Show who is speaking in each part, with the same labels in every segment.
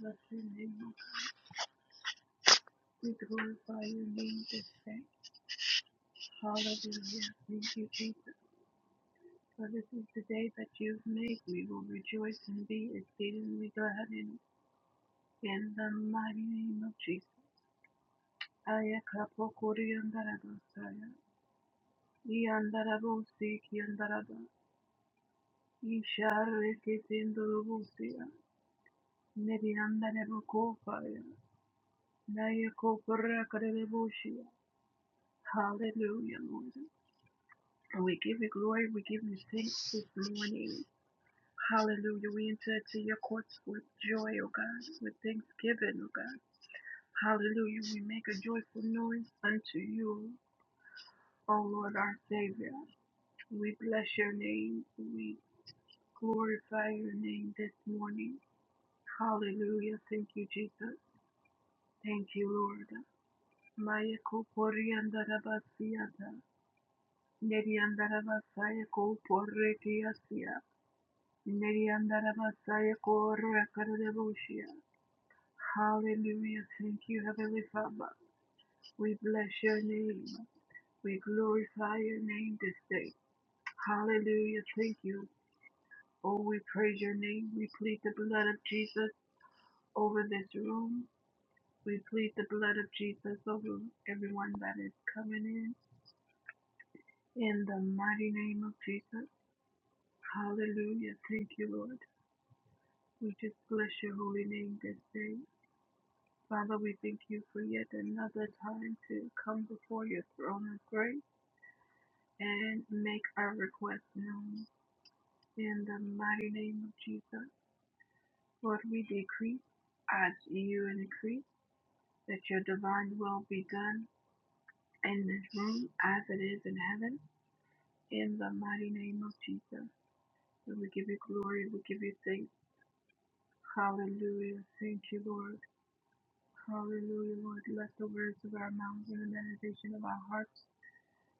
Speaker 1: Bless your name. We glorify your name this day. Hallelujah. Thank you, Jesus. For this is the day that you've made. We will rejoice and be exceedingly glad in it. In the mighty name of Jesus. Aya kapo kori andaraba saya. I andarabo si ki andaraba. I share ki tindorobo siya. Neri andarabo ko faya. Naya ko parra karebo shiya. Hallelujah, Lord. And we give you glory. We give you thanks this morning. Hallelujah. We enter to your courts with joy, O God, with thanksgiving, O God. Hallelujah. We make a joyful noise unto you, O Lord our Savior. We bless your name. We glorify your name this morning. Hallelujah. Thank you, Jesus. Thank you, Lord. Maya ko pori andarabasiata. Neri andarabasaya ko porre kiasia. Neriandarabasaya korakarabushia. Hallelujah. Thank you, Heavenly Father. We bless your name. We glorify your name this day. Hallelujah. Thank you. Oh, we praise your name. We plead the blood of Jesus over this room. We plead the blood of Jesus over everyone that is coming in. In the mighty name of Jesus. Hallelujah. Thank you, Lord. We just bless your holy name this day. Father, we thank you for yet another time to come before your throne of grace and make our request known. In the mighty name of Jesus, Lord, we decrease as you increase, that your divine will be done in this room as it is in heaven. In the mighty name of Jesus, And we give you glory, we give you thanks. Hallelujah. Thank you, Lord. Hallelujah, Lord. Let the words of our mouths and the meditation of our hearts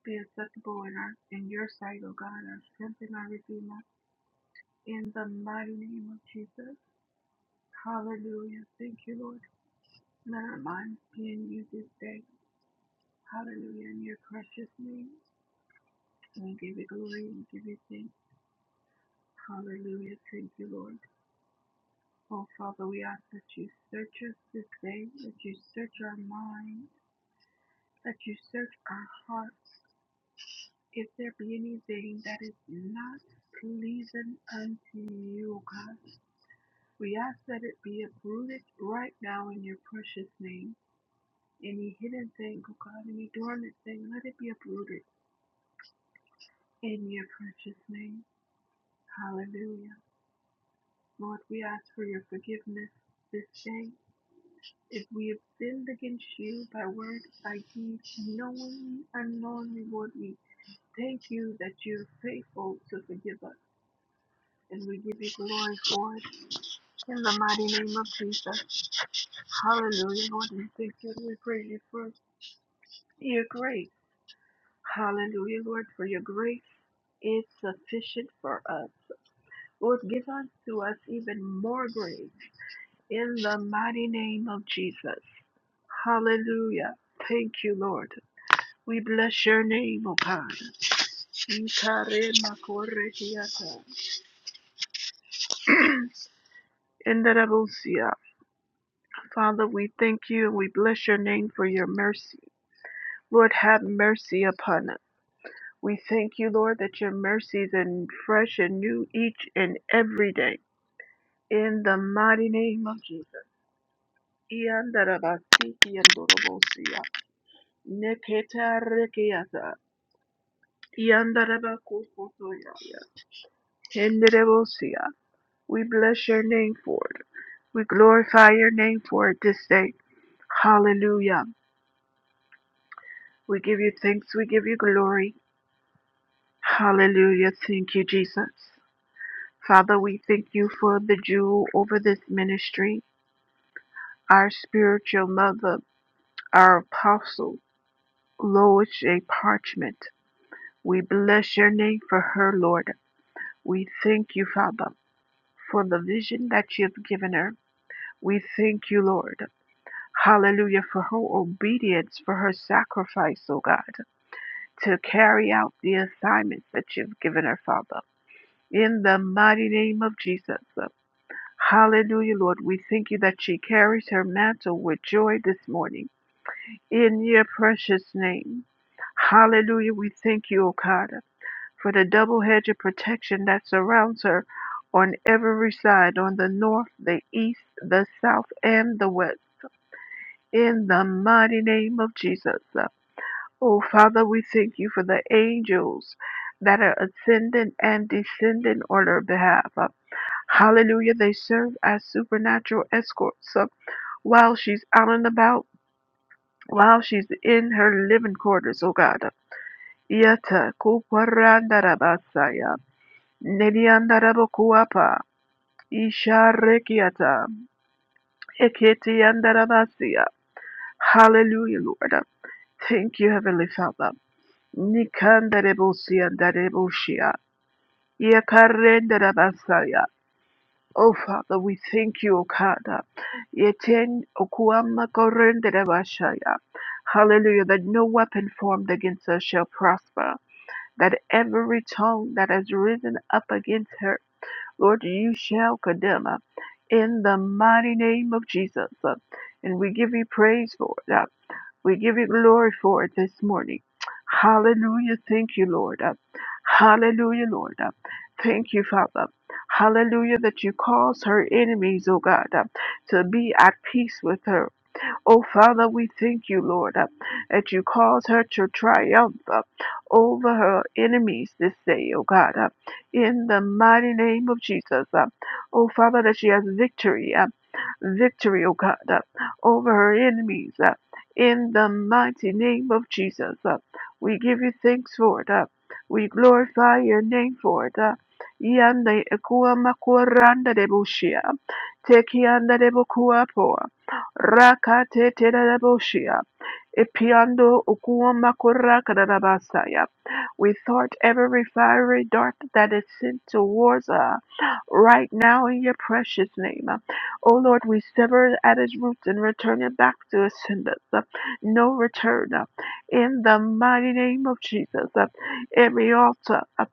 Speaker 1: be acceptable in our in your sight, O God, our strength and our redeemer. In the mighty name of Jesus. Hallelujah. Thank you, Lord. Let our minds be in you this day. Hallelujah. In your precious name. We give you glory and give you thanks. Hallelujah. Thank you, Lord. Oh Father, we ask that you search us this day, that you search our minds, that you search our hearts. If there be anything that is not pleasing unto you, O God. We ask that it be uprooted right now in your precious name. Any hidden thing, oh God, any dormant thing, let it be uprooted in your precious name. Hallelujah. Lord, we ask for your forgiveness this day. If we have sinned against you by word, by deed, knowingly, unknowingly, Lord, we thank you that you're faithful to forgive us. And we give you glory for it in the mighty name of Jesus. Hallelujah, Lord. We thank you. and We praise you for You're great. Hallelujah, Lord, for your grace is sufficient for us. Lord, give unto us even more grace in the mighty name of Jesus. Hallelujah. Thank you, Lord. We bless your name, O God. Ikare makore hiata. Indarabusia. Father, we thank you and we bless your name for your mercy. Lord, have mercy upon us. We thank you, Lord, that your mercies are fresh and new each and every day. In the mighty name of Jesus. Iandarabasiki andorobosia. Neketarikiata. Iandarabakokotoyaya. Henderebosia. We bless your name for it. We glorify your name for it this day. Hallelujah. We give you thanks. We give you glory. Hallelujah. Thank you, Jesus. Father, we thank you for the jewel over this ministry, our spiritual mother, our apostle, Lois J. Parchment. We bless your name for her, Lord. We thank you, Father, for the vision that you have given her. We thank you, Lord. Hallelujah, for her obedience, for her sacrifice, O God, to carry out the assignments that you've given her, Father. In the mighty name of Jesus. Hallelujah, Lord. We thank you that she carries her mantle with joy this morning. In your precious name. Hallelujah. We thank you, O God, for the double hedge of protection that surrounds her on every side, on the north, the east, the south, and the west. In the mighty name of Jesus. Oh, Father, we thank you for the angels that are ascending and descending on her behalf. Hallelujah. They serve as supernatural escorts while she's out and about, while she's in her living quarters, oh God. Yata kuparandarabasaya, nediandarabokuapa, isharekiata, eketiandarabasia. Hallelujah, Lord. Thank you, Heavenly Father. Nikandarebosia, darebosia, yakarendarabasaya. Oh, Father, we thank you, O God. Yeten okuama korendere bashaya. Hallelujah, that no weapon formed against us shall prosper, that every tongue that has risen up against her Lord, you shall condemn uh, in the mighty name of Jesus. uh, And we give you praise for it. uh, we give you glory for it this morning. Hallelujah. Thank you, Lord. Uh, Hallelujah, Lord. Uh, Thank you, Father. Hallelujah, that you cause her enemies, oh God, uh, to be at peace with her. Oh, Father, we thank you, Lord, uh, that you cause her to triumph uh, over her enemies this day, oh God, uh, in the mighty name of Jesus. Uh, oh, Father, that she has victory, uh, victory, oh God, uh, over her enemies. Uh, in the mighty name of Jesus, uh, we give you thanks for it. Uh, we glorify your name for it. Uh, Yanda ekua makuaranda debushia, tekianda debukua Rakateteleboshia. Ipiando ukuoma korakarabasaya. We thwart every fiery dart that is sent towards us right now in your precious name. O Lord, we sever it at its roots and return it back to its senders. No return. In the mighty name of Jesus, every altar uh,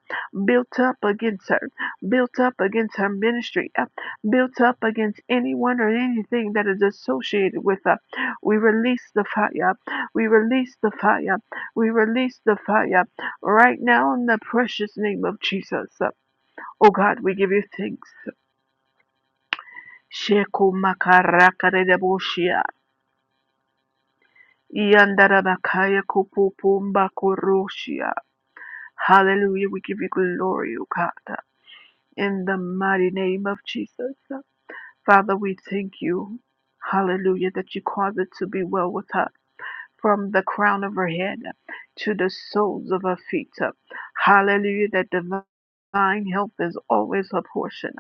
Speaker 1: built up against her, built up against her ministry. uh, built up against anyone or anything that is associated with us. We release the fire. We release the fire. We release the fire right now in the precious name of Jesus. Oh God, we give you thanks. Sheku makarakaredeboshia. Yandarabakaya kupupumbakurushia. Hallelujah. We give you glory, O God, in the mighty name of Jesus. Father, we thank you, hallelujah, that you cause it to be well with her from the crown of her head to the soles of her feet. Hallelujah, that divine help is always her portion.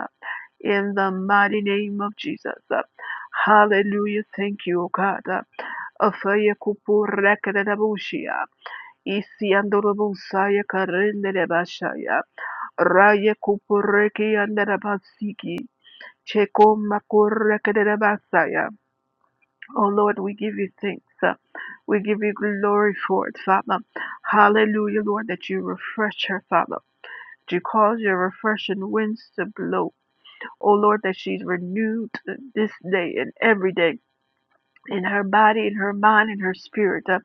Speaker 1: In the mighty name of Jesus. Hallelujah, thank you, O God. Afaya kupura kadadabushia. Isi andorobusaya karendere bashaya. Raya kupureki andarabasiki. Chekomakorekedebasaya. Oh Lord, we give you thanks. uh, We give you glory for it, Father. Hallelujah, Lord, that you refresh her, Father. That you cause your refreshing winds to blow. Oh Lord, that she's renewed this day and every day in her body, in her mind, in her spirit. uh,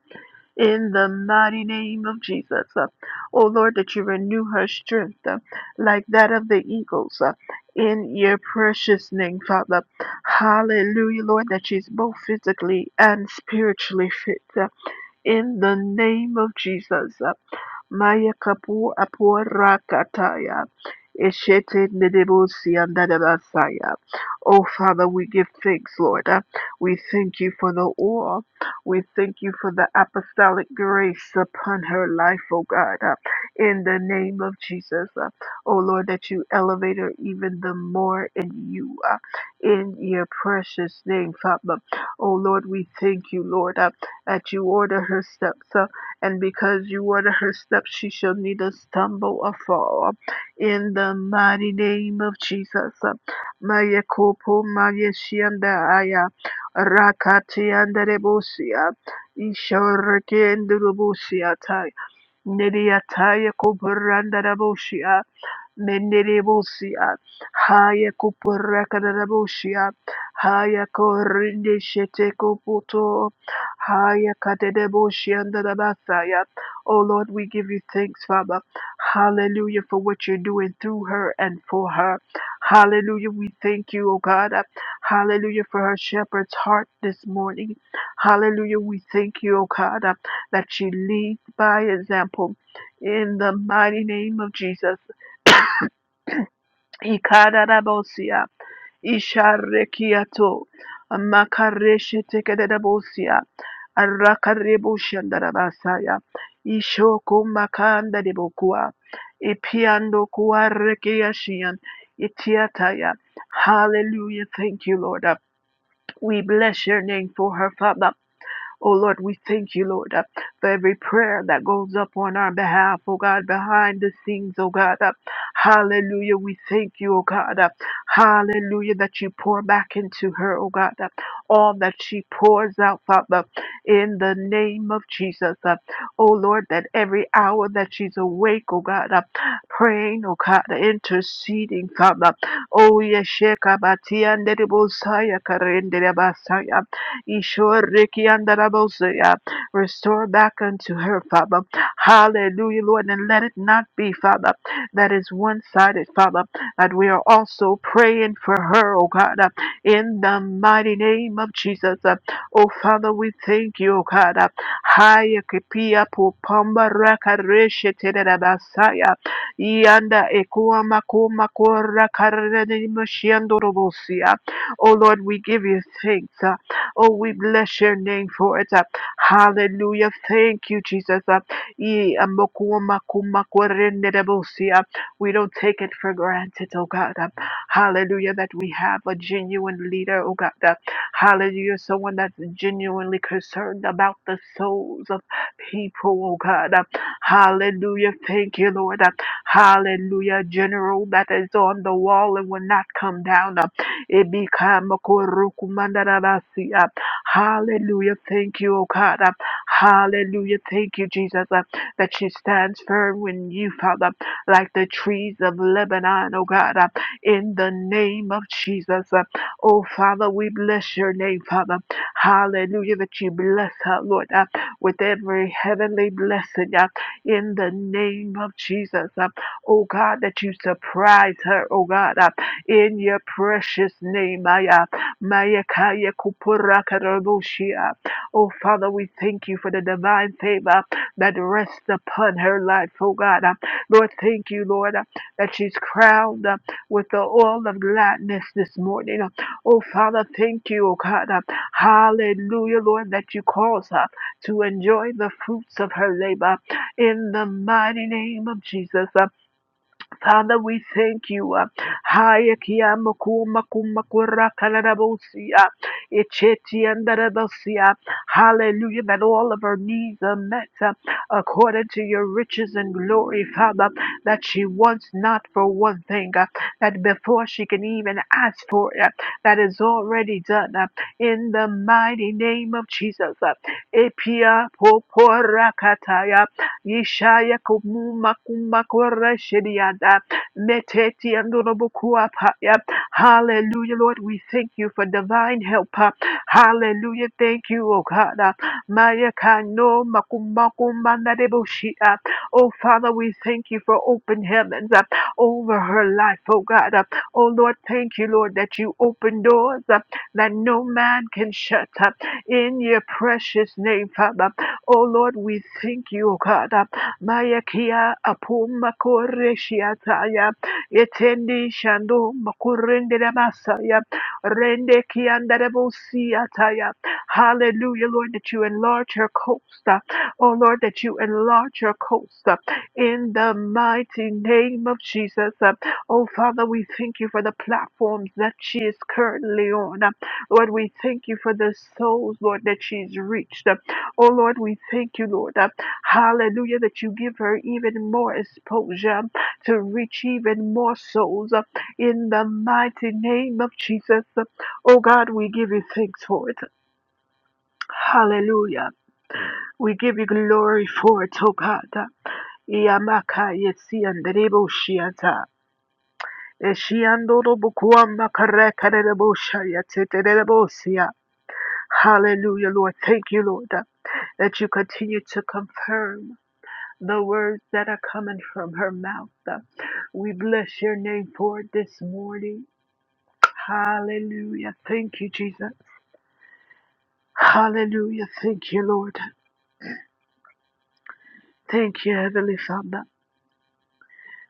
Speaker 1: in the mighty name of Jesus. Uh, oh Lord, that you renew her strength uh, like that of the eagles uh, in your precious name, Father. Hallelujah, Lord, that she's both physically and spiritually fit. Uh, in the name of Jesus. Maya kapu apura kataya. Eshete nederosi andarabasaya. Oh, Father, we give thanks, Lord. Uh, We thank you for the oil. We thank you for the apostolic grace upon her life, oh God, uh, in the name of Jesus. Uh, Oh, Lord, that you elevate her even the more in you, uh, in your precious name, Father. Oh, Lord, we thank you, Lord that you order her steps, uh, and because you order her steps, she shall neither stumble or fall. In the mighty name of Jesus. uh, Maya kopo maya shianda aya rakati andarebosia ishoreke ndrubusia tai neriataya Mendelebosia, Haya Kupurakadabosia, Haya Korinde Shetekuputo, Haya Kadebosia and Dabasaya. Oh Lord, we give you thanks, Father. Hallelujah for what you're doing through her and for her. Hallelujah. We thank you, oh God. Hallelujah for her shepherd's heart this morning. Hallelujah. We thank you, oh God, that she leads by example. In the mighty name of Jesus. Ikararabosia, Isharekiato, Makareshe Tekedabosia, Arakarebushandarabasaya, Ishoko Makanda de Bokua, Ipiando Kuarekiashian, Itiataya. Hallelujah. Thank you, Lord. We bless your name for her, Father. Oh Lord, we thank you, Lord, uh, for every prayer that goes up on our behalf, oh God, behind the scenes, oh God. uh, Hallelujah. We thank you, oh God. uh, Hallelujah, that you pour back into her, oh God, uh, all that she pours out, Father, in the name of Jesus. uh, Oh Lord, that every hour that she's awake, oh God, uh, praying, oh God, interceding, Father. Oh, yes, Ishorikiandarabosea. Restore back unto her, Father. Hallelujah, Lord. And let it not be, Father, that is one sided, Father, that we are also praying for her, oh God, uh, in the mighty name of Jesus. uh. Oh Father, we thank you, oh God. uh. Haya kipia pupamba raka reshe Yanda ekua makuma kora karere moshiando robosia. Oh Lord, we give you thanks. uh. Oh, we bless your name for it. uh, Hallelujah. Thank you, Jesus. uh, ye- amakumakumakurenderebosi, uh, We don't take it for granted, oh God. uh, Hallelujah, that we have a genuine leader, oh God. uh, Hallelujah, someone that's genuinely concerned about the souls of people, oh God. uh, Hallelujah. Thank you, Lord. uh, Hallelujah. General that is on the wall and will not come down. It become a kurukumandarabasi. Hallelujah. Thank you, O God. Hallelujah. Thank you, Jesus, that she stands firm in you, Father like the trees of Lebanon, oh God, uh, in the name of Jesus. Uh, Oh Father, we bless your name, Father. Hallelujah, that you bless her, Lord, uh, with every heavenly blessing uh, in the name of Jesus. Uh, Oh God, that you surprise her, oh God, uh, in your precious name. Maya, Maya Kaya Kupura Karabushia. Oh, Father, we thank you for the divine favor that rests upon her life, oh God. Uh, Lord, thank you, Lord, uh, that she's crowned uh, with the oil of gladness this morning. Uh, Oh, Father, thank you, oh God. Uh, Hallelujah, Lord, that you cause her to enjoy the fruits of her labor in the mighty name of Jesus. Uh, Father, we thank you. uh, Haya kiyama kuma kuma kura kalarabosia, echeti andarabosia. Hallelujah, that all of our needs are met uh, according to your riches and glory, Father, that she wants not for one thing, uh, that before she can even ask for it, uh, that is already done. uh, In in the mighty name of Jesus. Epia popora kataya yishaya kumuma kumakora shediada meteti andonobukuapaya. Hallelujah, Lord, we thank you for divine help. Hallelujah, thank you, O God. Maya kano makumakumana debushia. Father, we thank you for open heavens uh, over her life, oh God. Uh, oh Lord, thank you, Lord, that you open doors uh, that no man can shut uh, in your precious name, Father. Oh Lord, we thank you, oh God. Uh, Maya kia apuma koreshiataya. Etendi shando makurende masaya. Rende kiandarabosiataya. Hallelujah, Lord, that you enlarge her coast. uh, Oh Lord, that you enlarge her coast uh, in the mighty name of Jesus. uh. Oh Father, we thank you for the platforms that she is currently on. uh. Lord, we thank you for the souls, Lord, that she's reached. uh. Oh Lord, we thank you, Lord. uh, Hallelujah, that you give her even more exposure to reach even more souls. In the mighty name of Jesus, oh God, we give you thanks for it. Hallelujah. We give you glory for it, oh God. Yamaka yesianderebo shiata. Hallelujah, Lord. Thank you, Lord, that you continue to confirm the words that are coming from her mouth. We bless your name for it this morning. Hallelujah. Thank you, Jesus. Hallelujah. Thank you, Lord. Thank you, Heavenly Father.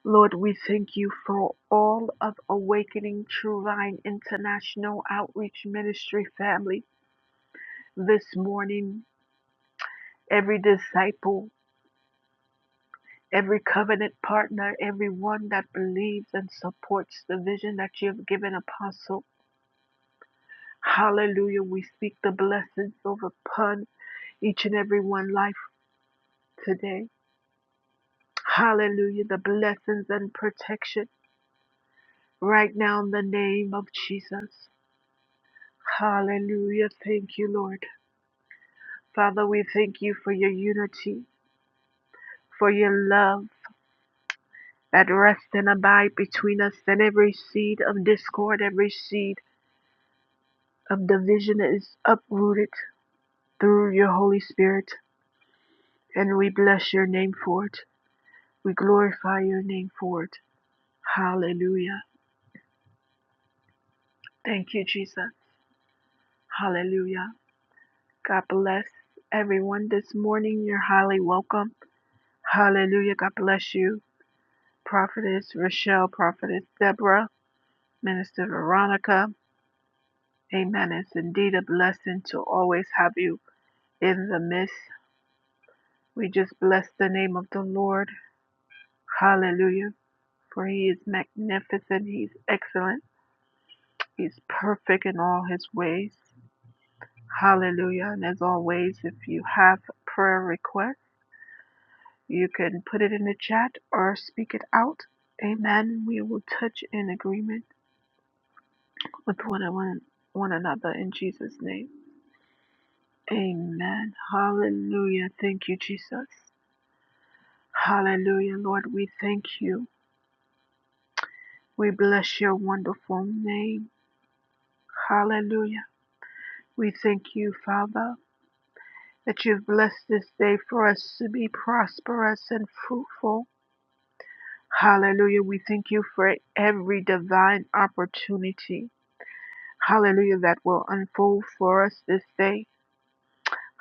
Speaker 1: Lord, we thank you for all of Awakening True Line International Outreach Ministry family this morning. Every disciple, every covenant partner, everyone that believes and supports the vision that you have given, Apostle. Hallelujah. We speak the blessings over upon each and every one life today. Hallelujah. The blessings and protection. right now in the name of Jesus. Hallelujah. Thank you, Lord. Father, we thank you for your unity, for your love that rests and abide between us, and every seed of discord, every seed of division is uprooted through your Holy Spirit. And we bless your name for it. We glorify your name for it. Hallelujah. Thank you, Jesus. Hallelujah. God bless everyone this morning. You're highly welcome. Hallelujah. God bless you. Prophetess Rochelle, Prophetess Deborah, Minister Veronica. Amen. It's indeed a blessing to always have you in the midst. We just bless the name of the Lord. Hallelujah. For he is magnificent. He's excellent. He's perfect in all his ways. Hallelujah. And as always, if you have prayer requests, you can put it in the chat or speak it out. Amen. We will touch in agreement. with one and one, another in Jesus' name. Amen. Hallelujah. Thank you, Jesus. Hallelujah, Lord. We thank you. We bless your wonderful name. Hallelujah. We thank you, Father, that you've blessed this day for us to be prosperous and fruitful. Hallelujah. We thank you for every divine opportunity. Hallelujah. That will unfold for us this day.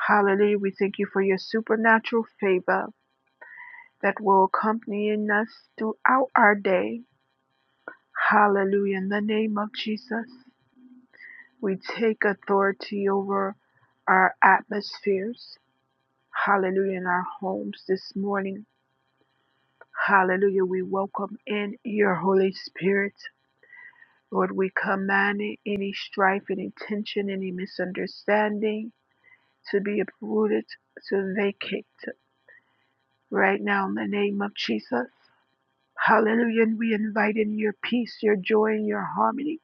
Speaker 1: Hallelujah. We thank you for your supernatural favor. that will accompany us throughout our day. Hallelujah. In the name of Jesus, we take authority over our atmospheres. Hallelujah. In our homes this morning. Hallelujah. We welcome in your Holy Spirit. Lord, we command it, any strife, any tension, any misunderstanding to be uprooted, to vacate right now in the name of Jesus. Hallelujah. And we invite in your peace, your joy, and your harmony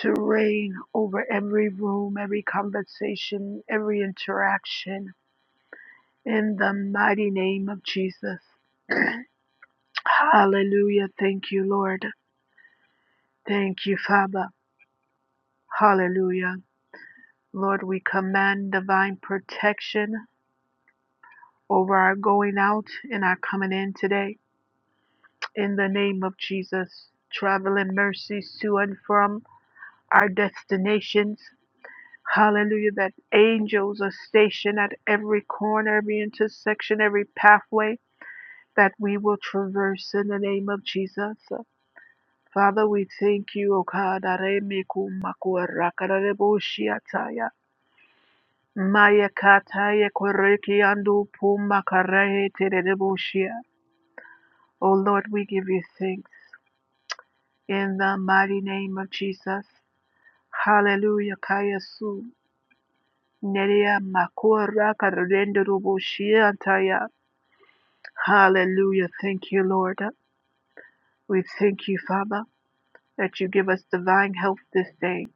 Speaker 1: to reign over every room, every conversation, every interaction in the mighty name of Jesus. Hallelujah. Thank you, Lord. Thank you, Father. Hallelujah. Lord, we command divine protection over our going out and our coming in today in the name of Jesus. Traveling mercies to and from our destinations Hallelujah, that angels are stationed at every corner, every intersection, every pathway that we will traverse in the name of Jesus. Father, we thank you, O God. Aremikumakuarakaraboshiataya. Mayakataya korekiandu pumakarehetereboshia. O Lord, we give you thanks in the mighty name of Jesus. Hallelujah, Kayasu. Nerea makora karendoroboshia Hallelujah. Thank you, Lord. We thank you, Father, that you give us divine health this day.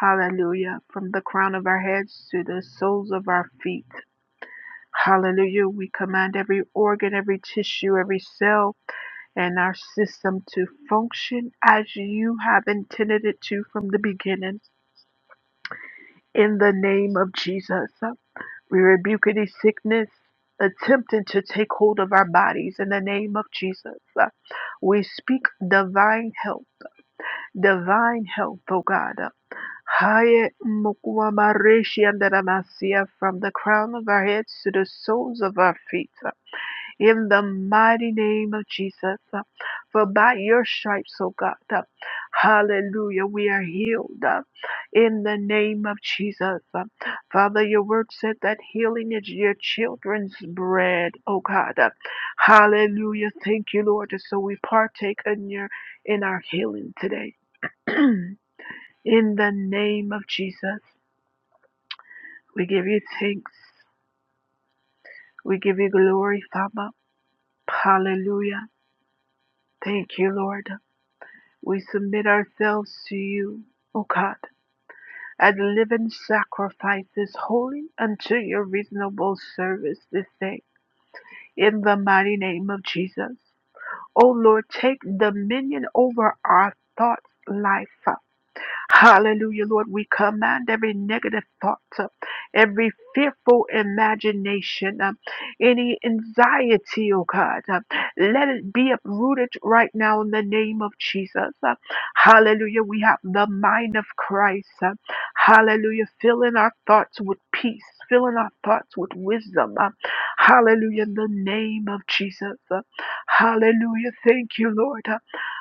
Speaker 1: Hallelujah. From the crown of our heads to the soles of our feet. Hallelujah. We command every organ, every tissue, every cell, and our system to function as you have intended it to from the beginning. In the name of Jesus. We rebuke any sickness attempting to take hold of our bodies in the name of Jesus. Uh, We speak divine health, divine health, oh God. Uh, Haye mukwa mareshi andaramasiya From the crown of our heads to the soles of our feet. Uh, in the mighty name of Jesus. uh, For by your stripes, oh God, uh, hallelujah, we are healed uh, in the name of Jesus. uh. Father, your word said that healing is your children's bread, oh God. uh, Hallelujah. Thank you, Lord. And So we partake in your in our healing today. in the name of Jesus, we give you thanks. We give you glory, Father. Hallelujah. Thank you, Lord. We submit ourselves to you, O God, as living sacrifices, holy unto your reasonable service this day, in the mighty name of Jesus. O Lord, take dominion over our thoughts, life. Hallelujah, Lord. We command every negative thought, uh, every fearful imagination, uh, any anxiety, oh God. uh, Let it be uprooted right now in the name of Jesus. Uh, Hallelujah. We have the mind of Christ. uh, Hallelujah. Filling our thoughts with peace, filling our thoughts with wisdom. uh, Hallelujah. In the name of Jesus. Uh, Hallelujah. Thank you, Lord. uh.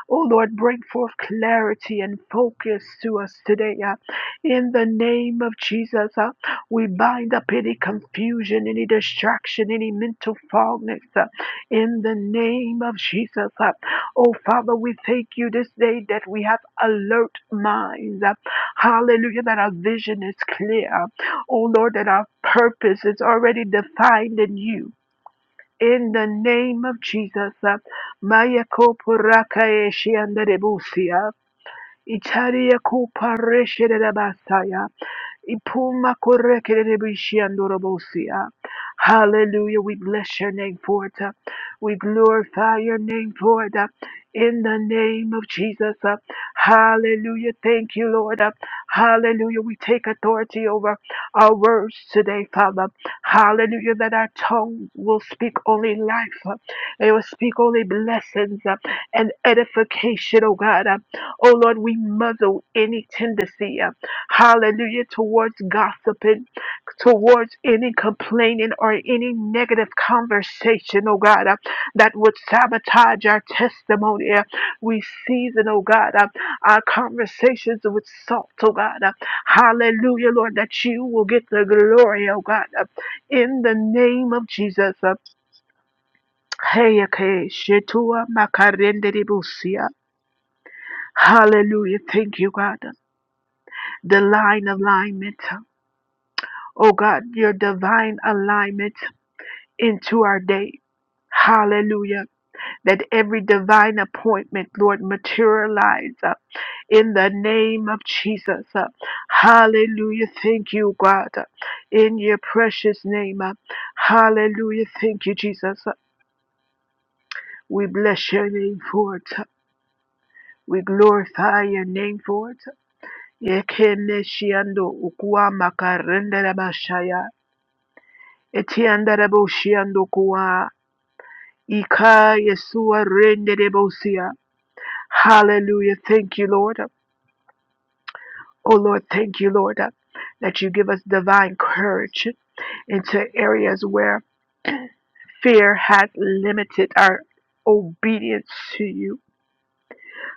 Speaker 1: Oh Lord, bring forth clarity and focus to us today. uh, In the name of Jesus, uh, we bind up any confusion, any distraction, any mental fogness. uh, In the name of Jesus. uh. Oh Father, we thank you this day that we have alert minds. uh, Hallelujah, that our vision is clear. Oh Lord, that our purpose is already defined in you in the name of Jesus, uh, Maya Kopuraka Eshiandarebusia, Itaria Kupareshe de la Basaya, Ipuma kore kerebe shiandorobosia. Hallelujah. We bless your name for it. uh, We glorify your name for it. uh, In the name of Jesus. uh, Hallelujah. Thank you, Lord. uh, Hallelujah. We take authority over our words today, Father. Hallelujah. That our tongues will speak only life. uh, It will speak only blessings uh, and edification, oh God. Oh Lord, we muzzle any tendency, uh, hallelujah, towards gossiping, towards any complaining or any negative conversation, oh God, uh, that would sabotage our testimony. uh, we season, oh God, uh, our conversations with salt, oh God. uh, hallelujah, Lord, that you will get the glory, oh God, uh, in the name of Jesus. Uh, Hey, okay, Shetua Makarenderibusia. Hallelujah. Thank you, God. the line alignment. Oh God, your divine alignment into our day. Hallelujah. That every divine appointment, Lord, materialize uh, in the name of Jesus. uh. Hallelujah. Thank you, God. uh, In your precious name. uh. Hallelujah. Thank you, Jesus. uh. We bless your name for it. uh. We glorify your name for it. Yekeneshiando ukuwa makarende la bashaya. Etiandaraboshiandokua, Ika Yesua Renderebosia. Hallelujah. Thank you, Lord. Oh, Lord, thank you, Lord, that you give us divine courage into areas where fear has limited our obedience to you.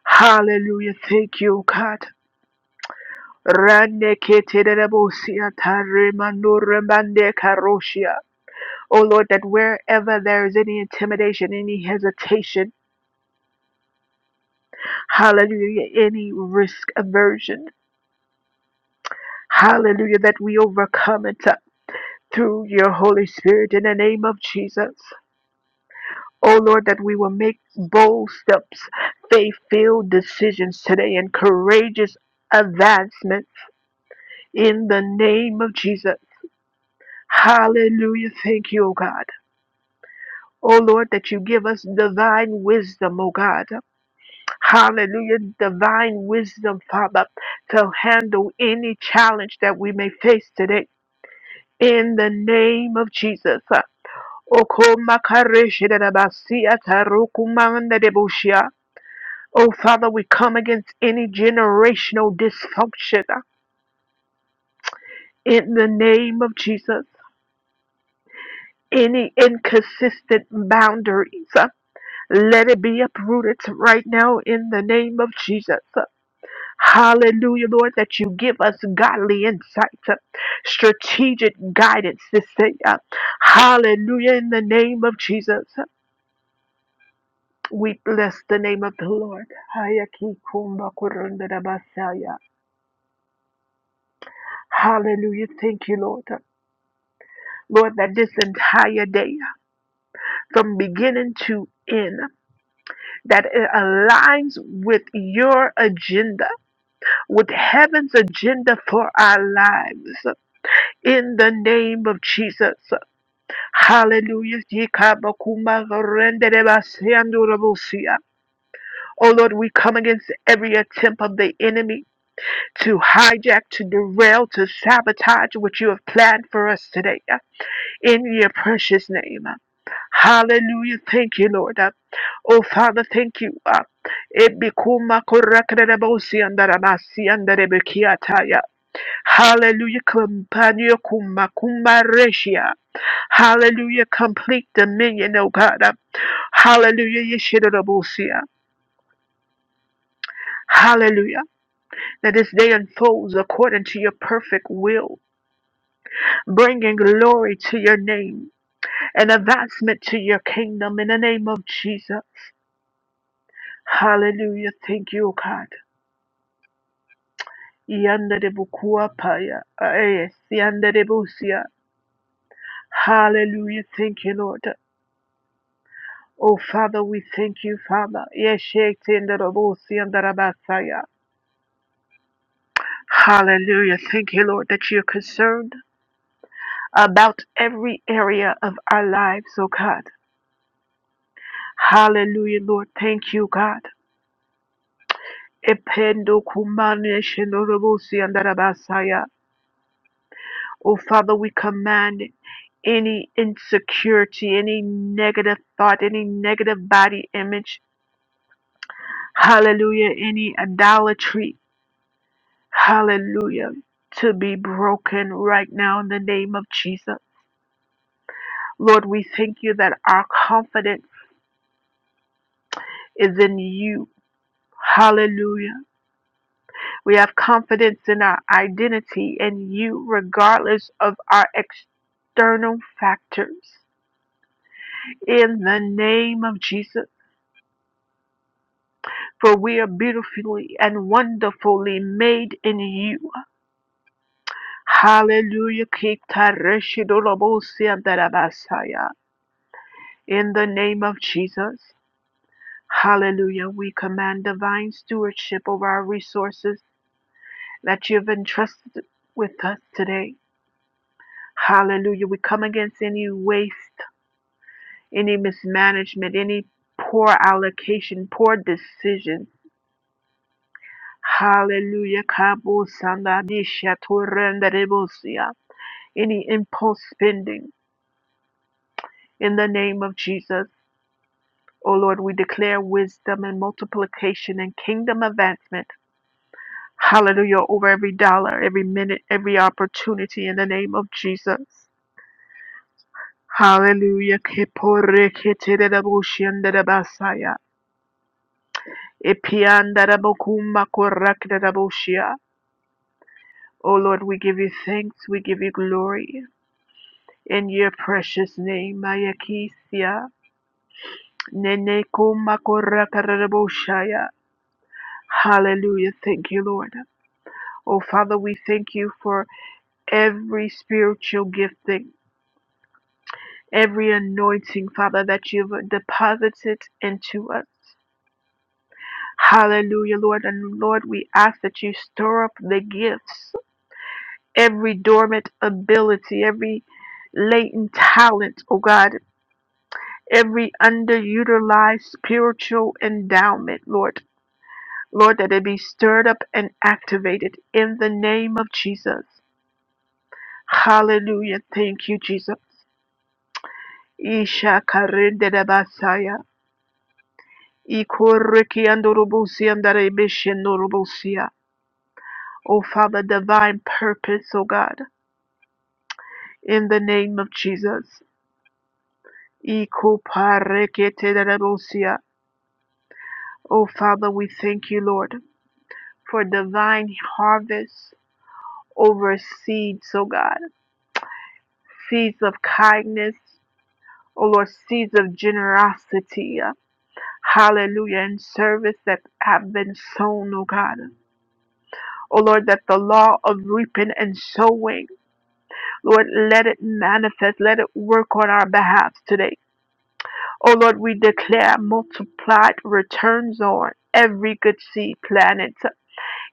Speaker 1: Hallelujah. Thank you, God. Rande keterebosia taremando rembande karoshia. Oh Lord, that wherever there is any intimidation, any hesitation, Hallelujah. Any risk aversion. Hallelujah. That we overcome it uh, through your Holy Spirit in the name of Jesus. Oh Lord, that we will make bold steps, faith filled decisions today, and courageous advancement in the name of Jesus. Hallelujah. Thank you, O God. Oh Lord, that you give us divine wisdom, O God. Hallelujah. Divine wisdom, Father, to handle any challenge that we may face today in the name of Jesus. Okomakareshidabasiatarukumandadeboshia. Oh, Father, we come against any generational dysfunction uh, in the name of Jesus, any inconsistent boundaries. uh, Let it be uprooted right now in the name of Jesus. Hallelujah, Lord, that you give us godly insight, uh, strategic guidance to say, uh, Hallelujah, in the name of Jesus. We bless the name of the Lord. Hayaki kumba kurunda da basaya. Hallelujah. Thank you, Lord. Lord, that this entire day, from beginning to end, that it aligns with your agenda, with heaven's agenda for our lives. In the name of Jesus. Hallelujah. Yikaba kurunda da basaya ndura Oh Lord, we come against every attempt of the enemy to hijack, to derail, to sabotage what you have planned for us today uh, in your precious name. uh. Hallelujah. Thank you, Lord. Uh, Oh, Father, thank you. uh, Hallelujah. Hallelujah. Complete dominion, oh God. uh, Hallelujah. Hallelujah. That this day unfolds according to your perfect will. bringing glory to your name and advancement to your kingdom in the name of Jesus. Hallelujah. Thank you, God. Yandadebukuapaya. Yes, yandadebusia. Hallelujah. Thank you, Lord. Oh, Father, we thank you, Father. Yeshektendarabusiandarabasaya. Hallelujah. Thank you, Lord, that you're concerned about every area of our lives, oh God. Hallelujah, Lord. Thank you, God. Ependo kumane shenorobosi andarabasaya. Oh, Father, we command any insecurity, any negative thought, any negative body image, hallelujah, any idolatry, hallelujah, to be broken right now in the name of Jesus. Lord, we thank you that our confidence is in you. Hallelujah. We have confidence in our identity and you, regardless of our external factors. In the name of Jesus, for we are beautifully and wonderfully made in you. Hallelujah. Kitareshidolobosiandarabasaya. In the name of Jesus. Hallelujah. We command divine stewardship over our resources that you have entrusted with us today. Hallelujah. We come against any waste. any mismanagement, any poor allocation, poor decision. Hallelujah. Kabo sanda disha torenda rebosia. Any impulse spending in the name of Jesus. O Lord, we declare wisdom and multiplication and kingdom advancement. Hallelujah. Over every dollar, every minute, every opportunity in the name of Jesus. Hallelujah. Kepore ketereda boshia ndereba saya. Epianda rabo kuma korakda rabo shia. O Lord, we give you thanks, we give you glory. In your precious name, Ayakisia. Nene kumakora kararaboshaya. Hallelujah. Thank you, Lord. Oh, Father, we thank you for every spiritual gifting, every anointing, Father, that you've deposited into us. Hallelujah, Lord. And Lord, we ask that you stir up the gifts, every dormant ability, every latent talent, oh God every underutilized spiritual endowment, Lord. Lord, that it be stirred up and activated in the name of Jesus. Hallelujah. Thank you, Jesus. Isha karende da basaya. Ikoriki andorobusi andarebeshi andorobusia. O Father, divine purpose, O God, in the name of Jesus. Ikoparekete da da bosia. O Father, we thank you, Lord, for divine harvest over seeds, oh God, seeds of kindness, oh Lord, seeds of generosity, uh, hallelujah, and service that have been sown, oh God. Oh Lord, that the law of reaping and sowing, Lord, let it manifest, let it work on our behalf today. Oh Lord, we declare multiplied returns on every good seed planted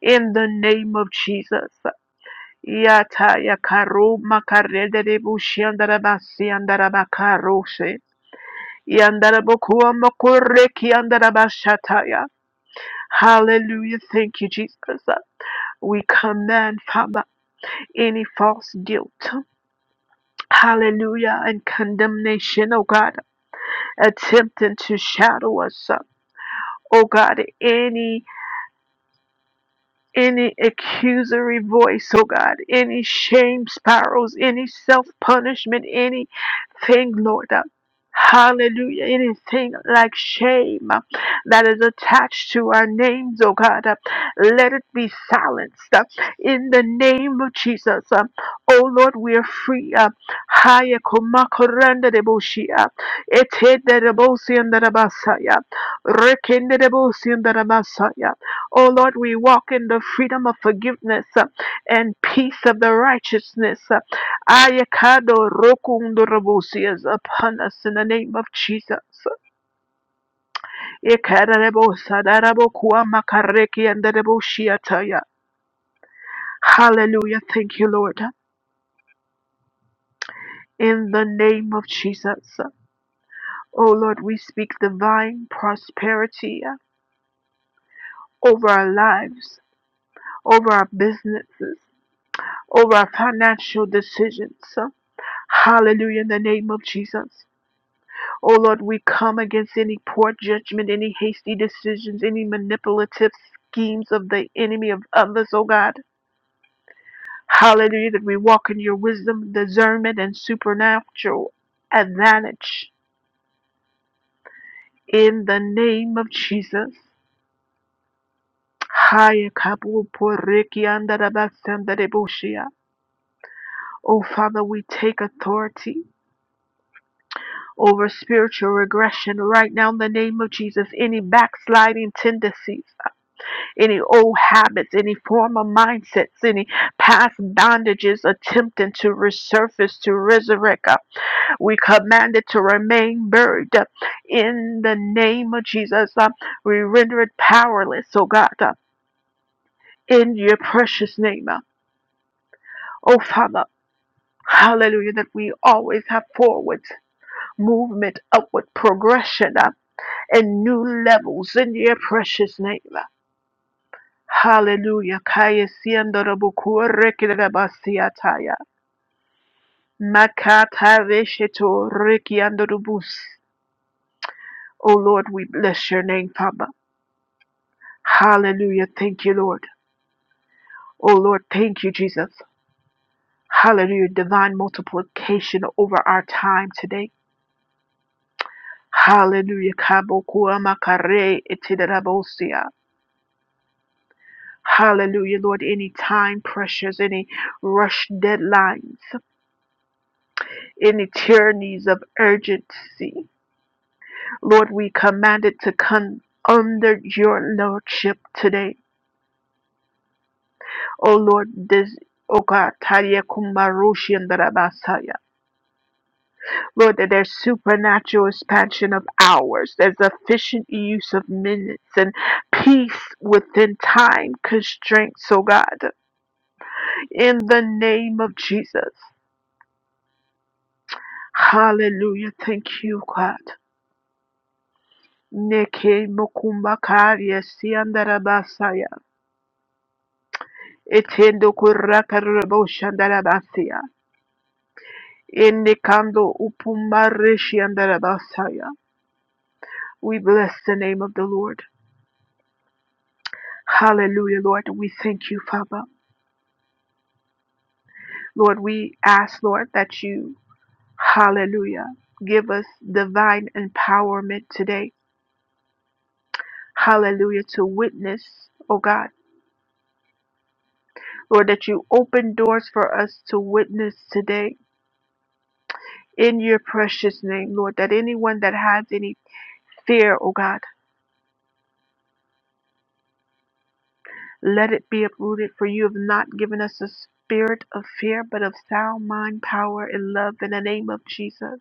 Speaker 1: in the name of Jesus. Yata yakaru makarede de bushi andarabasi andarabakaroshe. Yandarabokua mokoreki andarabashataya. Hallelujah. Thank you, Jesus. We command, Father, any false guilt. Hallelujah. And condemnation, oh God, attempting to shadow us. Oh God, any any accusory voice, oh God, any shame spirals, any self punishment, anything, Lord. uh, Hallelujah. Anything like shame uh, that is attached to our names, oh God, uh, let it be silenced uh, in the name of Jesus. uh, Oh Lord, we are free. uh, Haya kumakoranda deboshi, uh, etede debosi and darabasaya, rekende debosi and darabasaya. Oh Lord, we walk in the freedom of forgiveness uh, and peace of the righteousness. uh, Ayakado rokundorobosi is upon us in the name of Jesus. Ikadarebosadarabokuwa makareki andareboshiataya. Hallelujah. Thank you, Lord. In the name of Jesus. Oh Lord, we speak divine prosperity uh, over our lives, over our businesses, over our financial decisions. Hallelujah, in the name of Jesus. Oh Lord, we come against any poor judgment, any hasty decisions, any manipulative schemes of the enemy of others, oh God. Hallelujah, that we walk in your wisdom, discernment, and supernatural advantage in the name of Jesus. Haya kabu poriki andarabasandarabushia. Oh Father, we take authority over spiritual regression right now in the name of Jesus. Any backsliding tendencies. any old habits, any former mindsets, any past bondages attempting to resurface, to resurrect. Uh, We command it to remain buried uh, in the name of Jesus. Uh, We render it powerless, oh God, uh, in your precious name. Uh, Oh Father, hallelujah, that we always have forward movement, upward progression, uh, and new levels in your precious name. Uh, Hallelujah. Kaya siendo rabukua reki da basiataya. Makata vesheto reki ando rubus. Oh Lord, we bless your name, Father. Hallelujah. Thank you, Lord. Oh Lord, thank you, Jesus. Hallelujah. Divine multiplication over our time today. Hallelujah. Kabokua makare itidarabosia. Hallelujah, Lord. Any time pressures, any rush deadlines, any tyrannies of urgency. Lord, we command it to come under your lordship today. Oh Lord, this oh God, Tadia Kumarushi and Darabasaya. Lord, that there's supernatural expansion of hours, there's efficient use of minutes and peace within time constraints, oh God. In the name of Jesus. Hallelujah. Thank you, God. Neke mokumbakaria siandarabasaya. Etendo kurrakarabo shandarabasia. Indicando upumareshi andarabasaya. We bless the name of the Lord. Hallelujah, Lord. We thank you, Father. Lord, we ask, Lord, that you, hallelujah, give us divine empowerment today. Hallelujah, to witness, oh God. Lord, that you open doors for us to witness today in your precious name, Lord, that anyone that has any fear, oh God. Let it be uprooted, for you have not given us a spirit of fear, but of sound mind, power, and love in the name of Jesus.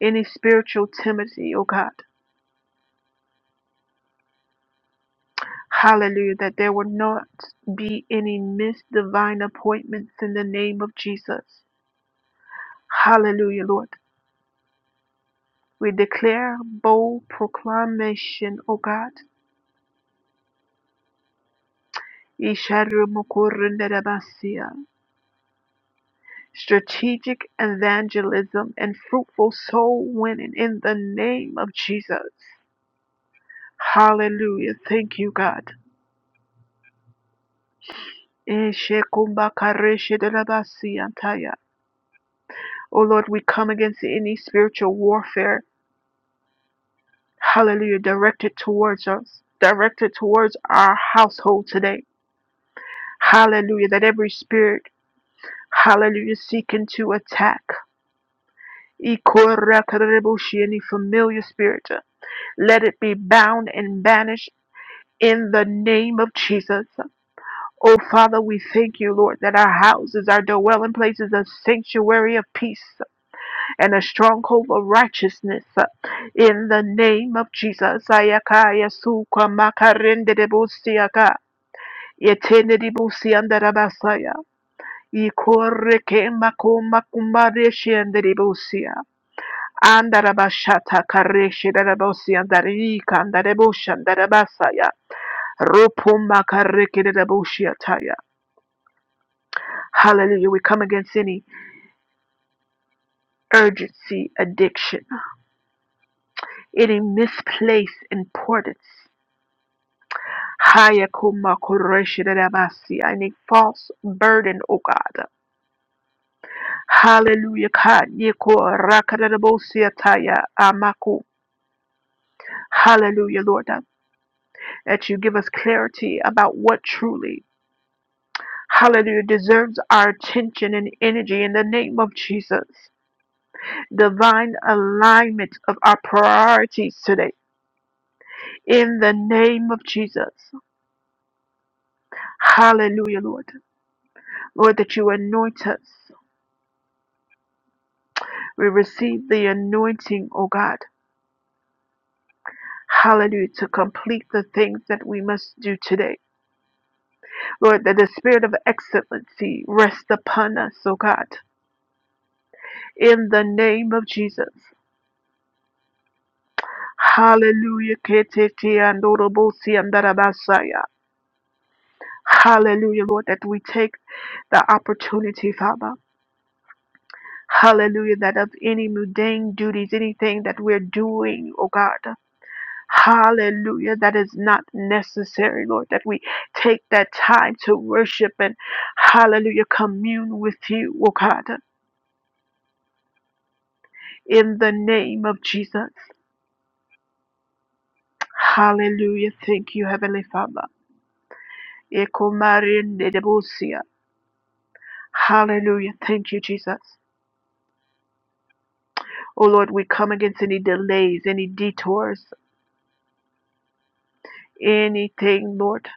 Speaker 1: Any spiritual timidity, O God. Hallelujah, that there will not be any missed divine appointments in the name of Jesus. Hallelujah, Lord. We declare bold proclamation, O God. Isharumokorindarabasia. strategic evangelism, and fruitful soul winning in the name of Jesus. Hallelujah. Thank you, God. Oh Lord, we come against any spiritual warfare, hallelujah, directed towards us, directed towards our household today. Hallelujah, that every spirit, hallelujah, seeking to attack. Any familiar spirit, let it be bound and banished in the name of Jesus. Oh, Father, we thank you, Lord, that our houses, our dwelling places, a sanctuary of peace and a stronghold of righteousness. In the name of Jesus. Ayakaya suka makarende de busiaka. Yetende de busianda rabasaya. Ikoreke makoma kumareshi ande de busia. Andarabashata kareshi darabosi andarika andarebusha andarabasaya. Rupumakarikidabushiataya. Hallelujah. We come against any urgency addiction, any misplaced importance. Hayakumakureshidabasi. Any false burden, O God. Hallelujah. Kanikorakadabusiataya amaku. Hallelujah, Lord. uh, That you give us clarity about what truly, hallelujah, deserves our attention and energy in the name of Jesus. divine alignment of our priorities today in the name of Jesus. Hallelujah, Lord. Lord, that you anoint us. We receive the anointing, O God. Hallelujah, to complete the things that we must do today. Lord, that the spirit of excellency rest upon us, O God, in the name of Jesus. Hallelujah. Ketete andorobosi andarabasaya. Hallelujah, Lord, that we take the opportunity, Father. Hallelujah. That of any mundane duties, anything that we're doing, oh God. Hallelujah. That is not necessary, Lord, that we take that time to worship and hallelujah, commune with you, oh God. In the name of Jesus. Hallelujah. Thank you, Heavenly Father. Ekomarindedebosia. Hallelujah. Thank you, Jesus. Oh Lord, we come against any delays, any detours, anything, Lord.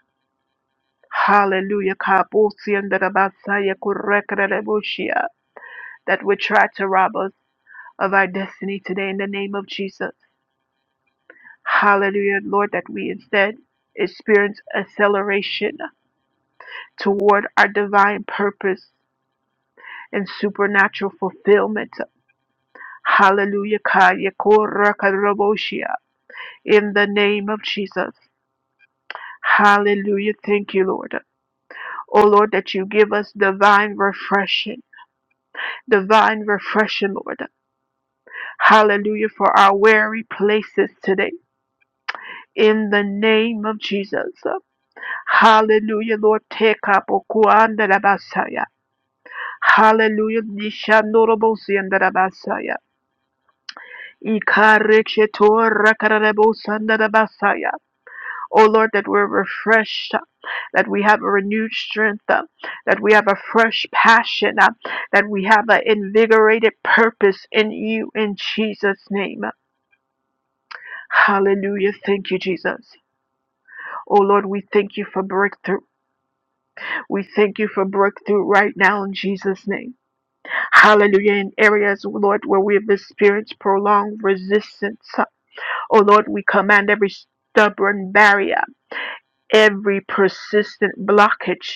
Speaker 1: Hallelujah. Kabusi and the Rabasaya Kurekrebushia. That would try to rob us of our destiny today in the name of Jesus. Hallelujah, Lord, that we instead experience acceleration toward our divine purpose and supernatural fulfillment. Hallelujah. Kaya Kurekrebushia. In the name of Jesus. Hallelujah. Thank you, Lord. Oh Lord, that you give us divine refreshing divine refreshing, Lord. Hallelujah for our weary places today. In the name of Jesus. Hallelujah, Lord. Take up Okuandarabasaya. Hallelujah. Nishanorobosiandarabasaya. Ikarekshetorakarabosandarabasaya. Oh Lord, that we're refreshed, uh, that we have a renewed strength, uh, that we have a fresh passion, uh, that we have an invigorated purpose in you in Jesus' name. Hallelujah. Thank you, Jesus. Oh Lord, we thank you for breakthrough. We thank you for breakthrough right now in Jesus' name. Hallelujah. In areas, oh, Lord, where we have experienced prolonged resistance, oh Lord, we command every stubborn barrier, every persistent blockage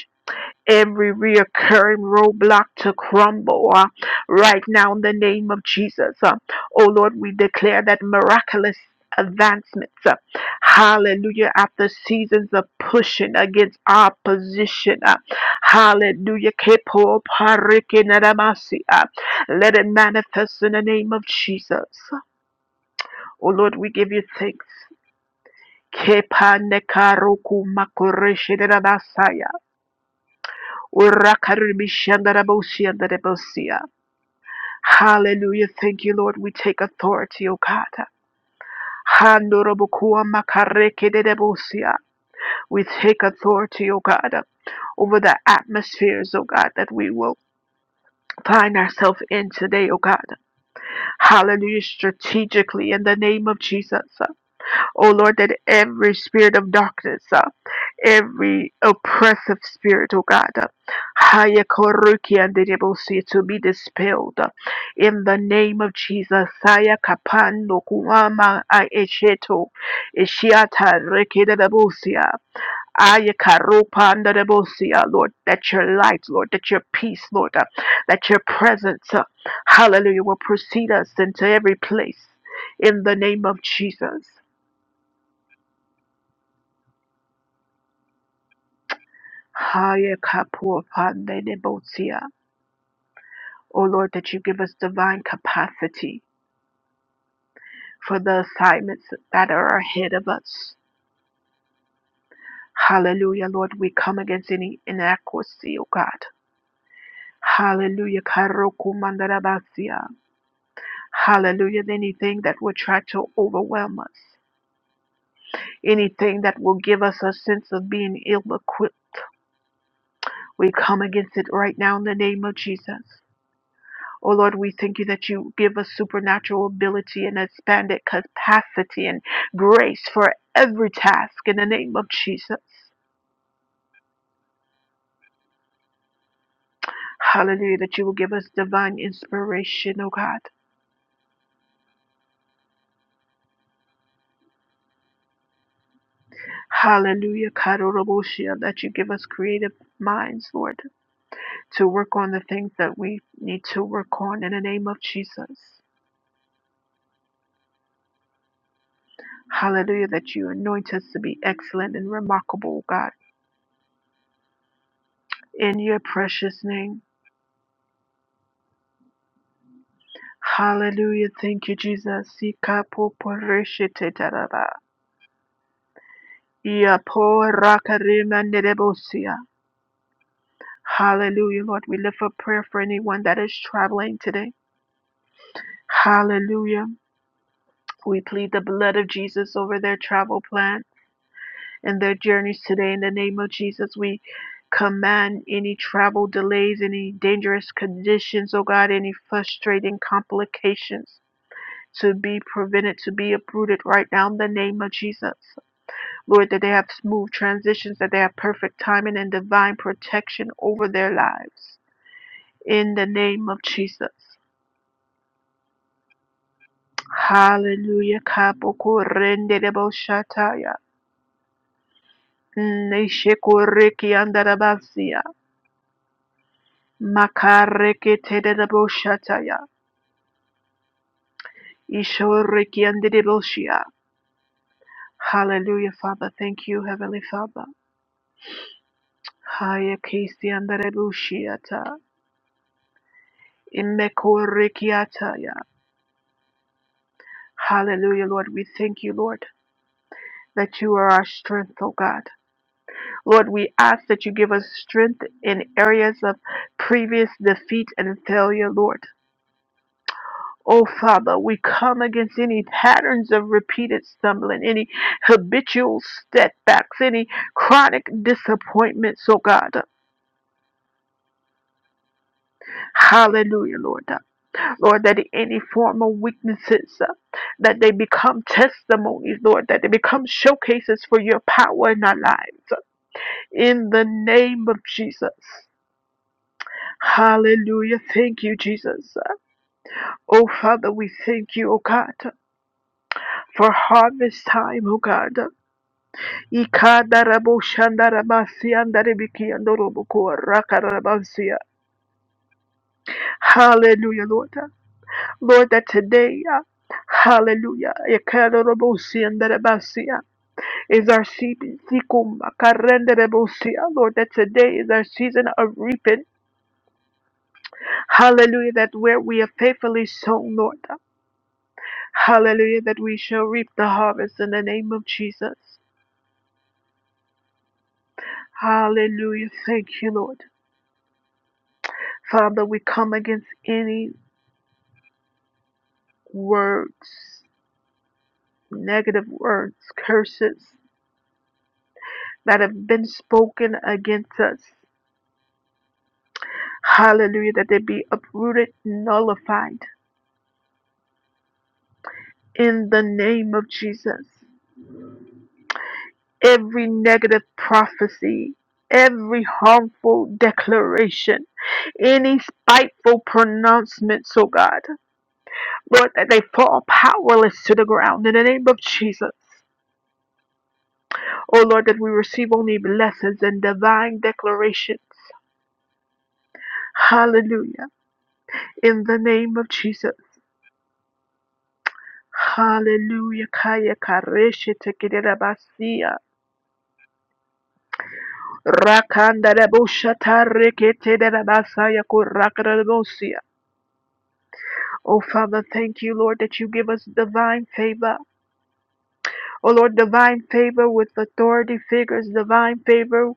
Speaker 1: every reoccurring roadblock to crumble uh, right now in the name of Jesus. Uh, oh Lord, we declare that miraculous advancements. uh, hallelujah. After seasons of pushing against opposition. Uh, hallelujah. Kepo parike naramasi, uh, Let it manifest in the name of Jesus. Oh Lord, we give you thanks. Kepa nekaroku makoreshe naramasa, Urakarishandarabosia. Hallelujah. Thank you, Lord. We take authority, O God. Handorobokua makarekedebosia. We take authority, O God, over the atmospheres, O God, that we will find ourselves in today, O God. Hallelujah. Strategically, in the name of Jesus. Oh Lord, that every spirit of darkness, uh, every oppressive spirit, oh God, uh, haya koruki and the devil see to be dispelled. uh, in the name of Jesus, haya kapando kuama aesheto, esheto, eshiata rekeda dabosia. Aya karopa and the dabosia, Lord, that your light, Lord, that your peace, Lord, uh, that your presence, uh, hallelujah, will precede us into every place in the name of Jesus. Haya kapu apande debotia. O Lord, that you give us divine capacity for the assignments that are ahead of us. Hallelujah, Lord. We come against any inadequacy, O God. Hallelujah. karoku mandarabasia. Hallelujah. Anything that will try to overwhelm us, anything that will give us a sense of being ill equipped, we come against it right now in the name of Jesus. Oh Lord, we thank you that you give us supernatural ability and expanded capacity and grace for every task in the name of Jesus. Hallelujah, that you will give us divine inspiration, oh God. Hallelujah, Karoroboshia, that you give us creative minds, Lord, to work on the things that we need to work on in the name of Jesus. Hallelujah, that you anoint us to be excellent and remarkable, oh God, in your precious name. Hallelujah. Thank you, Jesus. Sikapo poreshetetaraba. Iapo rakarima nerebosia. Hallelujah, Lord. We lift up prayer for anyone that is traveling today. Hallelujah. We plead the blood of Jesus over their travel plan and their journeys today. In the name of Jesus, we command any travel delays, any dangerous conditions, oh God, any frustrating complications to be prevented, to be uprooted right now in the name of Jesus. Lord, that they have smooth transitions, that they have perfect timing and divine protection over their lives. In the name of Jesus. Hallelujah. Kaboko rende debo shataya. Neshe koreki andarabasia. Makareke tedebo shataya. Ishoreki andedeboshia. Hallelujah, Father. Thank you, Heavenly Father. Haya kesi andarebushiata. Imekorekiataya. Hallelujah, Lord. We thank you, Lord. that you are our strength, oh God. Lord, we ask that you give us strength in areas of previous defeat and failure, Lord. Oh Father, we come against any patterns of repeated stumbling, any habitual setbacks, any chronic disappointments, oh God. Hallelujah, Lord. Lord, that any form of weaknesses, uh, that they become testimonies, Lord, that they become showcases for your power in our lives. In the name of Jesus. Hallelujah. Thank you, Jesus. Oh, Father, we thank you, oh God, for harvest time, oh God. Ikadaraboshandarabasiandarebikiandorobokorakarabasia. Hallelujah, Lord. Lord, that today, uh, hallelujah, ikadarabosiandarabasia, is our season. Sikumakarendarabosia. Lord, that today is our season of reaping. Hallelujah, that where we have faithfully sown, Lord. Hallelujah, that we shall reap the harvest in the name of Jesus. Hallelujah. Thank you, Lord. Father, we come against any words, negative words, curses that have been spoken against us. Hallelujah, that they be uprooted, nullified in the name of Jesus. Every negative prophecy, every harmful declaration, any spiteful pronouncements, oh God. Lord, that they fall powerless to the ground in the name of Jesus. Oh Lord, that we receive only blessings and divine declarations. Hallelujah. In the name of Jesus. Hallelujah. Kaya kareshe tekedera basia. Rakanda rebosha tareketedera basaya kurakara rebosia. Oh Father, thank you, Lord, that you give us divine favor. O Lord, divine favor with authority figures, divine favor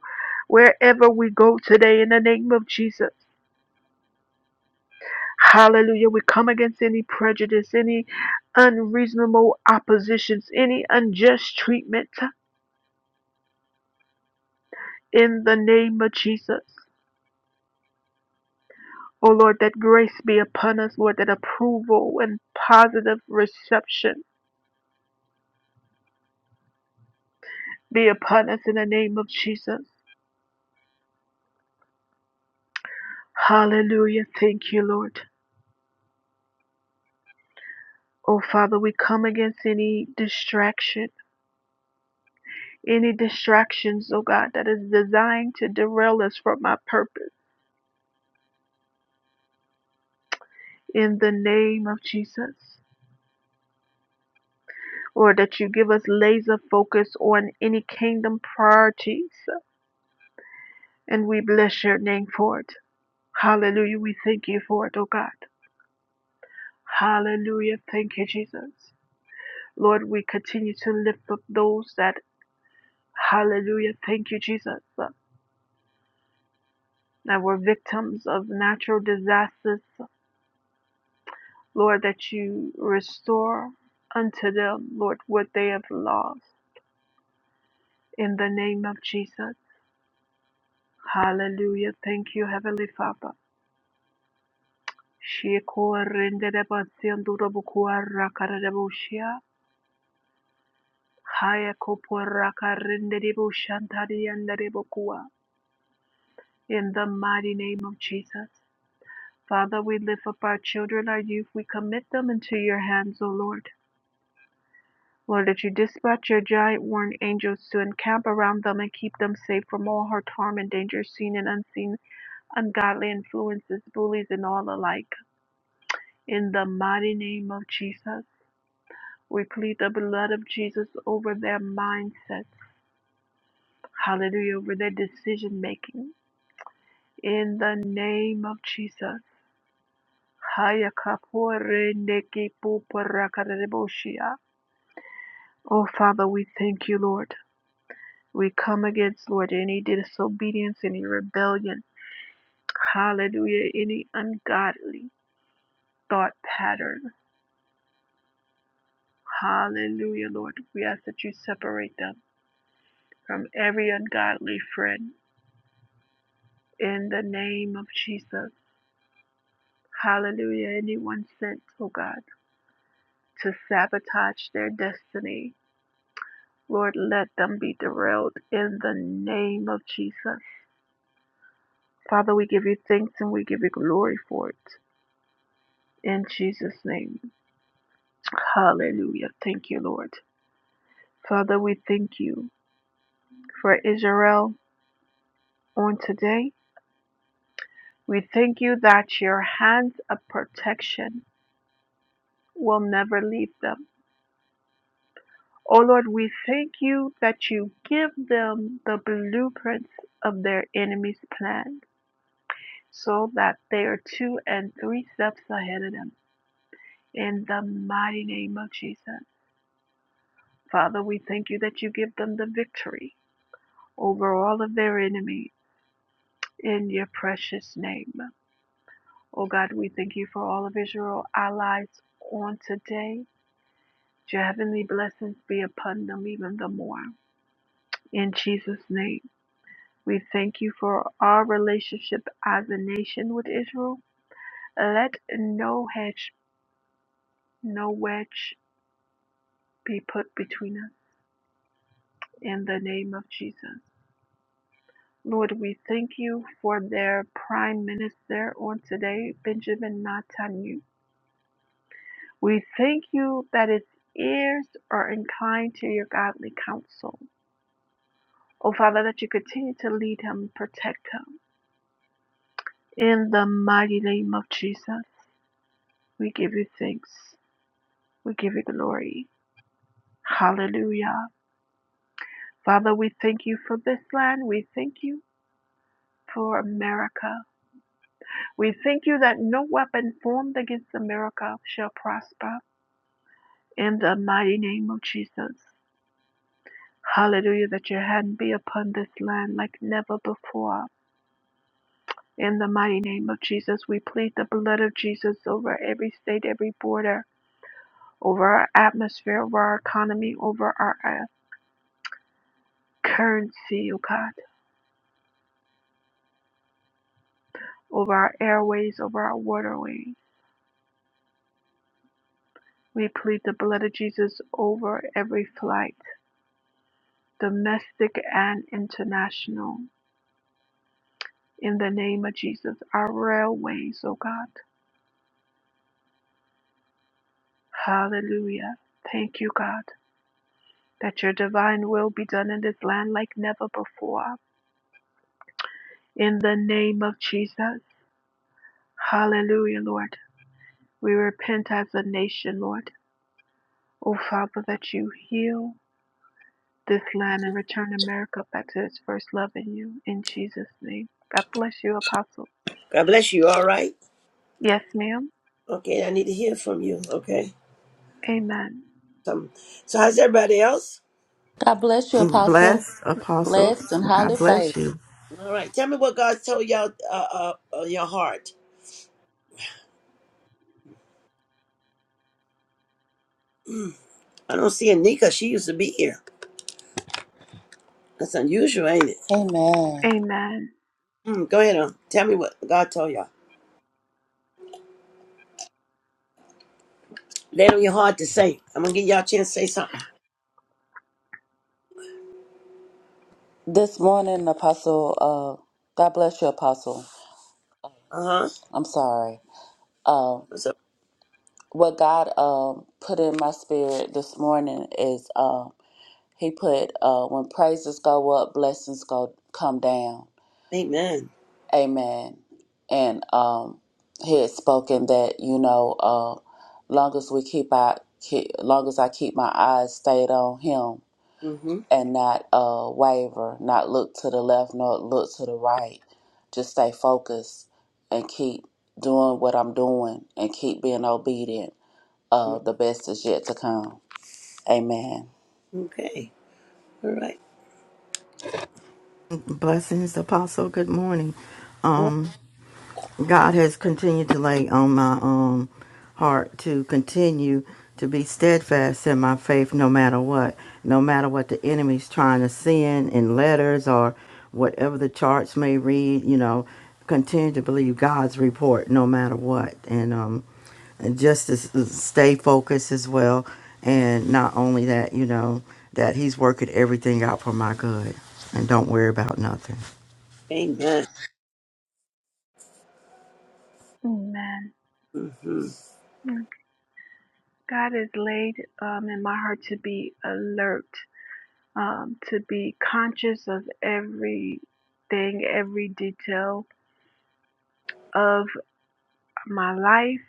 Speaker 1: wherever we go today in the name of Jesus. Hallelujah. We come against any prejudice, any unreasonable oppositions, any unjust treatment in the name of Jesus. O Lord, that grace be upon us, Lord, that approval and positive reception be upon us in the name of Jesus. Hallelujah. Thank you, Lord. Oh, Father, we come against any distraction any distractions, oh God, that is designed to derail us from our purpose in the name of Jesus. Lord, that you give us laser focus on any kingdom priorities, and we bless your name for it. Hallelujah. We thank you for it, oh God. Hallelujah. Thank you, Jesus. Lord, we continue to lift up those that, hallelujah, thank you, Jesus, that were victims of natural disasters Lord, that you restore unto them, Lord, what they have lost. In the name of Jesus. Hallelujah. Thank you, Heavenly Father. Shiko rende de basiando robo kua rakara de bushia. Haya kopo raka rende de bushantari anda de bokua. In the mighty name of Jesus. Father, we lift up our children, our youth. We commit them into your hands, O Lord. Lord, that you dispatch your giant warring angels to encamp around them and keep them safe from all hurt, harm, and danger, seen and unseen, ungodly influences, bullies, and all alike. In the mighty name of Jesus, we plead the blood of Jesus over their mindsets. Hallelujah, over their decision making. In the name of Jesus. Haya kapore neki puparakareboshiya. Oh, Father, we thank you, Lord. We come against, Lord, any disobedience, any rebellion. Hallelujah. Any ungodly thought pattern. Hallelujah, Lord. We ask that you separate them from every ungodly friend in the name of Jesus. Hallelujah. Anyone sent, oh God, to sabotage their destiny. Lord, let them be derailed in the name of Jesus. Father, we give you thanks and we give you glory for it. In Jesus' name. Hallelujah. Thank you, Lord. Father, we thank you for Israel on today. We thank you that your hands of protection will never leave them. Oh Lord, we thank you that you give them the blueprints of their enemy's plan so that they are two and three steps ahead of them. In the mighty name of Jesus. Father, we thank you that you give them the victory over all of their enemies in your precious name. Oh God, we thank you for all of Israel allies on today. Your heavenly blessings be upon them even the more. In Jesus' name, we thank you for our relationship as a nation with Israel. Let no hedge, no wedge be put between us in the name of Jesus. Lord, we thank you for their prime minister on today, Benjamin Netanyahu. We thank you that its ears are inclined to your godly counsel. O Father, that you continue to lead him and protect him. In the mighty name of Jesus, we give you thanks. We give you glory. Hallelujah. Father, we thank you for this land. We thank you for America. We thank you that no weapon formed against America shall prosper. In the mighty name of Jesus. Hallelujah, that your hand be upon this land like never before. In the mighty name of Jesus, we plead the blood of Jesus over every state, every border, over our atmosphere, over our economy, over our uh, currency, oh God, over our airways, over our waterways. We plead the blood of Jesus over every flight, domestic and international. In the name of Jesus, our railways, oh God. Hallelujah. Thank you, God, that your divine will be done in this land like never before. In the name of Jesus. Hallelujah, Lord. We repent as a nation, Lord. Oh, Father, that you heal this land and return America back to its first love in you. In Jesus' name. God bless you, Apostle.
Speaker 2: God bless you. All right.
Speaker 1: Yes, ma'am.
Speaker 2: Okay, I need to hear from you. Okay.
Speaker 1: Amen.
Speaker 2: Some. So how's everybody else?
Speaker 3: God bless you, Apostle.
Speaker 4: Bless Apostle.
Speaker 3: Blessed and highly
Speaker 4: God bless
Speaker 3: favored.
Speaker 4: you.
Speaker 2: All right. Tell me what God told y'all uh, uh, uh your heart. Mm, I don't see Anika. She used to be here. That's unusual, ain't it?
Speaker 3: Amen.
Speaker 1: Amen.
Speaker 2: Mm, go ahead on. Tell me what God told y'all. Lay it on your heart to say. I'm gonna give y'all a chance to say something.
Speaker 3: This morning, Apostle, uh, God bless you, Apostle.
Speaker 2: Uh huh.
Speaker 3: I'm sorry. Uh,
Speaker 2: What's up?
Speaker 3: what God uh, put in my spirit this morning is uh, He put, uh, when praises go up, blessings go come down.
Speaker 2: Amen.
Speaker 3: Amen. And um, He had spoken that, you know, uh, long as we keep our, keep, long as I keep my eyes stayed on Him,
Speaker 2: Mhm.
Speaker 3: and not uh, waver, not look to the left nor look to the right. Just stay focused and keep doing what I'm doing and keep being obedient.
Speaker 2: mm
Speaker 3: Uh, the best is yet to come. Amen.
Speaker 2: Okay. All right.
Speaker 4: Blessings, Apostle. Good morning.
Speaker 2: Uh,
Speaker 4: Um. God has continued to lay on my um heart to continue to be steadfast in my faith no matter what, no matter what the enemy's trying to send in letters or whatever the charts may read, you know, continue to believe God's report no matter what. And um and just to s- stay focused as well and not only that, you know, that he's working everything out for my good and don't worry about nothing.
Speaker 2: Amen.
Speaker 1: Amen.
Speaker 2: hmm hmm
Speaker 1: Mm. God has laid um, in my heart to be alert, um, to be conscious of everything, every detail of my life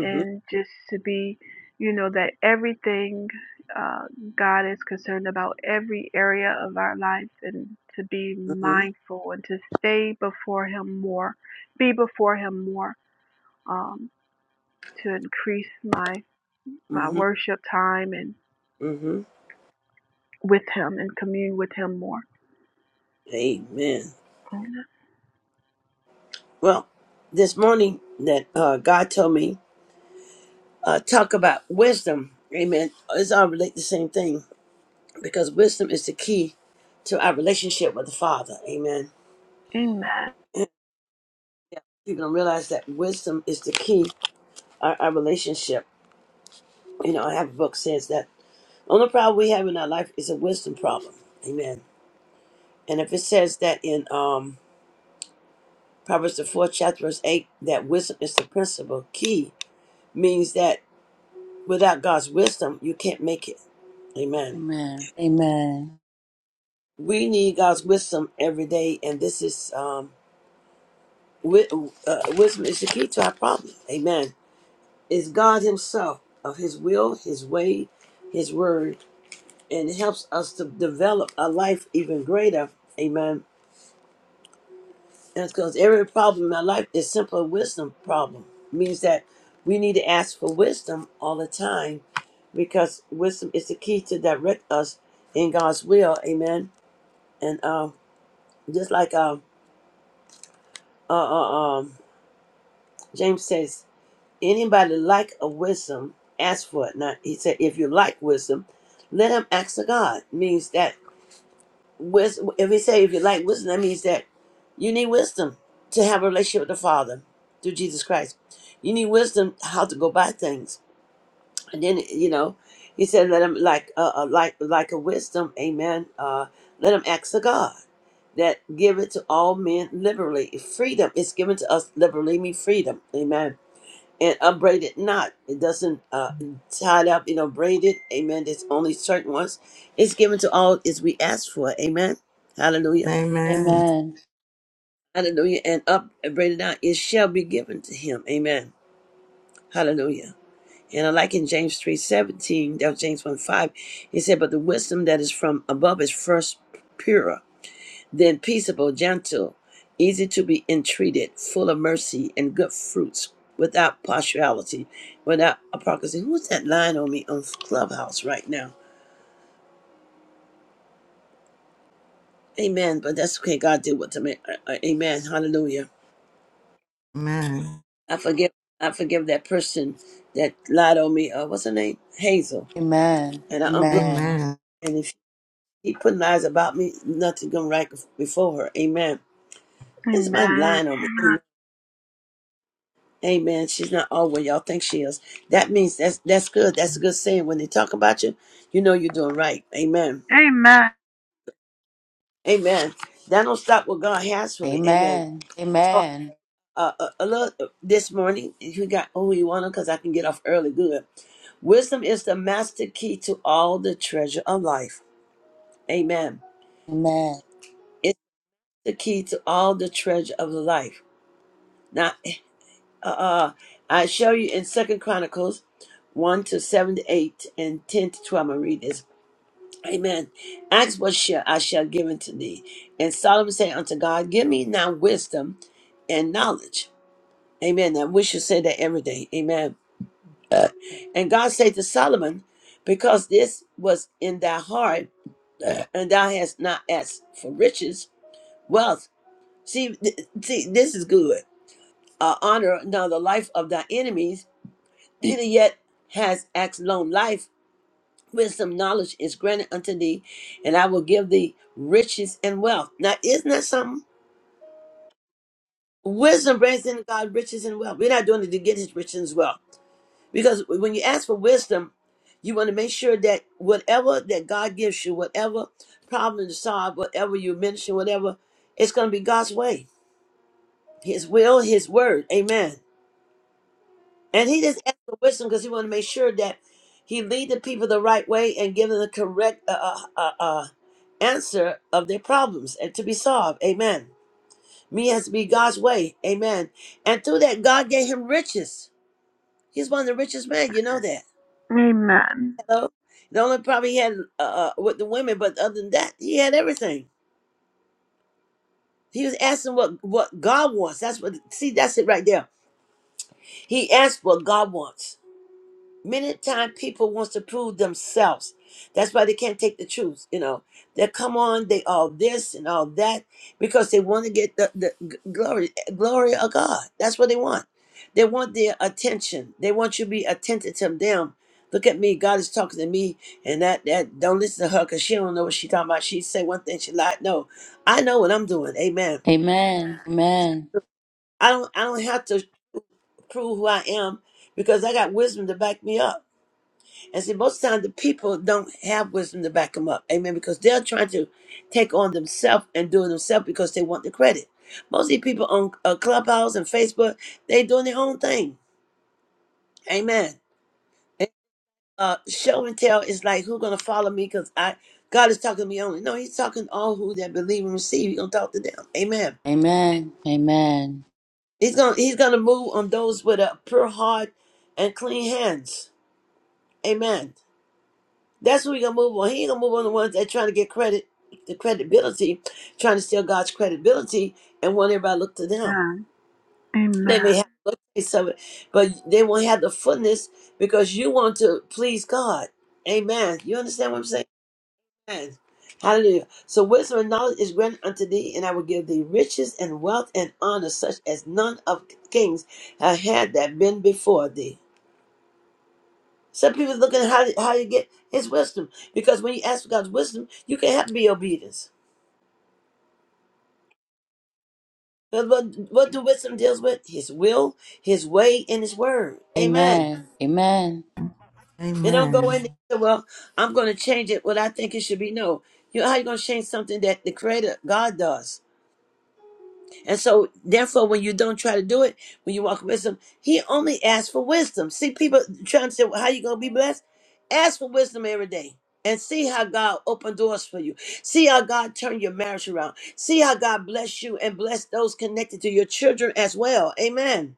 Speaker 1: and just to be, you know, that everything uh, God is concerned about every area of our life and to be
Speaker 2: hmm
Speaker 1: mindful and to stay before Him more, be before Him more, um, to increase my, my
Speaker 2: hmm
Speaker 1: worship time and
Speaker 2: hmm
Speaker 1: with Him and commune with Him more.
Speaker 2: Amen.
Speaker 1: Amen.
Speaker 2: Well, this morning that uh, God told me, uh, talk about wisdom. Amen. It's all relate the same thing because wisdom is the key to our relationship with the Father. Amen.
Speaker 1: Amen.
Speaker 2: People don't realize that wisdom is the key our, our relationship. You know, I have a book says that only problem we have in our life is a wisdom problem. Amen. And if it says that in um, Proverbs the fourth chapter verse eight that wisdom is the principal key, means that without God's wisdom you can't make it. Amen.
Speaker 3: Amen. Amen.
Speaker 2: we need God's wisdom every day, and this is um, wi- uh, wisdom is the key to our problem. Amen. It's God Himself of His will, His way, His word, and it helps us to develop a life even greater. Amen. And because every problem in our life is simple wisdom problem, means that we need to ask for wisdom all the time, because wisdom is the key to direct us in God's will. Amen. And uh, just like uh, uh, uh, um. James says, anybody like a wisdom, ask for it. Now he said, if you like wisdom, let him ask of God. Means that wisdom. If he say if you like wisdom, that means that you need wisdom to have a relationship with the Father through Jesus Christ. You need wisdom how to go by things, and then you know, he said, let him like uh, uh like like a wisdom, Amen. Uh, let him ask of God. That give it to all men liberally. Freedom is given to us liberally, mean freedom. Amen and unbraid it not. It doesn't uh, tie it up, you know, braid it. Amen. There's only certain ones. It's given to all as we ask for. Amen. Hallelujah.
Speaker 4: Amen.
Speaker 3: Amen.
Speaker 2: Hallelujah. And up and braid it not. It shall be given to him. Amen. Hallelujah. And I like in James three seventeen, that was James 1 5, he said, But the wisdom that is from above is first pure. then peaceable, gentle, easy to be entreated, full of mercy and good fruits, without partiality, without hypocrisy. Who's that lying on me on Clubhouse right now? Amen. But that's okay. God did what to me. Uh, uh, Amen. Hallelujah.
Speaker 4: Amen.
Speaker 2: I forgive. I forgive that person that lied on me. Uh, what's her name? Hazel.
Speaker 3: Amen.
Speaker 2: And I unblock.
Speaker 3: Amen.
Speaker 4: Amen.
Speaker 2: And if she keep putting lies about me, nothing gonna right before her. Amen. It's my lying on me. Amen. She's not all where y'all think she is. That means that's that's good. That's a good saying. When they talk about you, you know you're doing right. Amen.
Speaker 1: Amen.
Speaker 2: Amen. That don't stop what God has for me. Amen.
Speaker 3: Amen.
Speaker 2: So
Speaker 3: Amen.
Speaker 2: uh, a, a little uh, this morning, if you got oh you want to because I can get off early. Good. Wisdom is the master key to all the treasure of life. Amen.
Speaker 3: Amen.
Speaker 2: It's the key to all the treasure of life. Now, eh, uh, uh, I show you in Second Chronicles one to seven to eight and ten to twelve. I'm gonna read this. Amen. Ask what shall I shall give unto thee. And Solomon said unto God, Give me now wisdom and knowledge. Amen. And we should say that every day. Amen. Uh, and God said to Solomon, Because this was in thy heart, uh, and thou hast not asked for riches, wealth. See, th- see, this is good. Uh, honor now the life of thy enemies, neither yet has asked long life wisdom, knowledge is granted unto thee, and I will give thee riches and wealth. Now, isn't that something? Wisdom brings in God riches and wealth. We're not doing it to get his riches and wealth. Because when you ask for wisdom, you want to make sure that whatever that God gives you, whatever problem to solve, whatever you mention, whatever, it's going to be God's way, his will, his word. Amen. And he just asked for wisdom because he wanted to make sure that he lead the people the right way and give them the correct uh, uh, uh, uh, answer of their problems and to be solved. Amen. Me has to be God's way. Amen. And through that, God gave him riches. He's one of the richest men. You know that.
Speaker 1: Amen.
Speaker 2: Hello. The only problem he had uh, uh, with the women, but other than that, he had everything. He was asking what what God wants. That's what. See, that's it right there. He asked what God wants. Many times people wants to prove themselves. That's why they can't take the truth. You know, they come on, they all this and all that because they want to get the, the g- glory, glory of God. That's what they want. They want their attention. They want you to be attentive to them. Look at me. God is talking to me, and that that don't listen to her because she don't know what she talking about. She say one thing, she lied. No, I know what I'm doing. Amen.
Speaker 3: Amen. Amen.
Speaker 2: I don't. I don't have to prove who I am because I got wisdom to back me up. And see, most times the people don't have wisdom to back them up. Amen. Because they're trying to take on themselves and do it themselves because they want the credit. Most of these people on uh, Clubhouse and Facebook, they doing their own thing. Amen. And, uh, show and tell is like who gonna follow me because I God is talking to me only. No, He's talking to all who that believe and receive. He's gonna talk to them. Amen.
Speaker 3: Amen. Amen. Amen.
Speaker 2: He's gonna He's gonna move on those with a pure heart and clean hands. Amen. That's what we gonna move on. He ain't gonna move on the ones that trying to get credit, the credibility, trying to steal God's credibility and want everybody to look to them.
Speaker 1: Amen.
Speaker 2: They may
Speaker 1: Amen.
Speaker 2: have a piece of it, but they won't have the fullness because you want to please God. Amen. You understand what I'm saying? Amen. Hallelujah. So wisdom and knowledge is granted unto thee, and I will give thee riches and wealth and honor such as none of kings have had that been before thee. Some people looking at how how you get his wisdom. Because when you ask for God's wisdom, you can have to be obedience. But what, what do wisdom deals with? His will, his way, and his word. Amen.
Speaker 3: Amen.
Speaker 2: It don't go
Speaker 4: Amen.
Speaker 2: in there, well, I'm going to change it what I think it should be. No. You, how you going to change something that the creator, God does? And so, therefore, when you don't try to do it, when you walk in wisdom, he only asks for wisdom. See, people trying to say, well, how you going to be blessed? Ask for wisdom every day and see how God open doors for you. See how God turn your marriage around. See how God bless you and bless those connected to your children as well. Amen.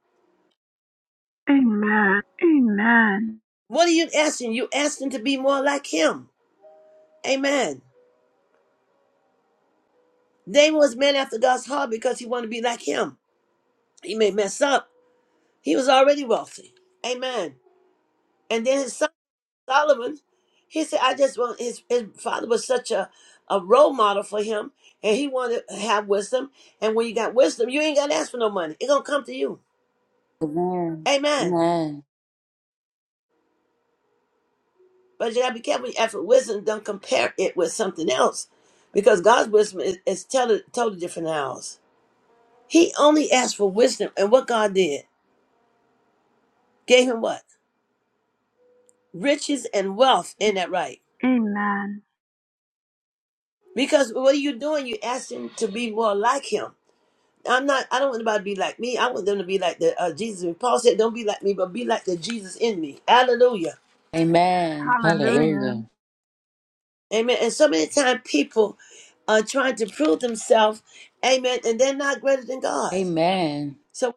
Speaker 1: Amen. Amen.
Speaker 2: What are you asking? You asking to be more like him. Amen. David was man after God's heart because he wanted to be like him. He may mess up. He was already wealthy. Amen. And then his son Solomon, he said, I just want his, his father was such a, a role model for him, and he wanted to have wisdom. And when you got wisdom, you ain't got to ask for no money. It's going to come to you.
Speaker 3: Amen.
Speaker 2: Amen.
Speaker 3: Amen.
Speaker 2: But you got to be careful after wisdom, don't compare it with something else because God's wisdom is, is totally, totally different than ours. He only asked for wisdom, and what God did gave him what? Riches and wealth in that right.
Speaker 1: Amen.
Speaker 2: Because what are you doing? you asking to be more like him. I'm not. I don't want anybody to be like me. I want them to be like the uh, Jesus. Paul said, "Don't be like me, but be like the Jesus in me." Hallelujah.
Speaker 3: Amen.
Speaker 2: Amen.
Speaker 1: Hallelujah.
Speaker 3: Hallelujah.
Speaker 2: Amen. And so many times people are trying to prove themselves, amen, and they're not greater than God.
Speaker 3: Amen.
Speaker 2: So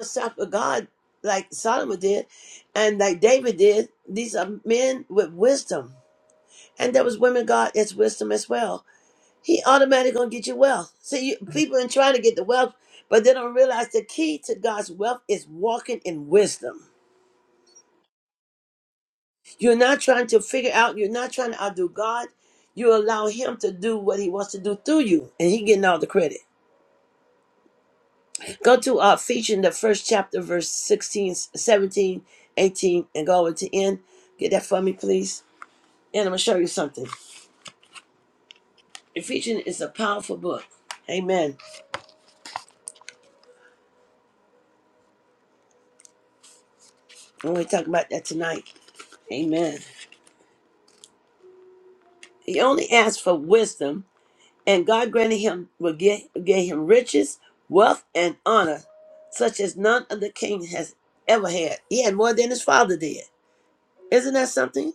Speaker 2: self of God, like Solomon did, and like David did, these are men with wisdom. And there was women God as wisdom as well. He automatically gonna get you wealth. See, you, people are trying to get the wealth, but they don't realize the key to God's wealth is walking in wisdom. You're not trying to figure out, you're not trying to outdo God. You allow him to do what he wants to do through you, and he getting all the credit. Go to uh featuring the first chapter, verse 16, 17, 18, and go over to end. Get that for me, please. And I'm gonna show you something. Ephesians is a powerful book. Amen. And we're talking about that tonight. Amen. He only asks for wisdom And God granted him will give, gave him riches, wealth, and honor, such as none of the king has ever had. He had more than his father did. Isn't that something?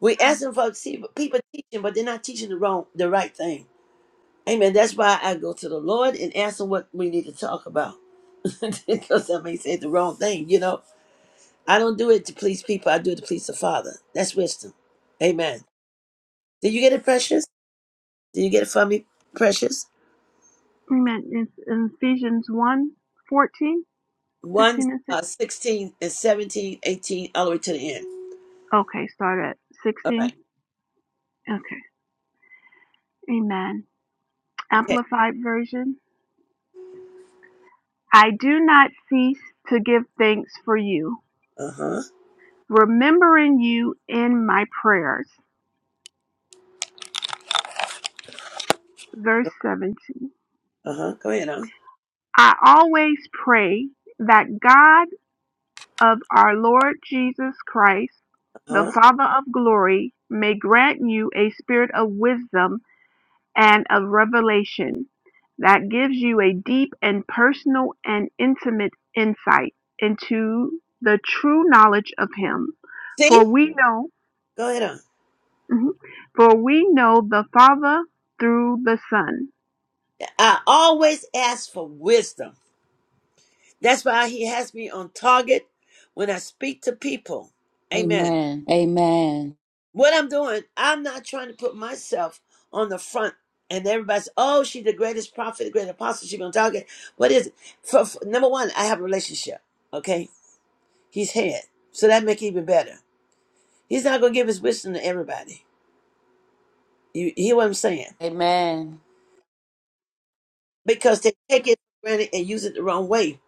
Speaker 2: We asking for see, people teaching, but they're not teaching the wrong, the right thing. Amen. That's why I go to the Lord and ask him what we need to talk about, because I may say the wrong thing. You know, I don't do it to please people. I do it to please the Father. That's wisdom. Amen. Did you get it, precious? Did you get it for me, precious?
Speaker 1: Amen. It's in Ephesians one 14,
Speaker 2: 1,
Speaker 1: 15, and 16.
Speaker 2: uh, 16 and 17, 18, all the way to the end.
Speaker 1: Okay, start at
Speaker 2: All
Speaker 1: 16.
Speaker 2: right.
Speaker 1: Okay. Amen.
Speaker 2: Okay.
Speaker 1: Amplified version. I do not cease to give thanks for you,
Speaker 2: Uh huh.
Speaker 1: remembering you in my prayers. Verse 17.
Speaker 2: Uh huh. Go ahead on. Uh
Speaker 1: I always pray that God of our Lord Jesus Christ,
Speaker 2: huh.
Speaker 1: the
Speaker 2: Uh-huh.
Speaker 1: Father of glory, may grant you a spirit of wisdom and of revelation that gives you a deep and personal and intimate insight into the true knowledge of him for
Speaker 2: See?
Speaker 1: we know
Speaker 2: Go ahead on.
Speaker 1: mhm, for we know the father through the son
Speaker 2: I always ask for wisdom. That's why he has me on target when I speak to people. Amen.
Speaker 3: Amen. Amen.
Speaker 2: What I'm doing, I'm not trying to put myself on the front and everybody's, oh, she's the greatest prophet, the great apostle. She's going to target. What is it? For, for, number one, I have a relationship. Okay. He's head. So that make it even better. He's not going to give his wisdom to everybody. You hear what I'm saying?
Speaker 3: Amen.
Speaker 2: Because they take it for granted and use it the wrong way.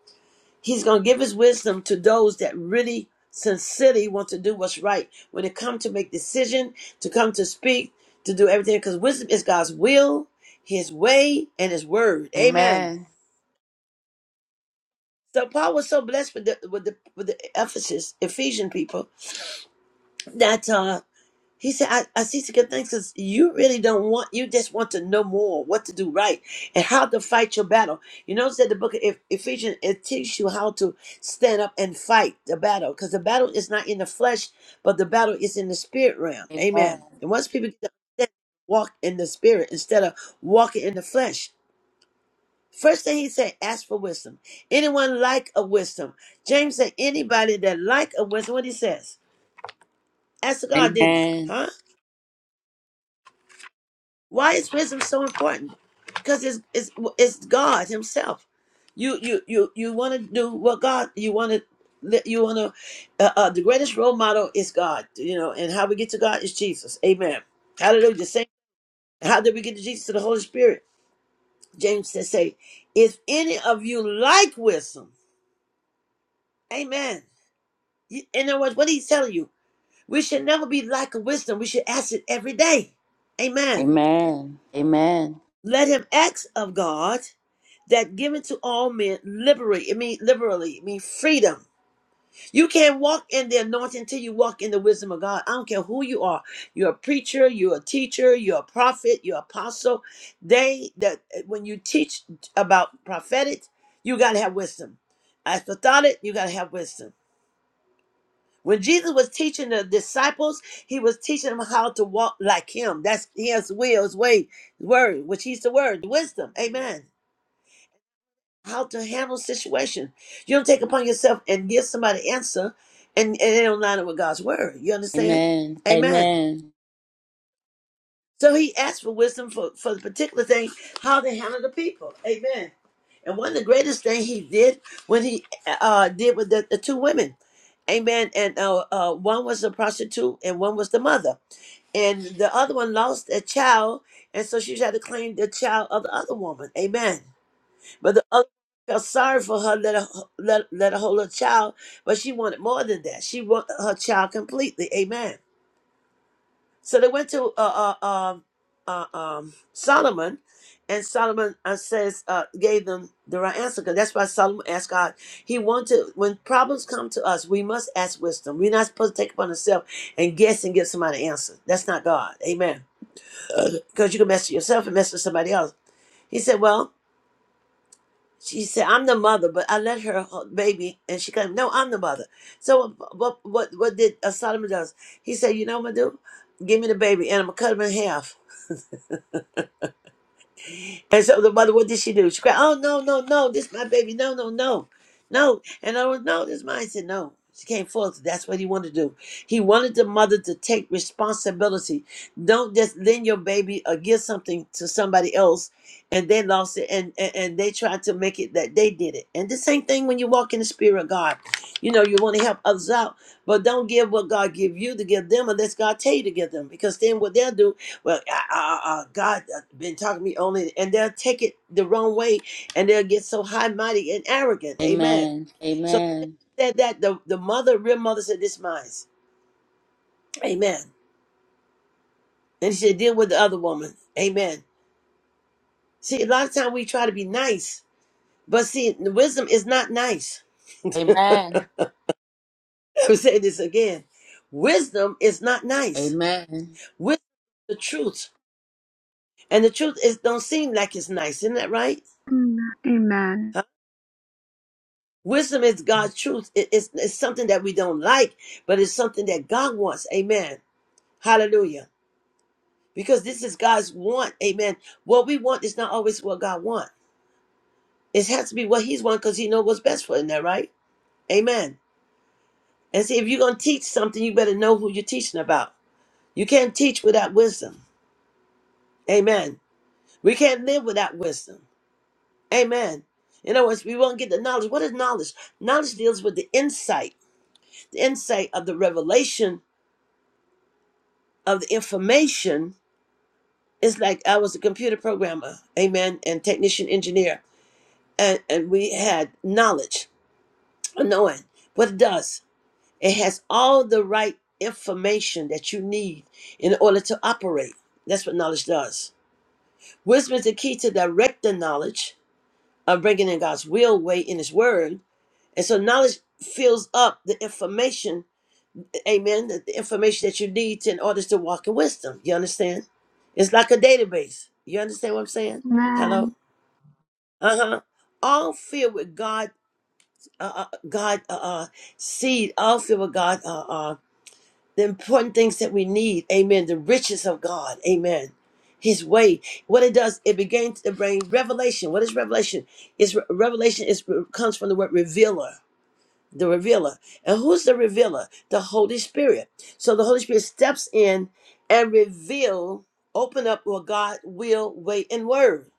Speaker 2: He's going to give his wisdom to those that really sincerely want to do what's right. When it comes to make decision, to come to speak, to do everything. Because wisdom is God's will, his way, and his word. Amen.
Speaker 3: Amen.
Speaker 2: So Paul was so blessed with the, with the, with the Ephesus, Ephesian people, that uh, He said, I, I see to give thanks because you really don't want, you just want to know more what to do right and how to fight your battle. You notice that the book of Eph- Ephesians, it teaches you how to stand up and fight the battle because the battle is not in the flesh, but the battle is in the spirit realm.
Speaker 3: Amen.
Speaker 2: Amen. And once people get to understand, walk in the spirit instead of walking in the flesh. First thing he said, ask for wisdom. Anyone like a wisdom? James said, anybody that like a wisdom, what he says? Ask God, didn't he?
Speaker 3: Amen.
Speaker 2: Huh? Why is wisdom so important? Because it's it's it's God Himself. You you you you want to do what God you want to you want to. Uh, uh, the greatest role model is God. You know, and how we get to God is Jesus. Amen. Hallelujah. Same. How did we get to Jesus? To the Holy Spirit. James says, "Say, if any of you like wisdom, Amen." You- In other words, what He's telling you, we should never be like wisdom. We should ask it every day. Amen.
Speaker 3: Amen. Amen.
Speaker 2: Let Him ask of God that given to all men liberally. It means liberally. It means freedom. You can't walk in the anointing until you walk in the wisdom of God. I don't care who you are. You're a preacher. You're a teacher. You're a prophet. You're an apostle. They that when you teach about prophetic, you gotta have wisdom. As for you gotta have wisdom. When Jesus was teaching the disciples, he was teaching them how to walk like him. That's he has will, his way, word, which he's the word, wisdom. Amen. how to handle situation. You don't take upon yourself and give somebody an answer and, and they don't line up with God's word. You understand?
Speaker 3: Amen.
Speaker 2: Amen.
Speaker 3: Amen.
Speaker 2: So he asked for wisdom for, for the particular thing, how to handle the people. Amen. And one of the greatest thing he did when he uh, did with the, the two women. Amen. And uh, uh, one was a prostitute and one was the mother. And the other one lost a child. And so she had to claim the child of the other woman. Amen. But the other felt sorry for her, let her let, let her hold her child, but she wanted more than that. She wanted her child completely. Amen. So they went to uh, uh, um, uh, um, Solomon, and Solomon uh, says uh, gave them the right answer because that's why Solomon asked God. He wanted when problems come to us, we must ask wisdom. We're not supposed to take upon ourselves and guess and give somebody an answer. That's not God. Amen. Because you can mess with yourself and mess with somebody else. He said, "Well, she said, "I'm the mother," but I let her hold baby, and she claimed, "No, I'm the mother." So what? What? What did uh, Solomon does? He said, "You know what I'm gonna do? Give me the baby, and I'm gonna cut him in half." And so the mother, what did she do? She cried, Oh, no, no, no, this is my baby. No, no, no, no. And I was, No, this is mine. I said, No. She came forth. That's what he wanted to do. He wanted the mother to take responsibility. Don't just lend your baby or give something to somebody else and they lost it and, and, and they tried to make it that they did it. And the same thing when you walk in the spirit of God. You know, you want to help others out, but don't give what God give you to give them unless God tell you to give them. Because then what they'll do well, uh, uh, uh, God uh, been talking to me only, and they'll take it the wrong way, and they'll get so high, mighty, and arrogant. Amen.
Speaker 3: Amen.
Speaker 2: So
Speaker 3: Amen.
Speaker 2: said that the the mother, real mother, said this mine. Amen. And she said, deal with the other woman. Amen. See, a lot of time we try to be nice, but see, the wisdom is not nice.
Speaker 3: Amen.
Speaker 2: I'm saying this again. Wisdom is not nice.
Speaker 3: Amen.
Speaker 2: Wisdom is the truth, and the truth is don't seem like it's nice. Isn't that right?
Speaker 1: amen
Speaker 2: Wisdom is God's truth. It- it's, it's something that we don't like, but it's something that God wants. Amen. Hallelujah. Because this is God's want. Amen. What we want is not always what God wants. It has to be what He's want because He knows what's best for it. Isn't that right? Amen. And see, if you're going to teach something, you better know who you're teaching about. You can't teach without wisdom. Amen. We can't live without wisdom. Amen. In other words, we won't get the knowledge. What is knowledge? Knowledge deals with the insight, the insight of the revelation of the information it's like i was a computer programmer amen and technician engineer and, and we had knowledge knowing what it does it has all the right information that you need in order to operate that's what knowledge does wisdom is the key to direct the knowledge of bringing in god's will way in his word and so knowledge fills up the information amen, the, the information that you need to, in order to walk in wisdom. You understand? It's like a database. You understand what I'm saying? Hello?
Speaker 1: amen
Speaker 2: Uh huh. All filled with God, uh, uh, God, uh, uh, seed, all filled with God, uh, uh, the important things that we need. Amen. The riches of God. Amen. His way. What it does, it begins to bring revelation. What is revelation? Is revelation is comes from the word revealer the revealer. And who's the revealer? The Holy Spirit. So the Holy Spirit steps in and reveal, open up what God will, way, and word.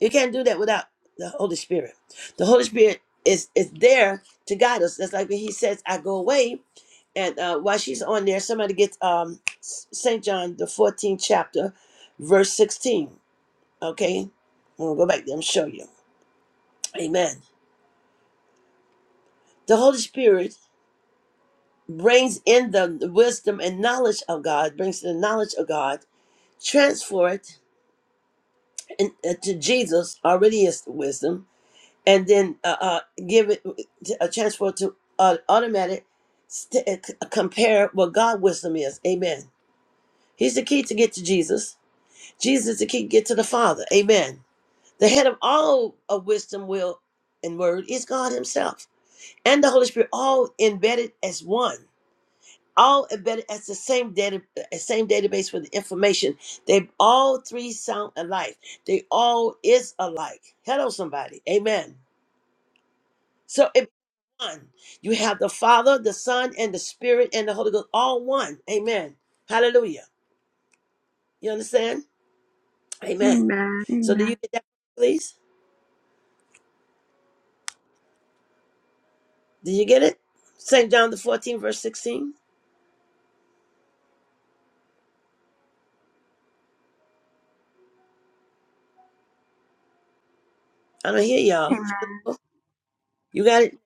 Speaker 2: You can't do that without the Holy Spirit. The Holy Spirit is is there to guide us. That's like when He says, "I go away." And uh, while she's on there, somebody gets um, Saint John the 14th chapter, verse 16. Okay, I'm gonna go back there and show you. Amen. The Holy Spirit brings in them the wisdom and knowledge of God, brings the knowledge of God, transfer it in, uh, to Jesus, already is wisdom, and then uh, uh, give it uh, transfer to uh, automatic, st- uh, c- uh, compare what God wisdom is. Amen. He's the key to get to Jesus. Jesus is the key to get to the Father. Amen. The head of all of wisdom, will, and word is God Himself and the Holy Spirit, all embedded as one. all embedded as the same data uh, same database with information they all three sound alike they all is alike hello somebody amen so it one you have the father the son and the spirit and the holy ghost all one amen hallelujah you understand amen
Speaker 1: amen
Speaker 2: so do you
Speaker 1: amen
Speaker 2: get that please do you get it st john the 14 verse 16 i don't hear y'all
Speaker 1: amen
Speaker 2: you got it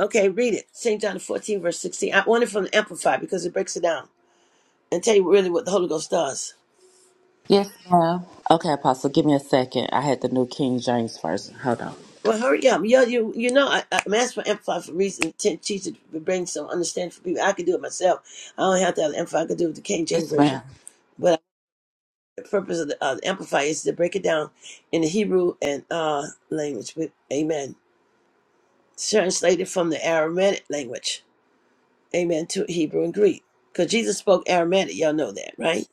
Speaker 2: okay read it st john the 14 verse 16 i want it from the amplified because it breaks it down and tell you really what the Holy Ghost does.
Speaker 3: Yes, ma'am. Okay, Apostle, give me a second. I had the New King James first. Hold on.
Speaker 2: Well, hurry up. You, you, you know, I, I'm asked for Amplify for a reason. Ten teachers to bring some understanding for people. I could do it myself. I don't have to have the Amplify. I could do it with the King James
Speaker 3: Yes,
Speaker 2: Version.
Speaker 3: ma'am.
Speaker 2: But the purpose of the, uh, the Amplify is to break it down in the Hebrew and uh, language. With, amen. Translated from the Aramaic language. Amen. To Hebrew and Greek. Because Jesus spoke Aramaic. Y'all know that, right?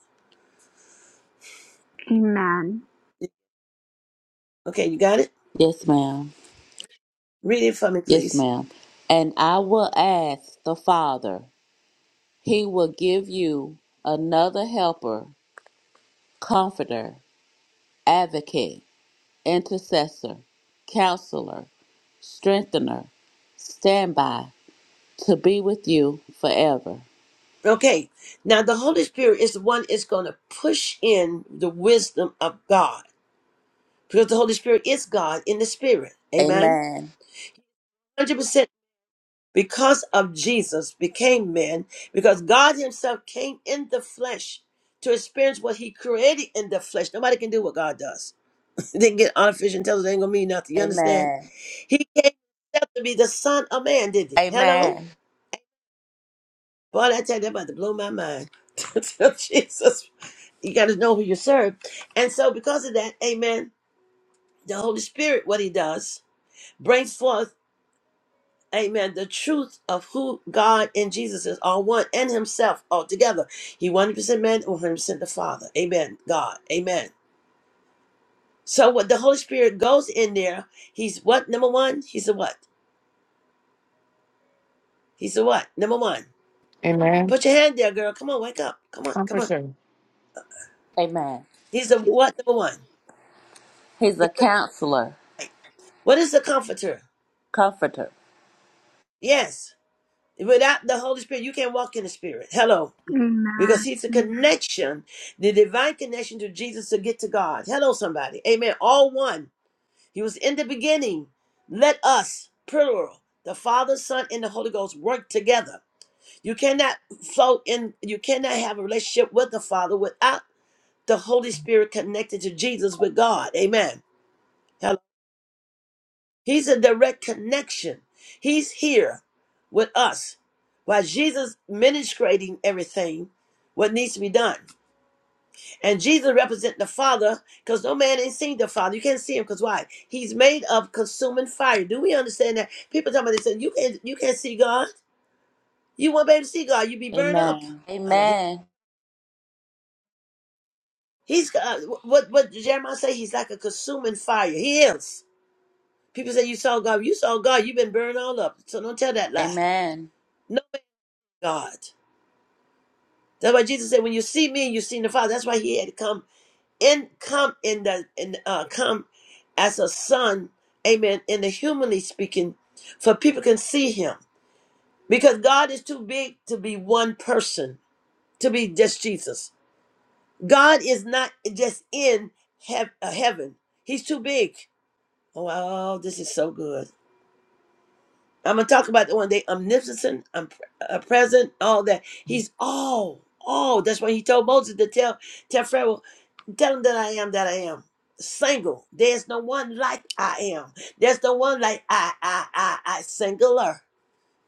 Speaker 2: Okay, you got it?
Speaker 3: Yes, ma'am.
Speaker 2: Read it for me,
Speaker 3: Yes,
Speaker 2: please.
Speaker 3: ma'am. And I will ask the Father, He will give you another helper, comforter advocate, intercessor, counselor, strengthener, standby to be with you forever.
Speaker 2: Okay, now the Holy Spirit is the one is going to push in the wisdom of God because the Holy Spirit is God in the Spirit. Amen.
Speaker 3: Amen.
Speaker 2: 100% because of Jesus became man, because God Himself came in the flesh to experience what He created in the flesh. Nobody can do what God does. they can get artificial intelligence, ain't going to mean nothing. You understand?
Speaker 3: Amen.
Speaker 2: He came himself to be the Son of Man, did He? Hello?
Speaker 3: Amen.
Speaker 2: Boy, I tell you, that about to blow my mind. Jesus You got to know who you serve. And so, because of that, amen, the Holy Spirit, what he does, brings forth, amen, the truth of who God and Jesus is, all one, and himself all together. He 100% man, 100% the Father. Amen. God. Amen. So, what the Holy Spirit goes in there, he's what? Number one, he's a what? He's a what? Number one.
Speaker 5: Amen.
Speaker 2: Put your hand there, girl. Come on, wake up. Come on, come on.
Speaker 5: Comforter.
Speaker 3: Amen.
Speaker 2: He's a what? Number one.
Speaker 3: He's a
Speaker 2: He's a
Speaker 3: counselor,
Speaker 2: light. What is the comforter?
Speaker 3: comforter.
Speaker 2: Yes. Without the Holy Spirit, you can't walk in the Spirit. Hello. Because
Speaker 1: amen
Speaker 2: He's the connection, the divine connection to Jesus to get to God. Hello, somebody. Amen. All one. He was in the beginning. Let us, plural, the Father, Son, and the Holy Ghost work together. You cannot float in, you cannot have a relationship with the Father without the Holy Spirit connected to Jesus with God. Amen. He's a direct connection. He's here with us while Jesus ministrating everything what needs to be done. And Jesus represent the Father because no man ain't seen the Father. You can't see him because why? He's made of consuming fire. Do we understand that? People talking about they say you can't you can't see God. You won't be able to see God. You be burned up.
Speaker 3: Amen.
Speaker 2: I know he,
Speaker 3: Amen.
Speaker 2: he's uh, what what did Jeremiah say. He's like a consuming fire. He is. People say you saw God. You saw God. You've been burned all up. So don't tell that lie.
Speaker 3: Amen.
Speaker 2: No man is God. That's why Jesus said, "When you see me, you seen the Father." That's why he had to come in, come in the, in uh, come as a son, Amen. In the humanly speaking, for people can see him because God is too big to be one person, to be just Jesus. God is not just in hev- uh, heaven; He's too big. Oh, wow, this is so good. I'm gonna talk about the one day omnipotent, um, uh, present, all that. He's all, all. That's why he told Moses to tell, tell Pharaoh. Tell him that I am that I am. Single. There's no one like I am. There's no one like I, I, I, I, singular.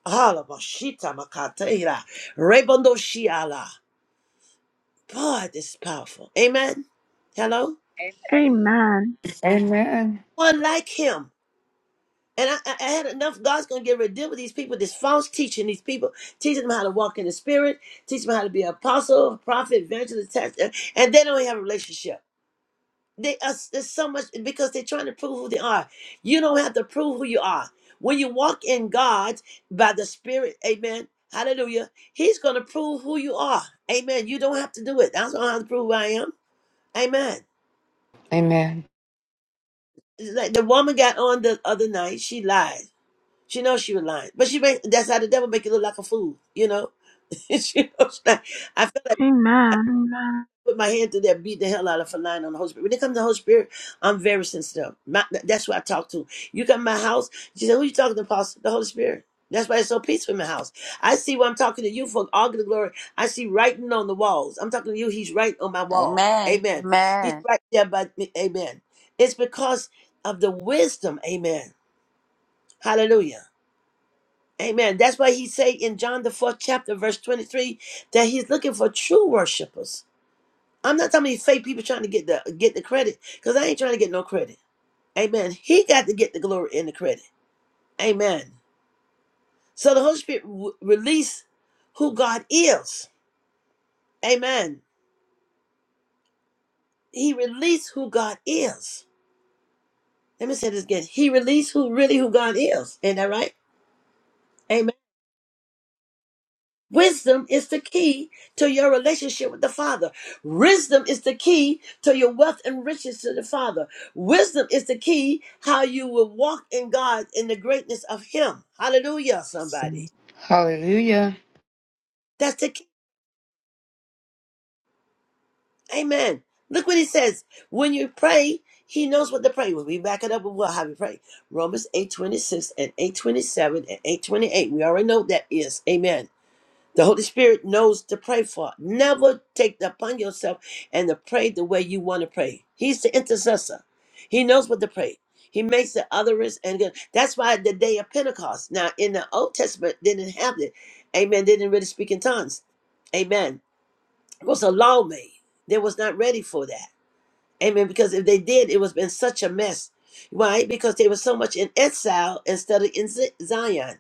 Speaker 2: Halabashita makateira. Rebondo shiala. Boy, this is powerful. Amen. Hello?
Speaker 1: amen
Speaker 5: Amen.
Speaker 2: One like him. And I, I I had enough. God's going to get rid of these people, this false teaching, these people, teaching them how to walk in the spirit, teaching them how to be an apostle, prophet, evangelist, test, and they don't have a relationship. They are there's so much because they're trying to prove who they are. You don't have to prove who you are. When you walk in God by the Spirit, Amen. Hallelujah. He's gonna prove who you are. Amen. You don't have to do it. I don't have to prove who I am. Amen.
Speaker 5: Amen.
Speaker 2: Like the woman got on the other night, she lied. She knows she was lying. But she made that's how the devil make you look like a fool, you know? she knows that. I feel
Speaker 1: amen
Speaker 2: like
Speaker 1: amen
Speaker 2: put my hand through there, beat the hell out of for lying on the Holy Spirit. When it comes to the Holy Spirit, I'm very sensitive. My, that's who I talk to. You come to my house, she said, Who you talking to, Pastor? The Holy Spirit. That's why it's so peaceful in my house. I see what I'm talking to you for all the glory. I see writing on the walls. I'm talking to you, he's right on my wall.
Speaker 3: Amen.
Speaker 2: Amen. He's
Speaker 3: Amen.
Speaker 2: right there by me. Amen. It's because of the wisdom. Amen. Hallelujah. Amen. That's why he say in John the fourth chapter, verse 23, that he's looking for true worshipers I'm not talking about these fake people trying to get the get the credit, because I ain't trying to get no credit. Amen. He got to get the glory and the credit. Amen. So the Holy Spirit w- release who God is. Amen. He released who God is. Let me say this again. He released who really who God is. Ain't that right? Wisdom is the key to your relationship with the Father. Wisdom is the key to your wealth and riches to the Father. Wisdom is the key how you will walk in God in the greatness of Him. Hallelujah, somebody.
Speaker 5: Hallelujah.
Speaker 2: That's the key. Amen. Look what he says. When you pray, he knows what to pray. When we back it up with what how we pray. Romans 8 26 and 8 27 and 8 28. We already know what that is. Amen. The Holy Spirit knows to pray for. Never take it upon yourself and to pray the way you want to pray. He's the intercessor. He knows what to pray. He makes the others and good. That's why the day of Pentecost. Now in the Old Testament they didn't have it. Amen. They didn't really speak in tongues. Amen. It was a law made. They was not ready for that. Amen. Because if they did, it was been such a mess. Why? Because they were so much in exile instead of in Z- Zion.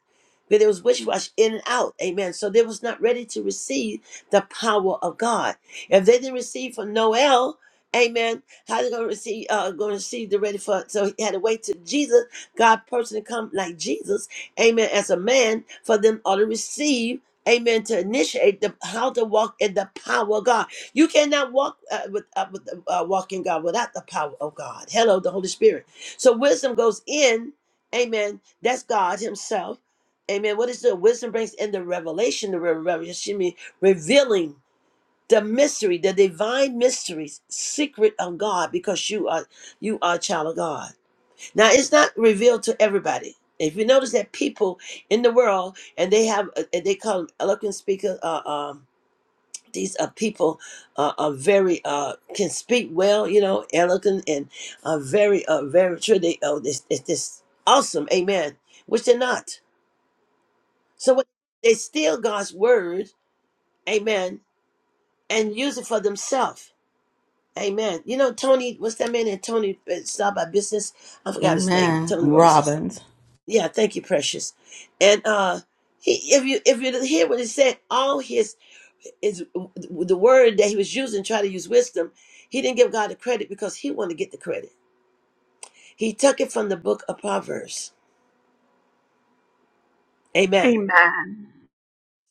Speaker 2: But it was wish wash in and out. Amen. So they was not ready to receive the power of God. If they didn't receive from Noel, Amen. How they gonna receive? Uh, gonna receive the ready for? So he had to wait till Jesus, God personally come like Jesus, Amen, as a man for them all to receive, Amen, to initiate the how to walk in the power of God. You cannot walk uh, with, uh, with uh, walk in God without the power of God. Hello, the Holy Spirit. So wisdom goes in. Amen. That's God Himself. Amen. What is the wisdom brings in the revelation, the revelation means revealing the mystery, the divine mysteries, secret of God, because you are you are a child of God. Now it's not revealed to everybody. If you notice that people in the world and they have uh, they call them eloquent speaker, uh, um these uh, people uh, are very uh, can speak well, you know, eloquent and are very uh, very true. They oh this this, this awesome, amen. Which they're not. So what, they steal God's word, amen, and use it for themselves, amen. You know, Tony, what's that man? And Tony uh, started by business. I forgot his name.
Speaker 4: Amen.
Speaker 2: Tony Rose
Speaker 4: Robbins.
Speaker 2: Yeah, thank you, precious. And uh he, if you if you hear what he said, all his is the word that he was using, try to use wisdom. He didn't give God the credit because he wanted to get the credit. He took it from the book of Proverbs. Amen.
Speaker 1: amen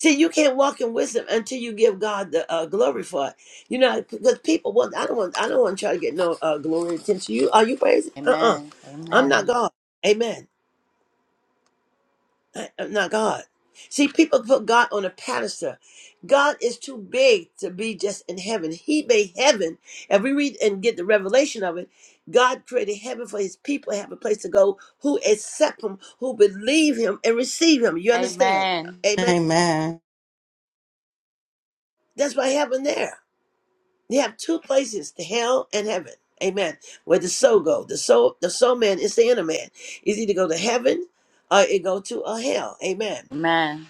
Speaker 2: See, you can't walk in wisdom until you give God the uh, glory for it. You know, because people want. I don't want. I don't want to try to get no uh, glory attention. You are you crazy? Uh uh-uh. uh.
Speaker 3: Amen.
Speaker 2: i am not
Speaker 3: Amen.
Speaker 2: God. Amen. I, am not God. See, people put God on a pedestal. God is too big to be just in heaven. He made heaven. If we read and get the revelation of it, God created heaven for his people to have a place to go who accept him, who believe him, and receive him. You understand?
Speaker 3: Amen. Amen.
Speaker 2: Amen.
Speaker 4: Amen.
Speaker 2: That's why heaven there. You have two places, the hell and heaven. Amen. Where the soul go. The soul, the soul man is the inner man. It's either go to heaven or it go to a hell. Amen.
Speaker 3: Amen.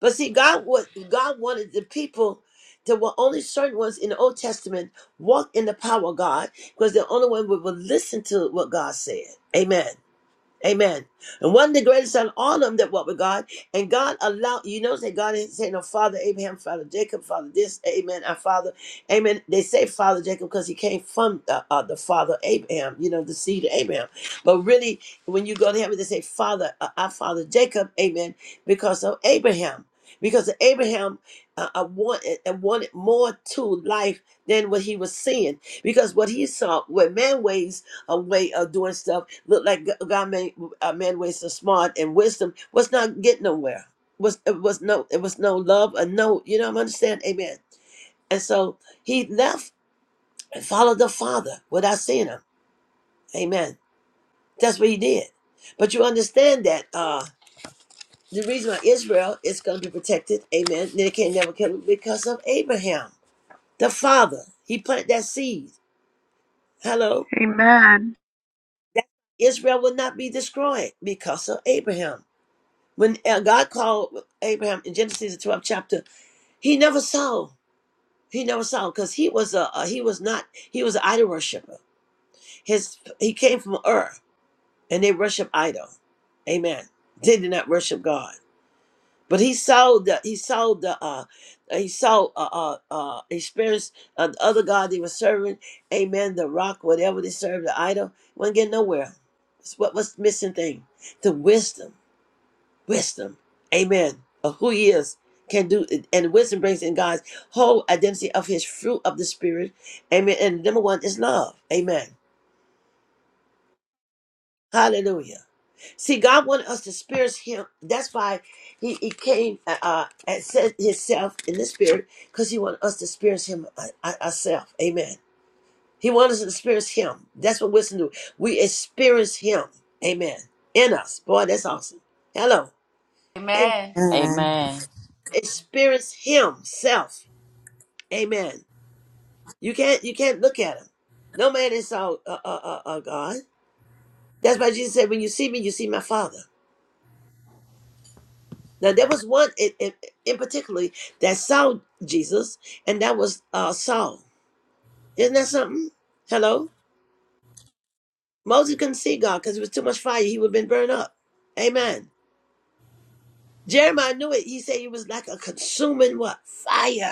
Speaker 2: But see, God what God wanted the people there were only certain ones in the Old Testament walk in the power of God because they're the only one who would listen to what God said. Amen. Amen. And one of the greatest on all of them that walk with God, and God allowed, you know, that God ain't saying, no, Father Abraham, Father Jacob, Father this, Amen, our Father, Amen. They say Father Jacob because he came from the, uh, the Father Abraham, you know, the seed of Abraham. But really, when you go to heaven, they say Father, uh, our Father Jacob, Amen, because of Abraham. Because Abraham uh, uh, wanted and wanted more to life than what he was seeing, because what he saw, what man weighs a way of doing stuff. Look like G- God made uh, man ways so smart and wisdom was not getting nowhere. Was it was no it was no love and no you know I'm understand amen. And so he left and followed the Father without seeing him. Amen. That's what he did. But you understand that uh the reason why Israel is going to be protected, amen. They can't never kill him because of Abraham, the father. He planted that seed. Hello,
Speaker 1: amen
Speaker 2: that Israel will not be destroyed because of Abraham. When uh, God called Abraham in Genesis the 12th chapter, he never saw. He never saw because he was a, a he was not he was an idol worshiper. His he came from Ur and they worship idol. Amen. They did not worship God. But he saw the he saw the uh he saw uh uh, uh experienced uh, the other God they were serving, amen, the rock, whatever they served, the idol, wasn't getting nowhere. It's what was the missing thing? The wisdom. wisdom, amen, of who he is, can do it. And wisdom brings in God's whole identity of his fruit of the Spirit, amen. And number one is love, amen. Hallelujah. See, God wanted us to experience him. That's why he, he came uh, uh, and said himself in the Spirit, because he wanted us to experience him uh, uh, ourselves, amen. He wanted us to experience him. That's what wisdom do. We experience him, amen, in us. Boy, that's awesome. Hello, amen.
Speaker 4: Amen.
Speaker 3: Amen.
Speaker 2: Experience himself Amen. You can't you can't look at him. No man is saw uh, uh, uh, uh, God. That's why Jesus said, "When you see me, you see my Father." Now there was one in, in, in particularly that saw Jesus, and that was uh, Saul. Isn't that something? Hello, Moses couldn't see God because it was too much fire; he would have been burned up. Amen. Jeremiah knew it. He said he was like a consuming what fire.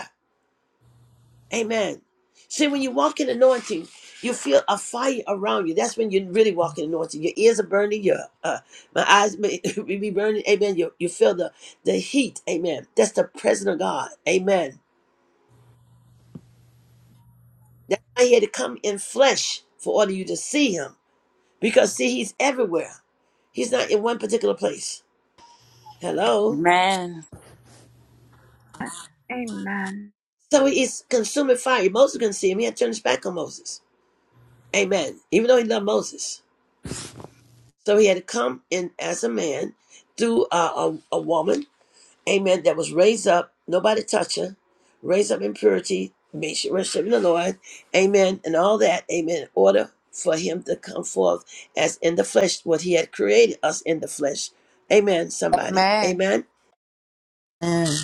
Speaker 2: Amen. See, when you walk in anointing, you feel a fire around you. That's when you really walk in anointing. Your ears are burning. Your uh, my eyes may be burning. Amen. You you feel the the heat. Amen. That's the presence of God. Amen. That's why He had to come in flesh for order you to see Him. Because see, He's everywhere. He's not in one particular place. Hello.
Speaker 3: Amen.
Speaker 1: amen
Speaker 2: So He's consuming fire. Moses couldn't see Him. He had to turn His back on Moses. Amen. Even though He loved Moses. So he had to come in as a man through uh, a, a woman, amen, that was raised up, nobody touch her, raised up in purity, made sure worship the Lord, amen, and all that, amen, in order for him to come forth as in the flesh, what he had created us in the flesh. Amen, somebody.
Speaker 3: Amen.
Speaker 2: Amen.
Speaker 4: Amen.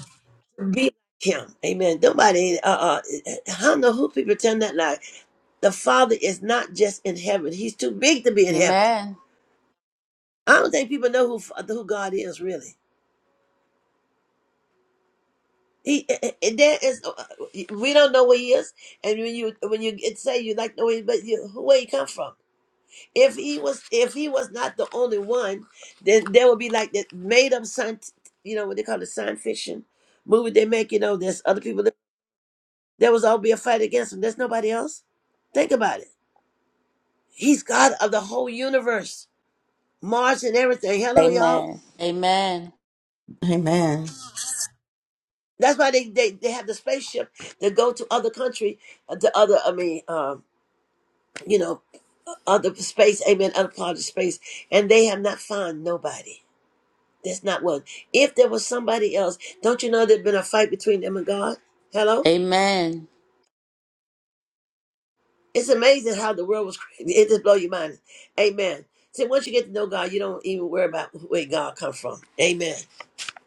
Speaker 2: Be like him. Amen. Nobody, uh, uh, I don't know who people pretend that like. The Father is not just in heaven. He's too big to be in heaven.
Speaker 3: Amen.
Speaker 2: I don't think people know who, who God is, really. He, eh, eh, there is, uh, we don't know where he is, and when you when you get- say you like know where, he- but you, where he come from? If he was, if he was not the only one, then there would be like that made up science, you know what they call it, science fiction movie they make. You know, there's other people. That, there was all be a fight against him. There's nobody else. Think about it. He's God of the whole universe, Mars and everything. Hello, y'all.
Speaker 3: Amen. Amen.
Speaker 4: Amen.
Speaker 2: That's why they, they, they have the spaceship that go to other country, uh, to other I mean, um, you know, of the space, amen, unclouded space, and they have not found nobody. There's not one. If there was somebody else, don't you know there had been a fight between them and God? Hello?
Speaker 3: Amen.
Speaker 2: It's amazing how the world was created. It just blow your mind. Amen. See, once you get to know God, you don't even worry about where God come from. Amen.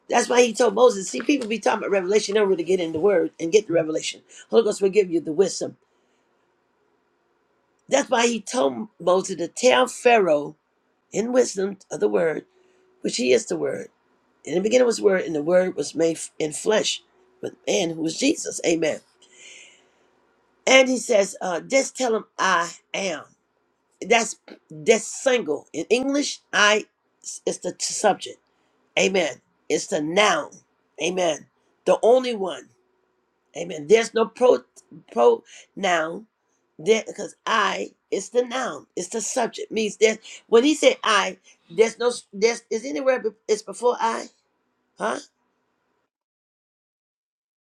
Speaker 2: That's why he told Moses, see, people be talking about revelation, they don't really get in the word and get the revelation. Holy Ghost will give you the wisdom. That's why he told Moses to tell Pharaoh in wisdom of the word, which he is the word In the beginning was the Word, and the Word was made f- in flesh with man, who was Jesus. Amen. And he says, uh, just tell him I am. That's that's single. In English, I is the t- subject. Amen. It's the noun. Amen. The only one. Amen. There's no pro pronoun there because I is the noun. It's the subject. Means that when he said I, there's no there's is anywhere be- it's before I, huh?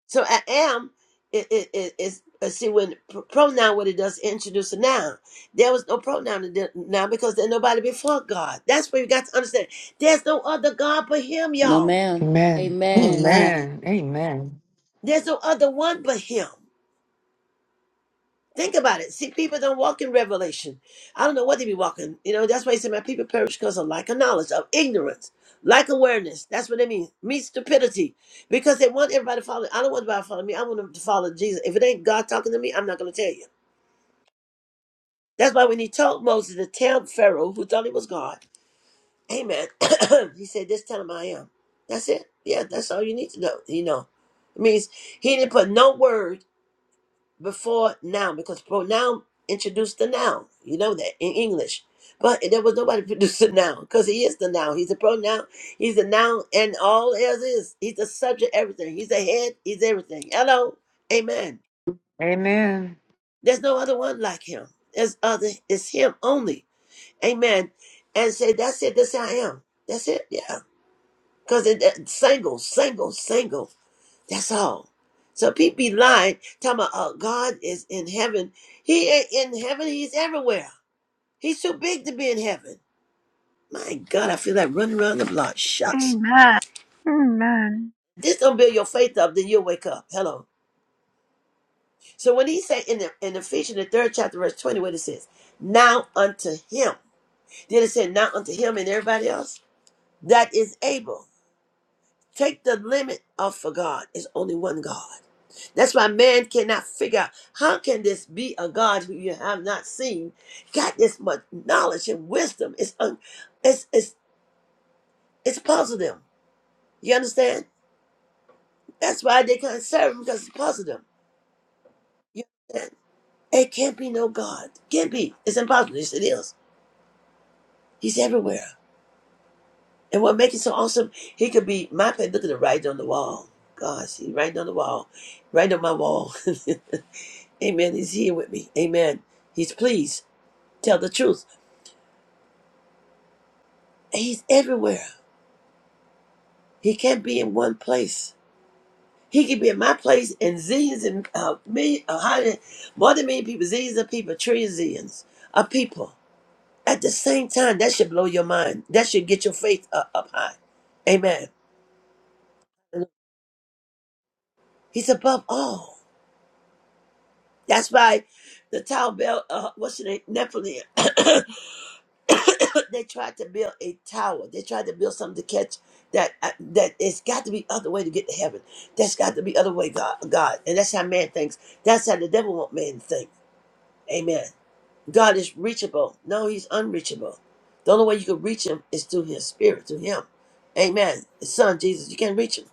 Speaker 2: So I am it it it is uh, see when pr- pronoun what it does introduce a noun. There was no pronoun in the- now because there's nobody before God. That's where you got to understand. There's no other God but Him,
Speaker 3: No,
Speaker 2: y'all.
Speaker 3: ma'am.
Speaker 5: Amen.
Speaker 3: Amen.
Speaker 4: Amen.
Speaker 5: Amen. Amen.
Speaker 2: There's no other one but Him. Think about it. See, people don't walk in revelation. I don't know what they be walking. You know, that's why he said, "My people perish because of lack of knowledge, of ignorance, lack awareness." That's what it means. Me stupidity, because they want everybody to follow. I don't want everybody to follow me. I want them to follow Jesus. If it ain't God talking to me, I'm not going to tell you. That's why when he told Moses to tell Pharaoh, who thought he was God, Amen. he said, "This tell him I am." That's it. Yeah, that's all you need to know. You know, it means he didn't put no word before noun because pronoun introduced the noun. You know that in English, but there was nobody produced the noun because he is the noun. He's the pronoun. He's the noun, and all else is. He's the subject. Everything. He's the head. He's everything. Hello, Amen.
Speaker 5: Amen.
Speaker 2: There's no other one like him. There's other. It's him only. Amen. And say, that's it. That's how I am. That's it. Yeah. Because it, it- single, single, single. That's all. So people be lying, talking about oh, God is in heaven. He ain't in heaven. He's everywhere. He's too big to be in heaven. My God, I feel like running around the block. Shucks.
Speaker 1: amen amen
Speaker 2: This don't build your faith up, then you'll wake up. Hello. So when he said in the in Ephesians, the third chapter, verse 20, what it says, now unto him. Did it say now unto him and everybody else? That is able. Take the limit off for God. It's only one God. That's why man cannot figure out how can this be a God who you have not seen, got this much knowledge and wisdom. It's un, it's it's it's puzzle them. You understand? That's why they can't serve him because it's puzzle them. You understand? It can't be no God. Can't be. It's impossible. Yes, it is. He's everywhere. And what makes it so awesome, he could be my look at the writing on the wall. Gosh, he's writing on the wall. Right on my wall. Amen. He's here with me. Amen. He's pleased. Tell the truth. He's everywhere. He can't be in one place. He can be in my place and zillions and uh, million, uh, hundred, more than million people, zillions of people, trillions zillions of people. At the same time, that should blow your mind. That should get your faith up, up high. Amen. He's above all. That's why the tower bell, uh, what's her name? Nephilim. they tried to build a tower. They tried to build something to catch that. uh, That it's got to be other way to get to heaven. That's got to be other way, God. God, and that's how man thinks. That's how the devil want man to think. Amen. God is reachable. No, He's unreachable. The only way you can reach Him is through His Spirit, through Him. Amen. His Son Jesus, you can't reach Him.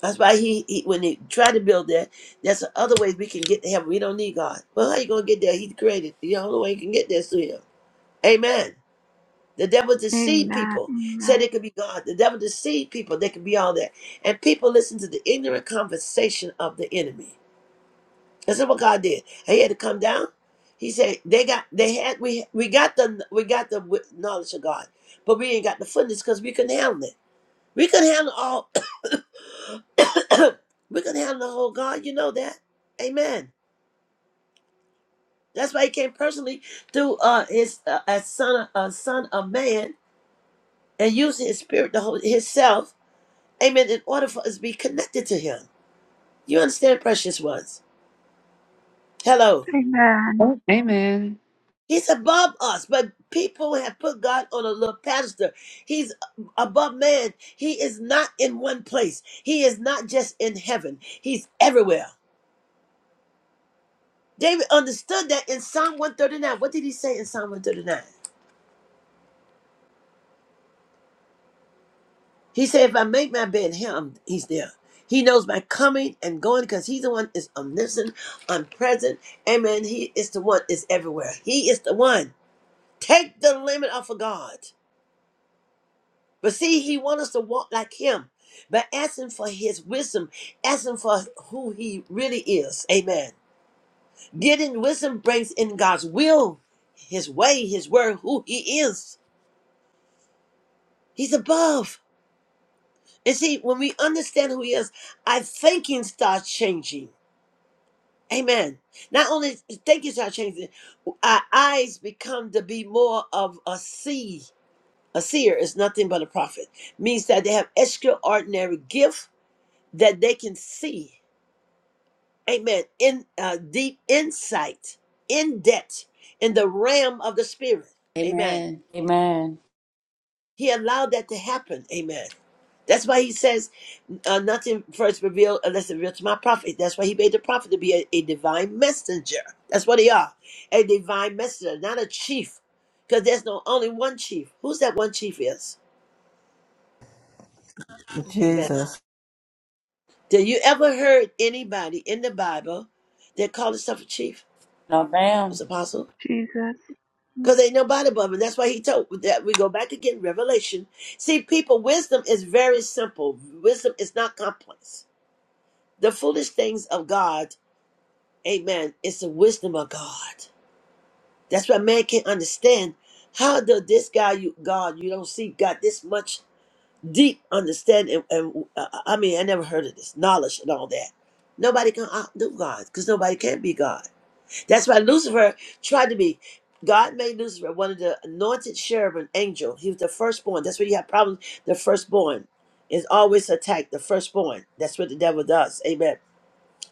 Speaker 2: That's why he, he when they try to build that, that's the other way we can get to heaven. We don't need God. Well, how you gonna get there? He created. The only way you can get there is through Him. Amen. The devil deceived
Speaker 1: Amen.
Speaker 2: people,
Speaker 1: Amen.
Speaker 2: said it could be God. The devil deceived people, they could be all that. And people listen to the ignorant conversation of the enemy. That's not what God did. He had to come down. He said, They got they had we we got the we got the wi- knowledge of God, but we ain't got the fullness because we couldn't handle it. We couldn't handle all we couldn't handle the whole God, you know that. Amen. That's why he came personally through uh his uh, a son a son of man and used his spirit to hold himself Amen. In order for us to be connected to Him. You understand, precious ones? Hello.
Speaker 1: Amen.
Speaker 5: Amen.
Speaker 2: He's above us, but people have put God on a little pedestal. He's above man. He is not in one place. He is not just in heaven. He's everywhere. David understood that in Psalm 139. What did he say in Psalm 139? He said, If I make my bed in him, he's there. He knows my coming and going because he's the one is omniscient, omnipresent. Amen. He is the one is everywhere. He is the one. Take the limit off of God. But see, He wants us to walk like Him. by asking for His wisdom, asking for who He really is. Amen. Getting wisdom brings in God's will, His way, His word, who He is. He's above. And see, when we understand who He is, our thinking starts changing. Amen. Not only thinking starts changing, our eyes become to be more of a see. A seer is nothing but a prophet. Means that they have extraordinary gift that they can see. Amen. In uh, deep insight, in depth, in the realm of the spirit. Amen.
Speaker 3: Amen. Amen.
Speaker 2: He allowed that to happen. Amen. That's why he says uh, nothing first revealed unless revealed to my prophet. That's why he made the prophet to be a, a divine messenger. That's what they are, a divine messenger, not a chief, because there's no only one chief. Who's that one chief is? Amen.
Speaker 4: Jesus.
Speaker 2: Did you ever heard anybody in the Bible that called himself a chief,
Speaker 3: No,
Speaker 2: It was
Speaker 3: ma'am.
Speaker 2: apostle?
Speaker 1: Jesus. Amen.
Speaker 2: Because ain't nobody above him. That's why he told that we go back again, Revelation. See, people, wisdom is very simple. Wisdom is not complex. The foolish things of God, amen, it's the wisdom of God. That's why man can't understand. How does this guy, you God, you don't see, got this much deep understanding? And, and, uh, I mean, I never heard of this knowledge and all that. Nobody can outdo God because nobody can be God. That's why Lucifer tried to be. God made Lucifer one of the anointed cherubim angel. He was the firstborn. That's where you have problems. The firstborn is always attacked. The firstborn. That's what the devil does. Amen.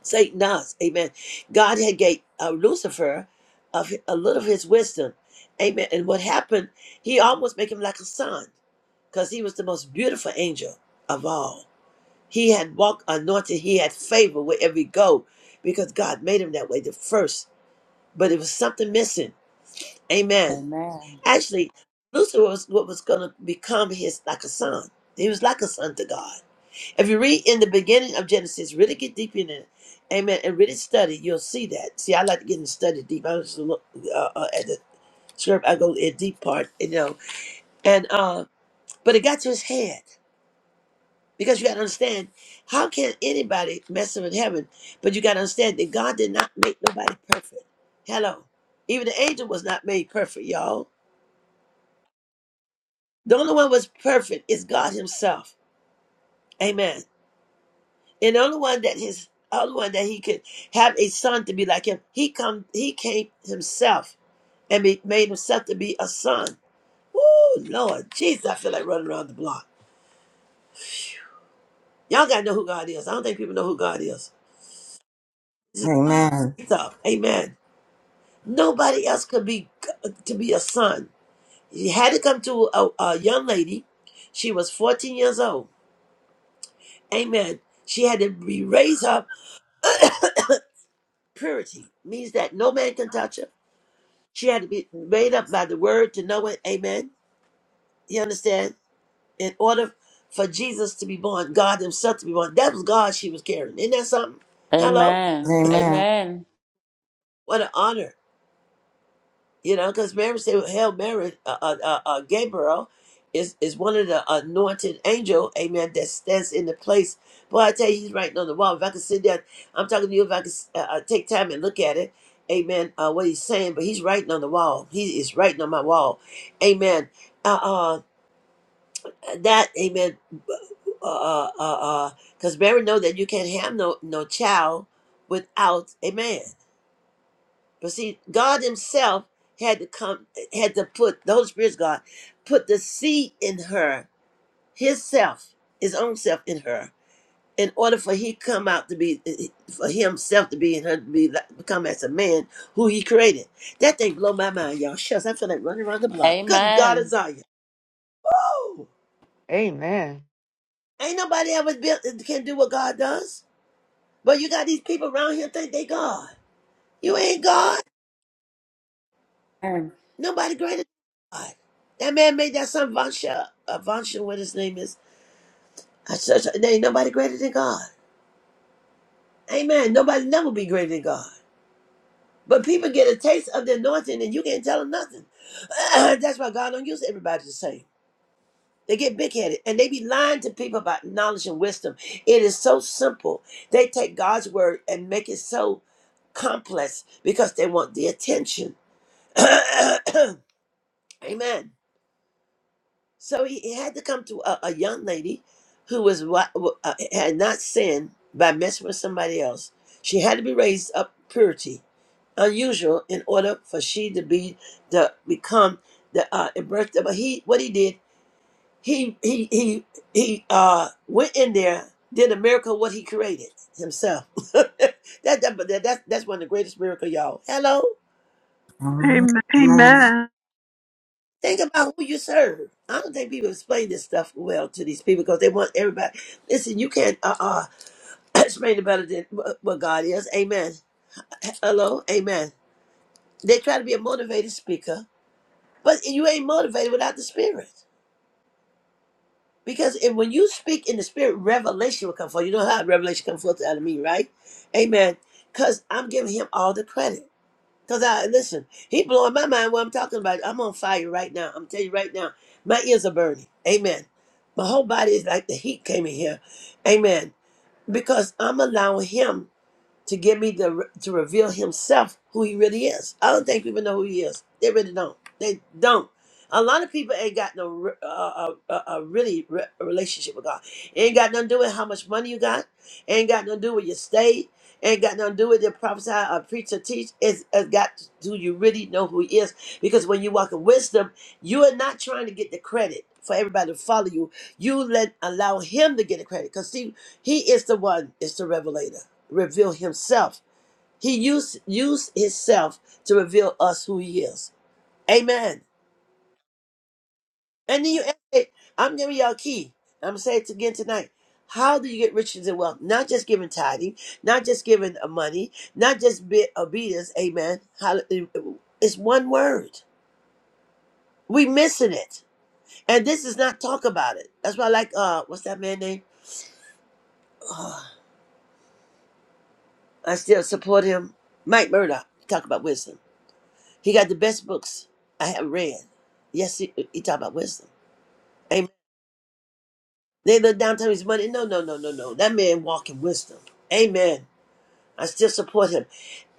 Speaker 2: Satan does. Amen. God had gave uh, Lucifer of a little of his wisdom. Amen. And what happened? He almost made him like a son because he was the most beautiful angel of all. He had walked anointed. He had favor wherever he go because God made him that way. The first but it was something missing. Amen.
Speaker 3: Amen.
Speaker 2: Actually, Lucifer was what was going to become his like a son. He was like a son to God. If you read in the beginning of Genesis, really get deep in it, amen, and really study, you'll see that. See, I like to get in study deep. I just look uh, uh, at the script, I go in deep part, you know. And uh, but it got to his head because you got to understand how can anybody mess up in heaven? But you got to understand that God did not make nobody perfect. Hello, even the angel was not made perfect, y'all. The only one was perfect is God Himself. Amen. And the only one that his only one that he could have a son to be like him. He come he came himself and be, made himself to be a son. Woo Lord Jesus, I feel like running around the block. Y'all gotta know who God is. I don't think people know who God is. This is
Speaker 4: Amen.
Speaker 2: faith up. Amen. Nobody else could be to be a son. He had to come to a, a young lady. She was 14 years old. Amen. She had to be raised up Purity means that no man can touch her. She had to be made up by the word to know it. Amen. You understand? In order for Jesus to be born, God Himself to be born, that was God she was carrying. Isn't that something? Hello?
Speaker 3: Amen.
Speaker 4: Amen.
Speaker 3: Amen.
Speaker 2: What an honor. You know, because Mary said, "Well, "Hail Mary, uh, uh, uh, uh, Gabriel is is one of the anointed angel, Amen, that stands in the place." Boy, I tell you, he's writing on the wall. If I could sit down, I'm talking to you. If I could uh, uh, take time and look at it, Amen. Uh, what he's saying, but he's writing on the wall. He is writing on my wall, Amen. Uh, uh, that, Amen. Uh, uh, uh, because Mary know that you can't have no no child without a man. But see, God Himself had to come, had to put the Holy Spirit's God, put the seed in her, His self, His own self in her, in order for He come out to be, for Himself to be in her to be like- become as a man who He created. That thing blow my mind, y'all. Shucks, I feel like running around the block. Good God,
Speaker 3: Amen.
Speaker 2: Azariah. Woo!
Speaker 5: Amen.
Speaker 2: Ain't nobody ever built can do what God does. But you got these people around here think they God. You ain't God.
Speaker 3: Amen.
Speaker 2: Nobody greater than God. That man made that son Vansha, uh, Vansha, what his name is. I said, there ain't nobody greater than God. Amen. Nobody never be greater than God. But people get a taste of the anointing and you can't tell them nothing. That's why God don't use everybody the same. They get big headed and they be lying to people about knowledge and wisdom. It is so simple. They take God's word and make it so complex because they want the attention. Amen. So he, he had to come to a, a young lady who was wa- wa- uh, had not sinned by messing with somebody else. She had to be raised up purity, unusual, in order for she to be the become the uh, birth. But he, what he did, he he he he uh, went in there, did a miracle of what he created himself. that, that, but that that's that's one of the greatest miracle, y'all. Hello.
Speaker 4: Amen.
Speaker 1: Amen.
Speaker 2: Think about who you serve. I don't think people explain this stuff well to these people because they want everybody. Listen, you can't uh uh explain it better than wh- what God is. Amen. Hello. Amen. They try to be a motivated speaker, but you ain't motivated without the Spirit. Because if, when you speak in the Spirit, revelation will come forth. You know how revelation comes forth out of me, right? Amen. Because I'm giving him all the credit. Cause I listen, he blowing my mind. What I'm talking about, I'm on fire right now. I'm telling you right now, my ears are burning. Amen. My whole body is like the heat came in here. Amen. Because I'm allowing him to give me the to reveal himself who he really is. I don't think people know who he is. They really don't. They don't. A lot of people ain't got no re- uh, uh, uh, uh, really re- relationship with God. Ain't got nothing to do with how much money you got. Ain't got nothing to do with your state. Ain't got nothing to do with your prophesy or preach or teach. It's, it's got to do you really know who he is. Because when you walk in wisdom, you are not trying to get the credit for everybody to follow you. You let allow him to get the credit. Because see, he is the one, is the revelator reveal himself. He used used himself to reveal us who he is. Amen. And then you ask, hey, I'm giving y'all a key. I'm going say it again tonight. How do you get riches and wealth? Not just giving tithing, not just giving uh, money, not just be obedience. Amen. Hallelujah. It's one word. We missing it, and this is not talk about it. That's why I like uh, what's that man name? Oh, I still support him, Mike Murdoch. Talk about wisdom. He got the best books I have read. Yes, he, he talk about wisdom. Amen. They look down to his money. No, no, no, no, no. That man walk in wisdom. Amen. I still support him.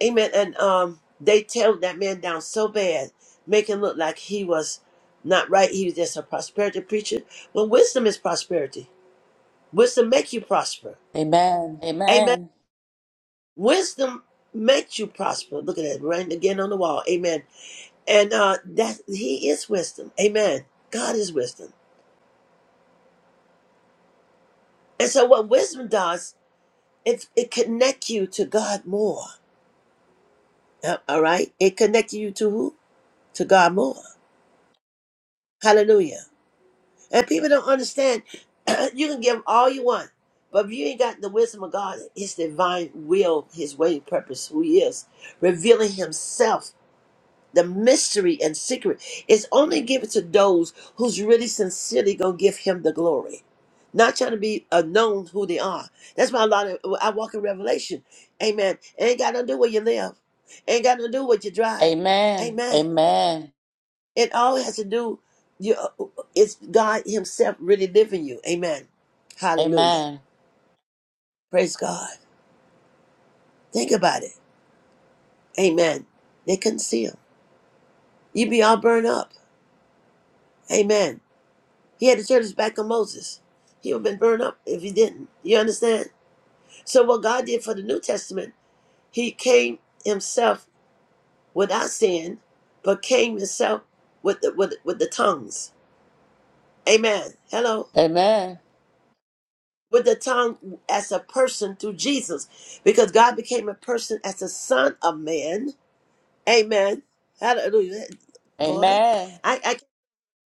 Speaker 2: Amen. And um, they tear that man down so bad, make him look like he was not right. He was just a prosperity preacher. Well, wisdom is prosperity. Wisdom make you prosper.
Speaker 3: Amen.
Speaker 2: Amen. Wisdom makes you prosper. Look at that right again on the wall. Amen. And uh, that he is wisdom. Amen. God is wisdom. And so, what wisdom does, it it connects you to God more. Uh, All right, it connects you to who? To God more. Hallelujah. And people don't understand. you can give 'em all you want, but if you ain't got the wisdom of God, His divine will, His way, and purpose, who He is, revealing Himself the mystery and secret is only given to those who's really sincerely gonna give him the glory. Not trying to be uh, known who they are. That's why a lot of I walk in Revelation. Amen. It ain't got nothing to do where you live. Ain't got nothing to do what you drive.
Speaker 3: Amen.
Speaker 2: Amen. It all has to do you it's God Himself really living you. Amen. Hallelujah.
Speaker 3: Amen.
Speaker 2: Praise God. Think about it. Amen. They couldn't see him. You'd be all burned up. Amen. He had to turn his back on Moses. He would have been burned up if he didn't. You understand? So what God did for the New Testament, he came himself without sin, but came himself with the with, with the tongues. Amen. Hello.
Speaker 3: Amen.
Speaker 2: With the tongue as a person through Jesus. Because God became a person as the son of man. Amen. Hallelujah. Boy.
Speaker 3: Amen.
Speaker 2: I, I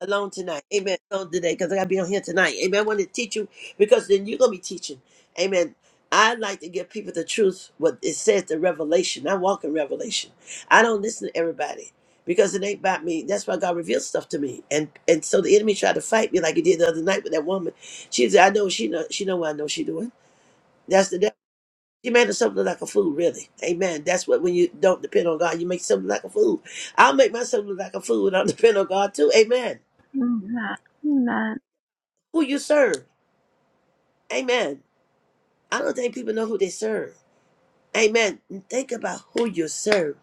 Speaker 2: alone tonight. Amen. Alone today because I got to be on here tonight. Amen. I want to teach you because then you're going to be teaching. Amen. I like to give people the truth, what it says, the revelation. I walk in revelation. I don't listen to everybody because it ain't about me. That's why God reveals stuff to me. And and so the enemy tried to fight me like he did the other night with that woman. She said, I know she know she know what I know she doing. That's the devil. She made herself look like a fool, really. Amen. That's what when you don't depend on God, you make yourself look like a fool. I'll make myself look like a fool and I'll depend on God too. Amen.
Speaker 1: Amen. Amen.
Speaker 2: Who you serve? Amen. I don't think people know who they serve. Amen. And Think about who you serve.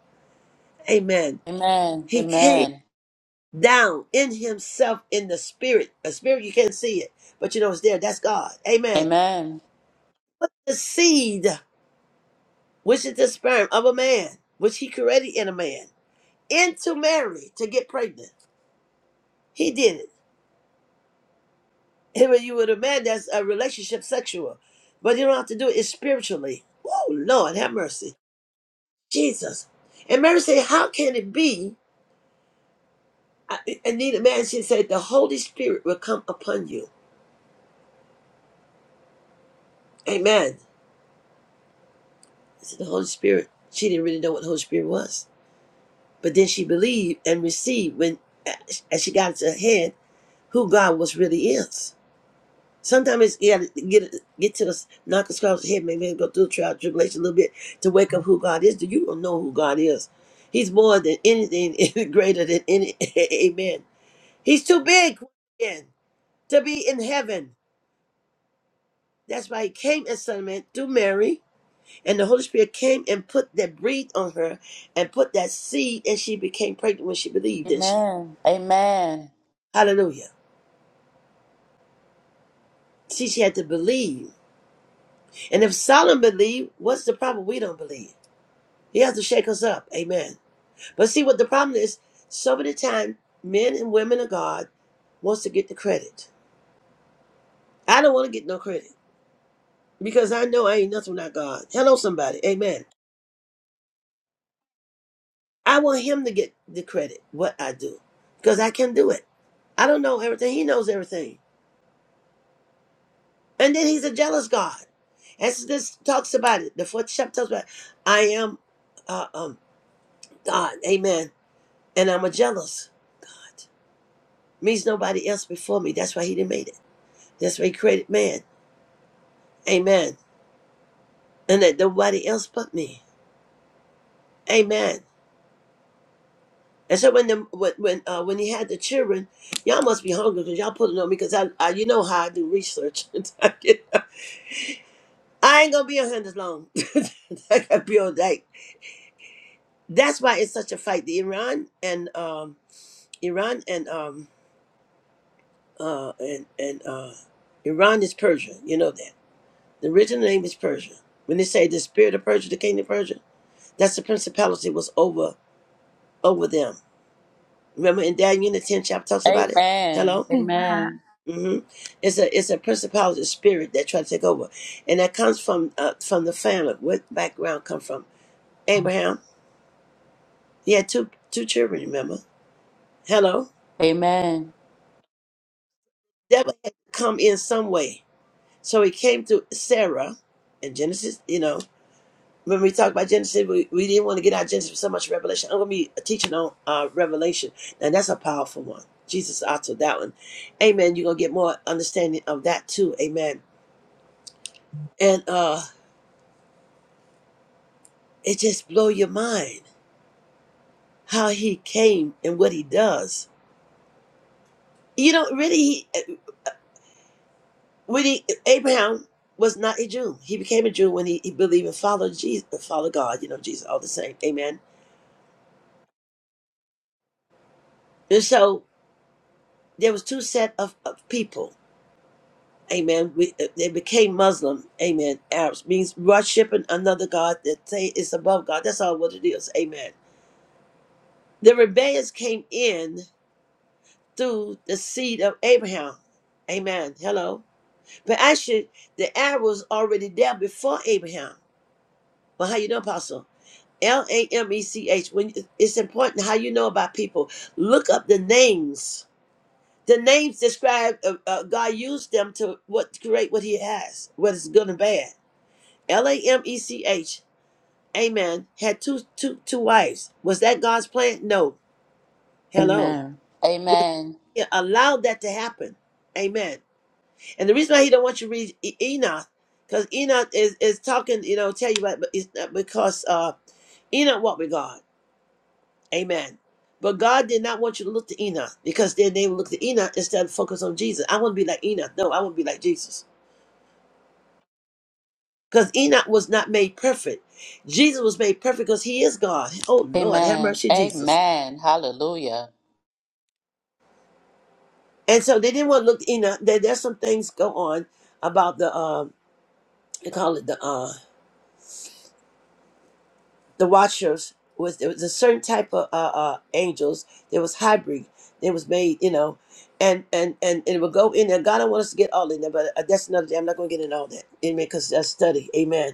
Speaker 2: Amen.
Speaker 3: Amen. Amen. Amen.
Speaker 2: He came
Speaker 3: Amen.
Speaker 2: down in himself in the spirit. A spirit you can't see it, but you know it's there. That's God.
Speaker 3: Amen.
Speaker 2: Amen.
Speaker 3: Amen.
Speaker 2: Put the seed, which is the sperm of a man, which he created in a man, into Mary to get pregnant. He did it. And when you with a man, that's a relationship sexual. But you don't have to do it it's spiritually. Oh Lord, have mercy. Jesus. And Mary said, How can it be? I- Anita Mansion said the Holy Spirit will come upon you. Amen. I said the Holy Spirit. She didn't really know what the Holy Spirit was. But then she believed and received when as she got into her head who God was really is. Sometimes it's to get get to us knock us across the head, maybe go through the trial tribulation a little bit to wake up who God is. Do you don't know who God is? He's more than anything, greater than any. Amen. He's too big to be in heaven. That's why he came as son of man through Mary And the Holy Spirit came and put that breathed on her and put that seed, and she became pregnant when she believed, didn't she?
Speaker 3: Amen. Amen.
Speaker 2: Hallelujah. See, she had to believe. And if Solomon believed, what's the problem we don't believe? He has to shake us up. Amen. But see what the problem is, so many times men and women of God wants to get the credit. I don't want to get no credit because I know I ain't nothing without God. Hello, somebody. Amen. I want him to get the credit, what I do, because I can do it. I don't know everything. He knows everything. And then he's a jealous God. As this talks about it, the fourth chapter talks about, it. I am uh, um, God, amen. And I'm a jealous. Means nobody else before me. That's why he didn't made it. That's why he created man. Amen. And that nobody else but me. Amen. And so when the when when, uh, when he had the children, y'all must be hungry because y'all pulling on me because I, I you know how I do research. I ain't gonna be on hand as long. I gotta be on that. That's why it's such a fight. The Iran and um Iran and um uh and and uh Iran is Persia. You know that the original name is Persia. When they say the spirit of Persia, the king of Persia, that's the principality was over over them. Remember in Daniel the tenth chapter talks about it. Hello.
Speaker 3: Amen.
Speaker 1: Amen.
Speaker 2: hmm It's a it's a principality spirit that tried to take over, and that comes from uh, from the family. What background come from Abraham? He had two two children. Remember. Hello. Devil had to come in some way, so he came through Sarah in Genesis. You know, When we talk about Genesis, we, we didn't want to get out of Genesis so much Revelation. I'm going to be teaching on uh, Revelation, and that's a powerful one. Jesus authored that one. Amen. You're going to get more understanding of that too. Amen. And uh, it just blow your mind how he came and what he does. You know, really, he, eh, when he, Abraham was not a Jew. He became a Jew when he, he believed and followed Jesus, followed God. You know, Jesus, all the same. Amen. And so there was two set of, of people Amen. We, uh, they became Muslim. Amen. Arabs means worshiping another God that say is above God. That's all what it is. Amen. The rebellions came in through the seed of Abraham. Amen. Hello. But actually, the Arab was already there before Abraham. Well, how you know, Apostle? L A M E C H. When it's important how you know about people. Look up the names. The names describe uh, uh, God used them to what create what He has, what is good and bad. L A M E C H. Amen. Had two two two wives. Was that God's plan? No. Hello.
Speaker 3: Amen.
Speaker 2: But
Speaker 3: Amen. Amen.
Speaker 2: he allowed that to happen. Amen. And the reason why he don't want you to read E- Enoch, because Enoch is, is talking, you know, tell you about but it's not because uh Enoch walked with God. Amen. But God did not want you to look to Enoch because then they would look to Enoch instead of focus on Jesus. I want to be like Enoch. No, I want to be like Jesus. Because Enoch was not made perfect. Jesus was made perfect because he is God. Oh Lord, have
Speaker 3: Amen.
Speaker 2: mercy, Jesus.
Speaker 3: Amen. Hallelujah.
Speaker 2: And so they didn't want to look at Enoch. There, there's some things go on about the um they call it the uh the watchers was there was a certain type of uh, uh angels. There was hybrid. They was made, you know, and and and, and it would go in there. God don't want us to get all in there, but uh, that's another day. I'm not gonna get in all that. Amen, because that's study. Amen.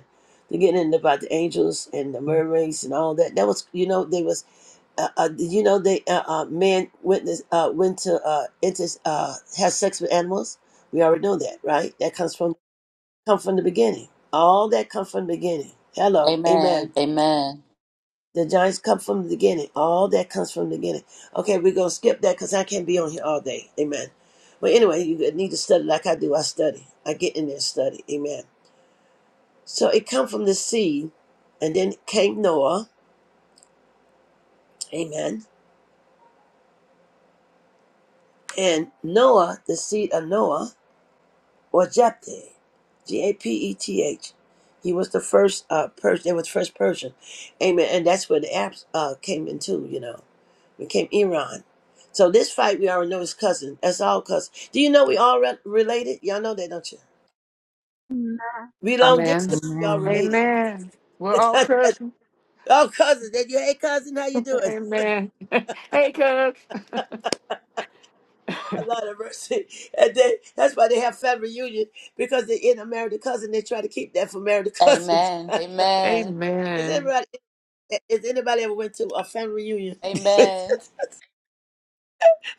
Speaker 2: They're getting in about the angels and the mermaids and all that. That was you know, they was uh, uh, did you know they uh, uh, man witness uh, went to uh, inter uh, has sex with animals. We already know that, right? That comes from come from the beginning. All that comes from the beginning. Hello,
Speaker 3: Amen.
Speaker 2: amen.
Speaker 3: Amen.
Speaker 2: The giants come from the beginning. All that comes from the beginning. Okay, we're gonna skip that because I can't be on here all day. Amen. But anyway, you need to study like I do. I study. I get in there and study. Amen. So it come from the seed, and then came Noah. Amen. And Noah, the seed of Noah. or Japhet, G A P E T H. He was the first uh, Persian. They were the first Persian, amen. And that's where the apps uh, came into. You know, became Iran. So this fight we already know is cousin. That's all cousin. Do you know we all re- related? Y'all know that, don't you?
Speaker 1: Amen.
Speaker 2: We long
Speaker 5: Amen.
Speaker 2: distance. We all
Speaker 4: Amen.
Speaker 2: related.
Speaker 5: Amen. We're all cousins.
Speaker 2: all cousins. That you, hey cousin, how you doing?
Speaker 5: Amen. hey, cuz.
Speaker 2: A lot of mercy. And they, that's why they have family reunion because they in a married cousin. They try to keep that for married cousins.
Speaker 3: Amen. Amen.
Speaker 2: Is
Speaker 5: Amen.
Speaker 2: everybody? Has anybody ever went to a family reunion?
Speaker 3: Amen.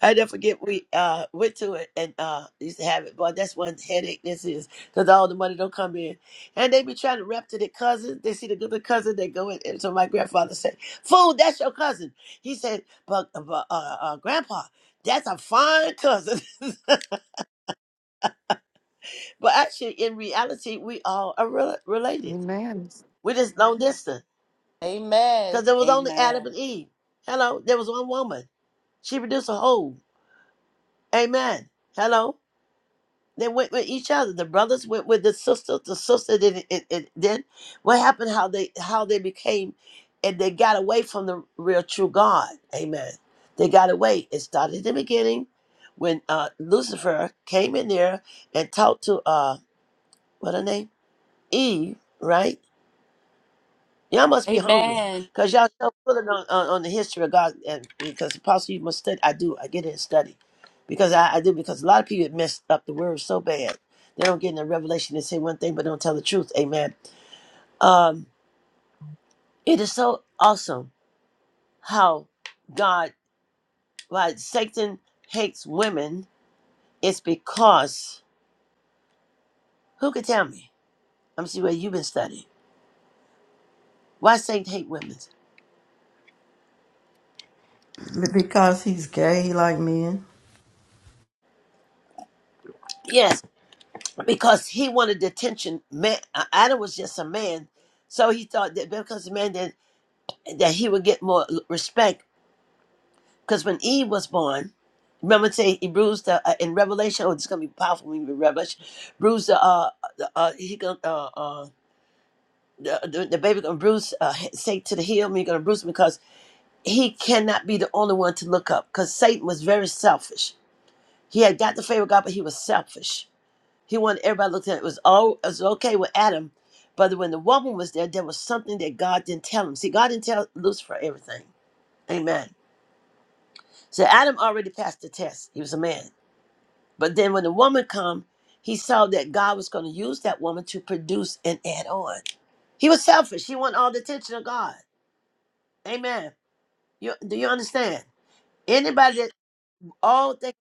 Speaker 2: I never forget we uh went to it and uh used to have it. Boy, that's one headache this is because all the money don't come in, and they be trying to rep to their cousin. They see the good cousin, they go in. And so my grandfather said, "Fool, that's your cousin." He said, "But, uh, but uh, uh, grandpa, that's a fine cousin." but actually, in reality, we all are rela- related.
Speaker 5: Amen.
Speaker 2: We just long distance
Speaker 3: Amen.
Speaker 2: because there was only Adam
Speaker 3: Amen.
Speaker 2: and Eve. Hello, there was one woman. She produced a whole. Amen. Hello. They went with each other. The brothers went with the sisters. The sister did it, it, it then. What happened? How they how they became, and they got away from the real true God. Amen. They got away. It started at the beginning, when uh, Lucifer came in there and talked to uh what her name Eve, right? Y'all must be hungry,
Speaker 3: Amen.
Speaker 2: cause y'all so pulling on, on, on the history of God, and because Apostle, you must study. I do. I get in and study, because I, I do. Because a lot of people messed up the word so bad, they don't get in the revelation. They say one thing, but don't tell the truth. Amen. Um, it is so awesome how God, why Satan hates women. It's because who could tell me? I'm see where you've been studying. Why Satan hate women?
Speaker 4: Because he's gay, he like men.
Speaker 2: Yes. because he wanted attention. Man, uh, Adam was just a man, so he thought that because a man that that he would get more l- respect. Because when Eve was born, remember it say he bruised the, uh, in Revelation. Oh, it's gonna be powerful when you read Revelation. Bruise the uh, the, uh he gonna uh, uh the, the the baby gonna bruise uh Satan to the heel. Me gonna bruise him because he cannot be the only one to look up. Because Satan was very selfish. He had got the favor of God, but he was selfish. He wanted everybody to look at it. It was all it was okay with Adam, but when the woman was there, there was something that God didn't tell him. See, God didn't tell Lucifer everything. Amen. So Adam already passed the test. He was a man. But then when the woman come, he saw that God was going to use that woman to produce and add on. He was selfish. He wanted all the attention of God. Amen. You, do you understand? Anybody that all think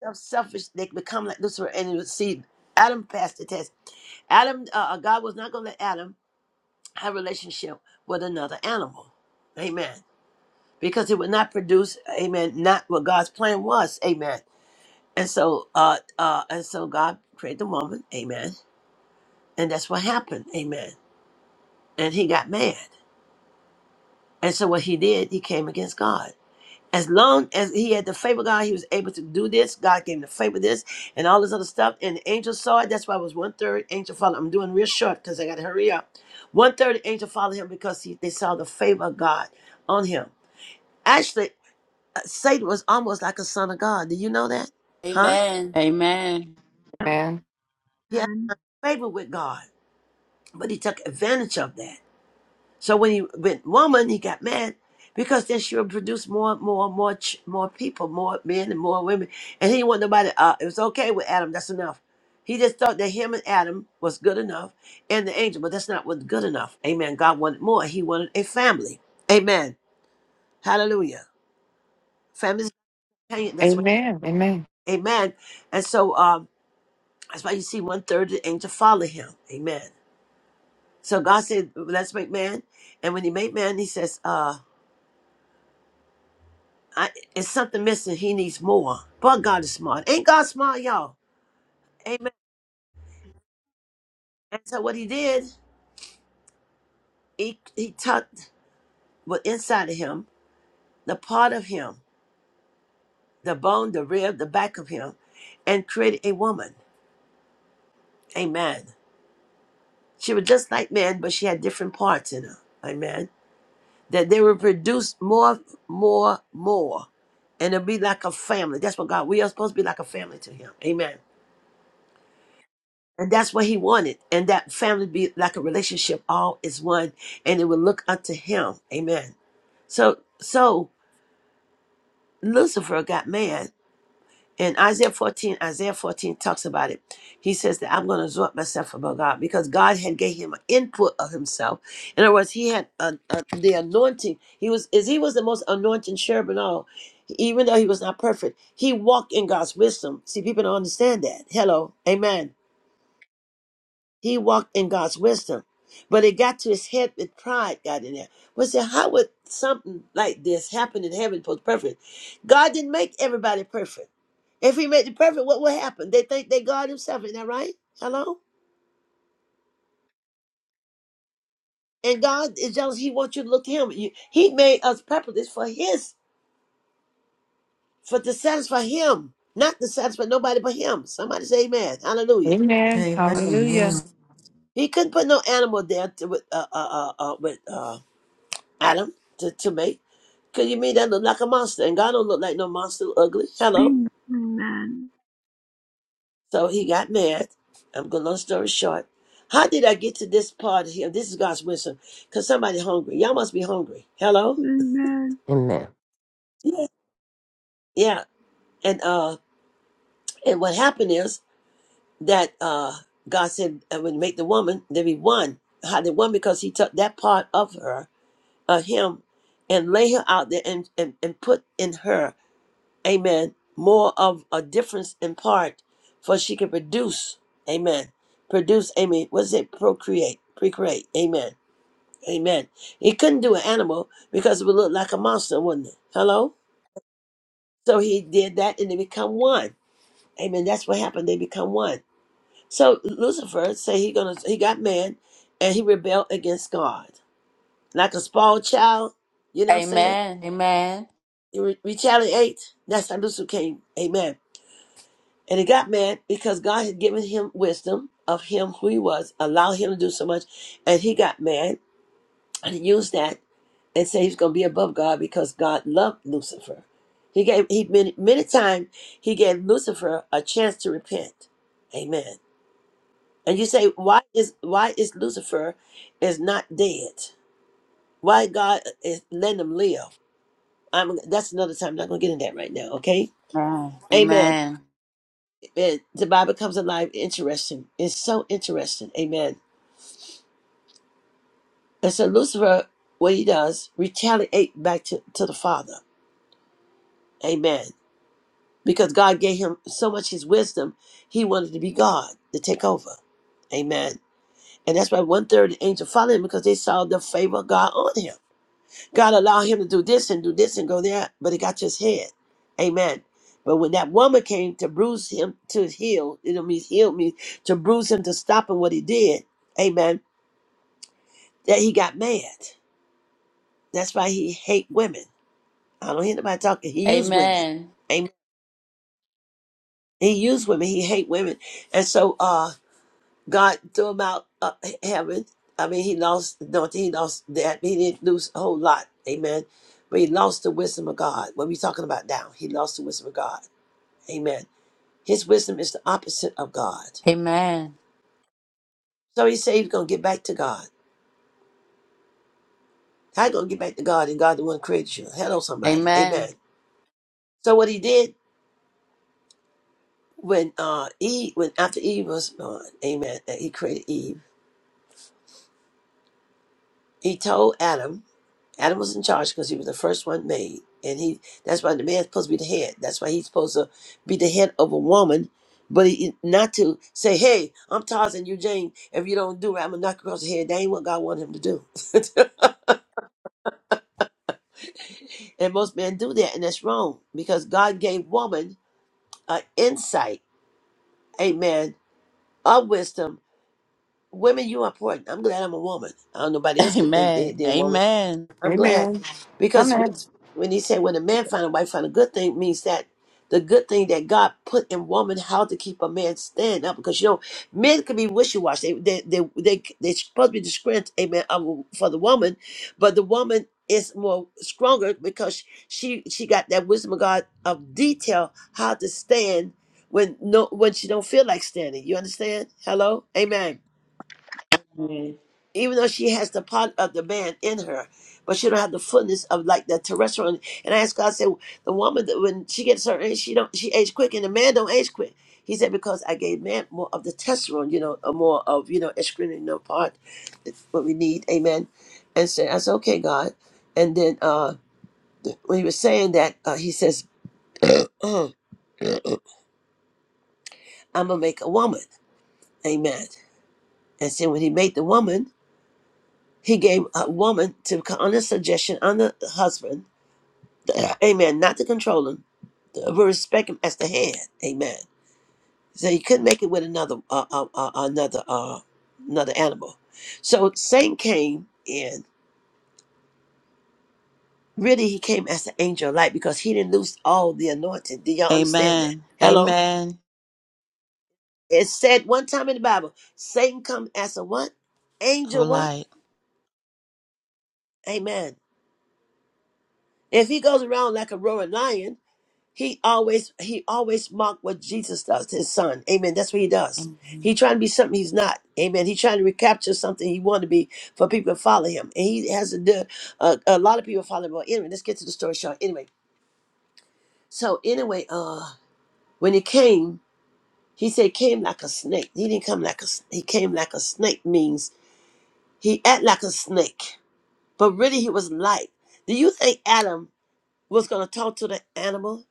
Speaker 2: themselves selfish, they become like Lucifer, and you see Adam passed the test. Adam, uh, uh, God was not going to let Adam have relationship with another animal. Amen. Because it would not produce, amen, not what God's plan was. Amen. And so uh uh and so God created the woman, amen. And that's what happened, amen. And he got mad. And so what he did, he came against God. As long as he had the favor of God, he was able to do this. God gave him the favor of this and all this other stuff. And the angel saw it. That's why it was one third angel followed. I'm doing real short because I gotta hurry up. One third angel followed him because he, they saw the favor of God on him. Actually, uh, Satan was almost like a son of God. Did you know that? Huh?
Speaker 3: Amen. Amen.
Speaker 5: Amen.
Speaker 2: He had
Speaker 1: Amen.
Speaker 2: favor with God, but he took advantage of that. So when he went woman, he got mad because then she would produce more, more, more, ch- more people, more men and more women, and he didn't want nobody. Uh, it was okay with Adam. That's enough. He just thought that him and Adam was good enough, and the angel, but that's not what good enough. Amen. God wanted more. He wanted a family. Amen. Hallelujah. Families. That's what.
Speaker 5: Amen. Amen.
Speaker 2: Amen. And so, um, That's why you see one third of the angel follow him. Amen. So God said, let's make man. And when he made man, he says, uh, I, it's something missing. He needs more. But God is smart. Ain't God smart, y'all? Amen. And so what he did, he, he tucked what inside of him, the part of him, the bone, the rib, the back of him, and created a woman. Amen. She was just like man, but she had different parts in her. Amen. that they will produce more, more, more. And it'll be like a family. That's what God, we are supposed to be like a family to Him. Amen. And that's what He wanted. And that family be like a relationship, all is one, and it will look unto Him. Amen. So, so Lucifer got mad And Isaiah 14, Isaiah 14 talks about it. He says that I'm going to exhort myself about God because God had gave him an input of himself. In other words, he had uh uh the anointing. He was as he was the most anointed cherub and all. Even though he was not perfect, he walked in God's wisdom. See, people don't understand that. Hello, Amen. He walked in God's wisdom. But it got to his head with pride got in there. Well said, how would something like this happen in heaven for the perfect? God didn't make everybody perfect. If he made the perfect, what would happen? They think they God himself, isn't that right? Hello? And God is jealous. He wants you to look to him. You- He made us perfect. for his, for to satisfy him, not to satisfy nobody but him. Somebody say amen. Hallelujah.
Speaker 5: Amen.
Speaker 4: Amen. Amen.
Speaker 5: Hallelujah.
Speaker 2: He couldn't put no animal there to, with, uh, uh, uh, uh, with uh, Adam to, to make. Cause you made that look like a monster, and God don't look like no monster, ugly. Hello.
Speaker 1: Amen. Amen.
Speaker 2: So he got mad. I'm going long story short. How did I get to this part here? This is God's wisdom. Cause somebody hungry. Y'all must be hungry. Hello.
Speaker 6: Amen.
Speaker 2: Yeah. Yeah. And uh, and what happened is that uh, God said, uh, when you make the woman, there be one. How the one because he took that part of her, of him, and lay her out there and and, and put in her amen, more of a difference in part, for she can produce, amen, produce, amen, what's it, procreate, procreate, amen, amen. He couldn't do an animal because it would look like a monster, wouldn't it? Hello? So he did that and they become one. Amen. That's what happened. They become one. So Lucifer say he gonna he got man and he rebelled against God. Like a small child, you know what I'm saying?
Speaker 3: Amen. Amen.
Speaker 2: He re- retaliate. That's how Lucifer came. Amen And he got mad because God had given him wisdom of him who he was, allowed him to do so much. And he got mad and used that and said he's going to be above God because God loved Lucifer. He gave, he many, many times, he gave Lucifer a chance to repent. Amen. And you say, why is, why is Lucifer is not dead? Why God is letting him live? I'm, that's another time. I'm not going to get into that right now. Okay. Amen.
Speaker 3: Amen.
Speaker 2: And the Bible comes alive. Interesting. It's so interesting. Amen And so Lucifer, what he does, retaliate back to, to the Father. Amen. Because God gave him so much his wisdom, he wanted to be God, to take over. Amen. And that's why one third of the angels followed him because they saw the favor of God on him. God allowed him to do this and do this and go there, but it got to his head. Amen. But when that woman came to bruise him to his heel, it means heal me, to bruise him to stop him what he did, amen, that he got mad. That's why he hate women. I don't hear nobody talking.
Speaker 3: Amen.
Speaker 2: He used women.
Speaker 3: Amen.
Speaker 2: Amen. He used women. He hate women. And so uh God threw him out uh, heaven. I mean he lost no he lost that he didn't lose a whole lot. Amen. But he lost the wisdom of God. What we talking about now? He lost the wisdom of God. Amen. His wisdom is the opposite of God.
Speaker 3: Amen.
Speaker 2: So he said he's gonna get back to God. How you gonna get back to God and God the one created you? Hello somebody. Amen.
Speaker 3: Amen.
Speaker 2: So what he did when uh Eve when after Eve was gone, amen, that he created Eve. he told Adam, Adam was in charge because he was the first one made, and he that's why the man's supposed to be the head. That's why he's supposed to be the head of a woman, but he, not to say, "Hey, I'm Tarzan, you Jane. If you don't do it, I'm gonna knock you across the head." That ain't what God wanted him to do, and most men do that, and that's wrong because God gave woman an insight, amen, of wisdom. Women, you are important. I'm glad I'm a woman. I don't know nobody else could think they, they're a woman
Speaker 3: Amen.
Speaker 2: I'm glad
Speaker 5: Amen.
Speaker 2: because when
Speaker 5: Amen.
Speaker 2: when he said when a man find a wife find a good thing means that the good thing that God put in woman how to keep a man stand up because you know men can be wishy washy they they they they they're supposed to be the strength amen of- for the woman but the woman is more stronger because she she got that wisdom of God of detail how to stand when no when she don't feel like standing you understand hello amen
Speaker 7: Amen.
Speaker 2: even though she has the part of the man in her, but she don't have the fullness of like the terrestrial. And I asked God, I said, the woman that when she gets her age, she don't she age quick, and the man don't age quick. He said because I gave man more of the testosterone, you know, or more of you know, estrogen, no part, it's what we need, amen. And said, I said, okay, God. And then uh when he was saying that, uh, he says, I'm gonna make a woman, amen. And so when he made the woman, he gave a woman to on a suggestion on the husband Amen. Not to control him, but respect him as the hand. Amen. So you couldn't make it with another uh, uh, uh, another uh, another animal. So Satan came in. Really, he came as the angel of light because he didn't lose all the anointing. Do y'all understand that?
Speaker 3: Amen.
Speaker 2: Hello.
Speaker 3: Amen.
Speaker 2: It said one time in the Bible, Satan come as a what?
Speaker 3: Of
Speaker 2: Angel what?
Speaker 3: light.
Speaker 2: Amen. If he goes around like a roaring lion, He always he always mocked what Jesus does, his son. Amen. That's what he does.
Speaker 3: Amen.
Speaker 2: He trying to be something he's not. Amen. He trying to recapture something he want to be for people to follow him. And he has to do uh, a lot of people follow him. But anyway, let's get to the story short. Anyway, so anyway, uh when he came, he said came like a snake. He didn't come like a s- he came like a snake means he act like a snake. But really he was light. Do you think Adam was gonna talk to the animal?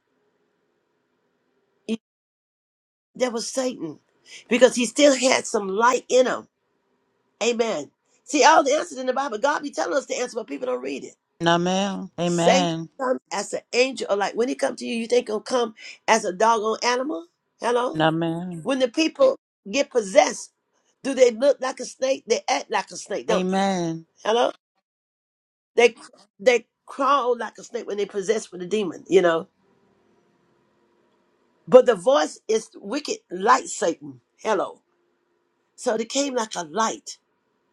Speaker 2: That was Satan. Because he still had some light in him. Amen. See, all the answers in the Bible, God be telling us the answer, but people don't read it.
Speaker 3: Amen.
Speaker 2: Satan
Speaker 3: Amen.
Speaker 2: comes as an angel, or like when he comes to you, you think he'll come as a doggone animal? Hello?
Speaker 3: Amen.
Speaker 2: When the people get possessed, do they look like a snake? They act like a snake, don't they?
Speaker 3: Amen.
Speaker 2: Hello? They they crawl like a snake when they possessed with a demon, you know. But the voice is wicked like Satan. Hello. So they came like a light.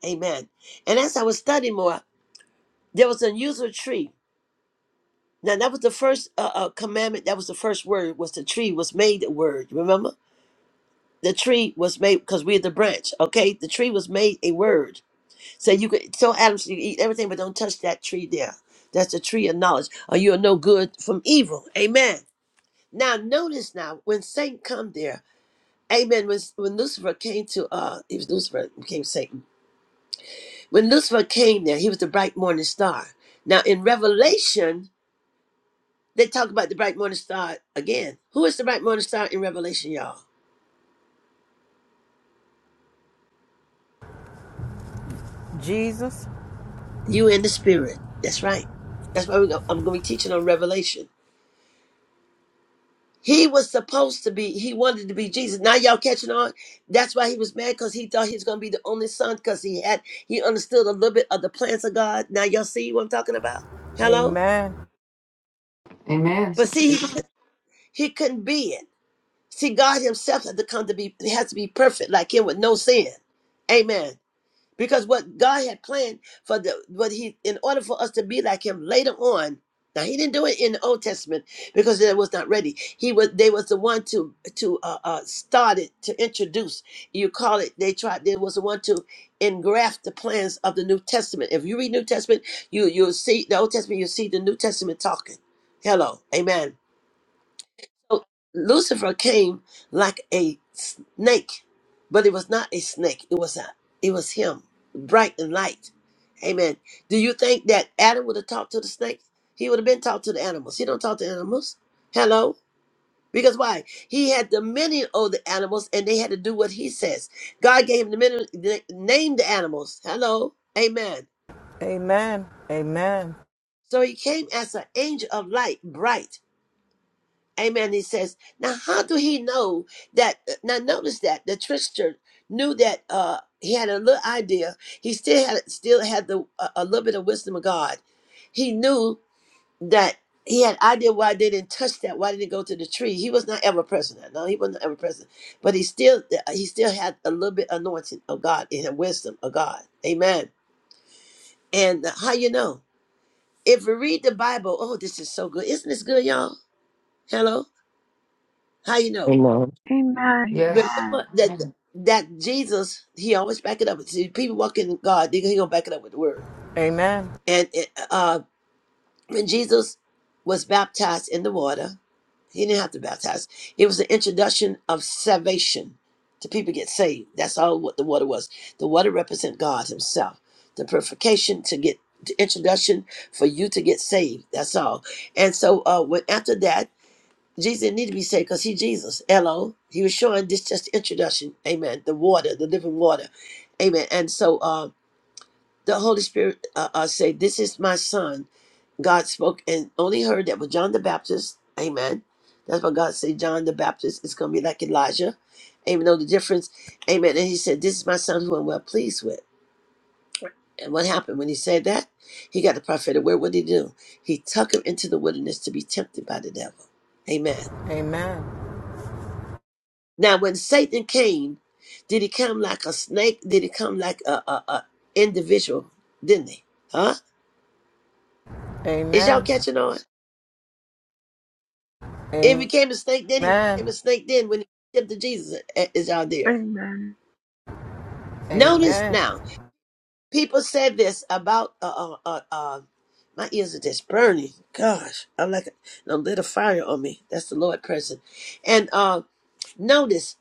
Speaker 2: Amen. And as I was studying more, there was an unusual tree. Now that was the first uh, uh, commandment. That was the first word. Was the tree was made a word. Remember, the tree was made because we're the branch. Okay, the tree was made a word. So you could tell Adam you eat everything, but don't touch that tree there. That's the tree of knowledge, or you are no good from evil. Amen. Now notice now when Satan come there. Amen. When, when Lucifer came to uh, he was Lucifer became Satan When Lucifer came there, he was the bright morning star. Now in Revelation, they talk about the bright morning star again. Who is the bright morning star in Revelation, y'all?
Speaker 8: Jesus.
Speaker 2: You in the spirit. That's right. That's why we go, I'm going to be teaching on Revelation. He was supposed to be, he wanted to be Jesus. Now y'all catching on? That's why he was mad because he thought he was going to be the only son because he had, he understood a little bit of the plans of God. Now y'all see what I'm talking about? Hello?
Speaker 8: Amen.
Speaker 5: Amen.
Speaker 2: But see, he, could, he couldn't be it. See, God Himself had to come to be has to be perfect, like Him with no sin. Amen. Because what God had planned for the what He in order for us to be like Him later on. Now He didn't do it in the Old Testament because it was not ready. He was they was the one to to uh, uh started to introduce. You call it they tried they was the one to engraft the plans of the New Testament. If you read New Testament, you you'll see the Old Testament, you'll see the New Testament talking. Hello, Amen. So Lucifer came like a snake, but it was not a snake. It was a, it was him, bright and light. Amen. Do you think that Adam would have talked to the snake? He would have been talked to the animals. He don't talk to animals. Hello. Because why? He had dominion over the animals and they had to do what he says. God gave him dominion, name the animals. Hello. Amen.
Speaker 8: Amen. Amen.
Speaker 2: So he came as an angel of light, bright. Amen. He says, now how do he know that? uh, Now notice that the trickster knew that uh, he had a little idea. He still had still had the a, a little bit of wisdom of God. He knew that he had idea why they didn't touch that. Why didn't it go to the tree? He was not ever present. No, he wasn't ever present. But he still uh, he still had a little bit anointing of God and a wisdom of God. Amen. And how you know? If we read the Bible, oh, this is so good. Isn't this good, y'all? Hello. How you know?
Speaker 6: Amen.
Speaker 2: remember
Speaker 5: Yes.
Speaker 1: Amen. Amen.
Speaker 2: that that Jesus, he always back it up. See, people walking in God, they he gonna back it up with the word.
Speaker 8: Amen.
Speaker 2: And it, uh, when Jesus was baptized in the water, he didn't have to baptize. It was the introduction of salvation to people get saved. That's all what the water was. The water represent God Himself, the purification to get the introduction for you to get saved. That's all. And so, uh, when after that. Jesus didn't need to be saved because he Jesus. Hello. He was showing this just introduction. Amen. The water, the living water. Amen. And so uh, the Holy Spirit uh, uh, say, this is my son. God spoke and only heard that was John the Baptist. Amen. That's why God said John the Baptist is going to be like Elijah. Amen. Know the difference. Amen. And he said, this is my son who I'm well pleased with. And what happened when he said that? He got the prophetic word. What did he do? He took him into the wilderness to be tempted by the devil. Amen.
Speaker 8: Amen.
Speaker 2: Now, when Satan came, did he come like a snake? Did he come like a, a, a individual? Didn't he? Huh? Is y'all
Speaker 8: Amen.
Speaker 2: catching on? If he
Speaker 8: Amen.
Speaker 2: came a snake, then he
Speaker 8: Amen.
Speaker 2: became a snake. Then when he tempted Jesus, eh, is y'all there?
Speaker 1: Amen.
Speaker 2: Notice
Speaker 8: Amen.
Speaker 2: now, people said this about uh uh uh. uh my ears are just burning. Gosh, I'm like a, a little fire on me. That's the Lord person. And uh notice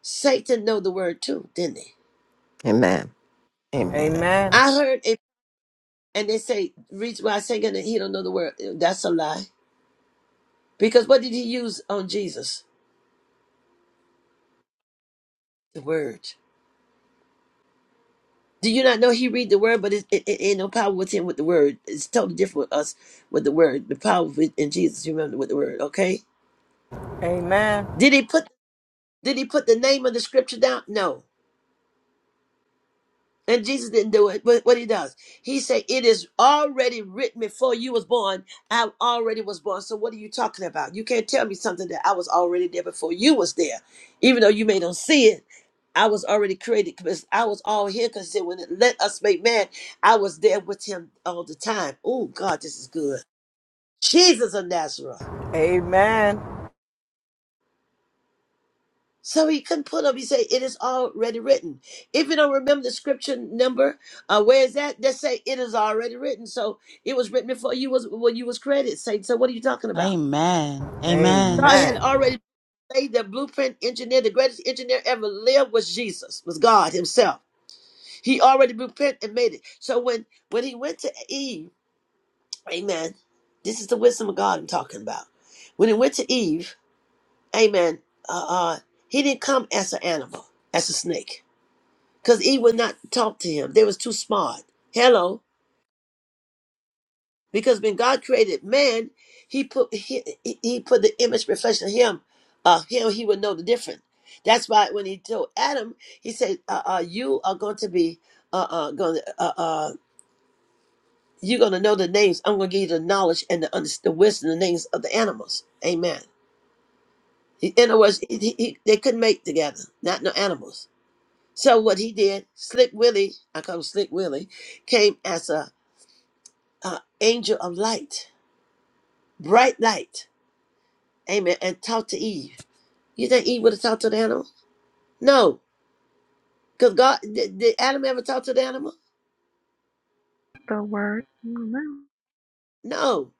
Speaker 2: Satan know the word too, didn't he?
Speaker 6: Amen.
Speaker 8: Amen.
Speaker 6: Amen.
Speaker 8: Amen.
Speaker 2: I heard. And they say, reason why Satan, he don't know the word. That's a lie. Because what did he use on Jesus? The word. Do you not know he read the word, but it, it, it ain't no power with him with the word. It's totally different with us with the word. The power with, in Jesus, You remember, with the word, okay?
Speaker 8: Amen.
Speaker 2: Did he put did he put the name of the scripture down? No. And Jesus didn't do it, but what he does, he said, "It is already written before you was born. I already was born. So what are you talking about? You can't tell me something that I was already there before you was there, even though you may not see it. I was already created because I was all here. Because he said, when it let us make man, I was there with him all the time. Oh God, this is good. Jesus of Nazareth.
Speaker 8: Amen.
Speaker 2: So he couldn't pull up. He said, "It is already written." If you don't remember the scripture number, uh, where is that? They say it is already written. So it was written before you was when you was created. Satan. So what are you talking about?
Speaker 3: Amen. Amen.
Speaker 2: God had already laid the blueprint. Engineer, the greatest engineer ever lived was Jesus, was God Himself. He already blueprint and made it. So when when he went to Eve, Amen. This is the wisdom of God I'm talking about. When he went to Eve, Amen. Uh, uh, he didn't come as an animal, as a snake. because Eve would not talk to him. They was too smart. Hello, because when God created man, he put he, he he put the image reflection of him. Uh, him he would know the difference. That's why when he told Adam, he said, uh, uh, "You are going to be uh, uh, going to uh, uh, you're going to know the names. I'm going to give you the knowledge and the, under- the wisdom, the names of the animals." Amen. In other words, he, he, he- they couldn't mate together, not no animals. So what he did, Slick Willie, I call him Slick Willie, came as a uh, angel of light, bright light. Amen. And talked to Eve. You think Eve would have talked to the animal? No. Because God, did, did Adam ever talk to the animal?
Speaker 1: The word. Amen.
Speaker 2: No.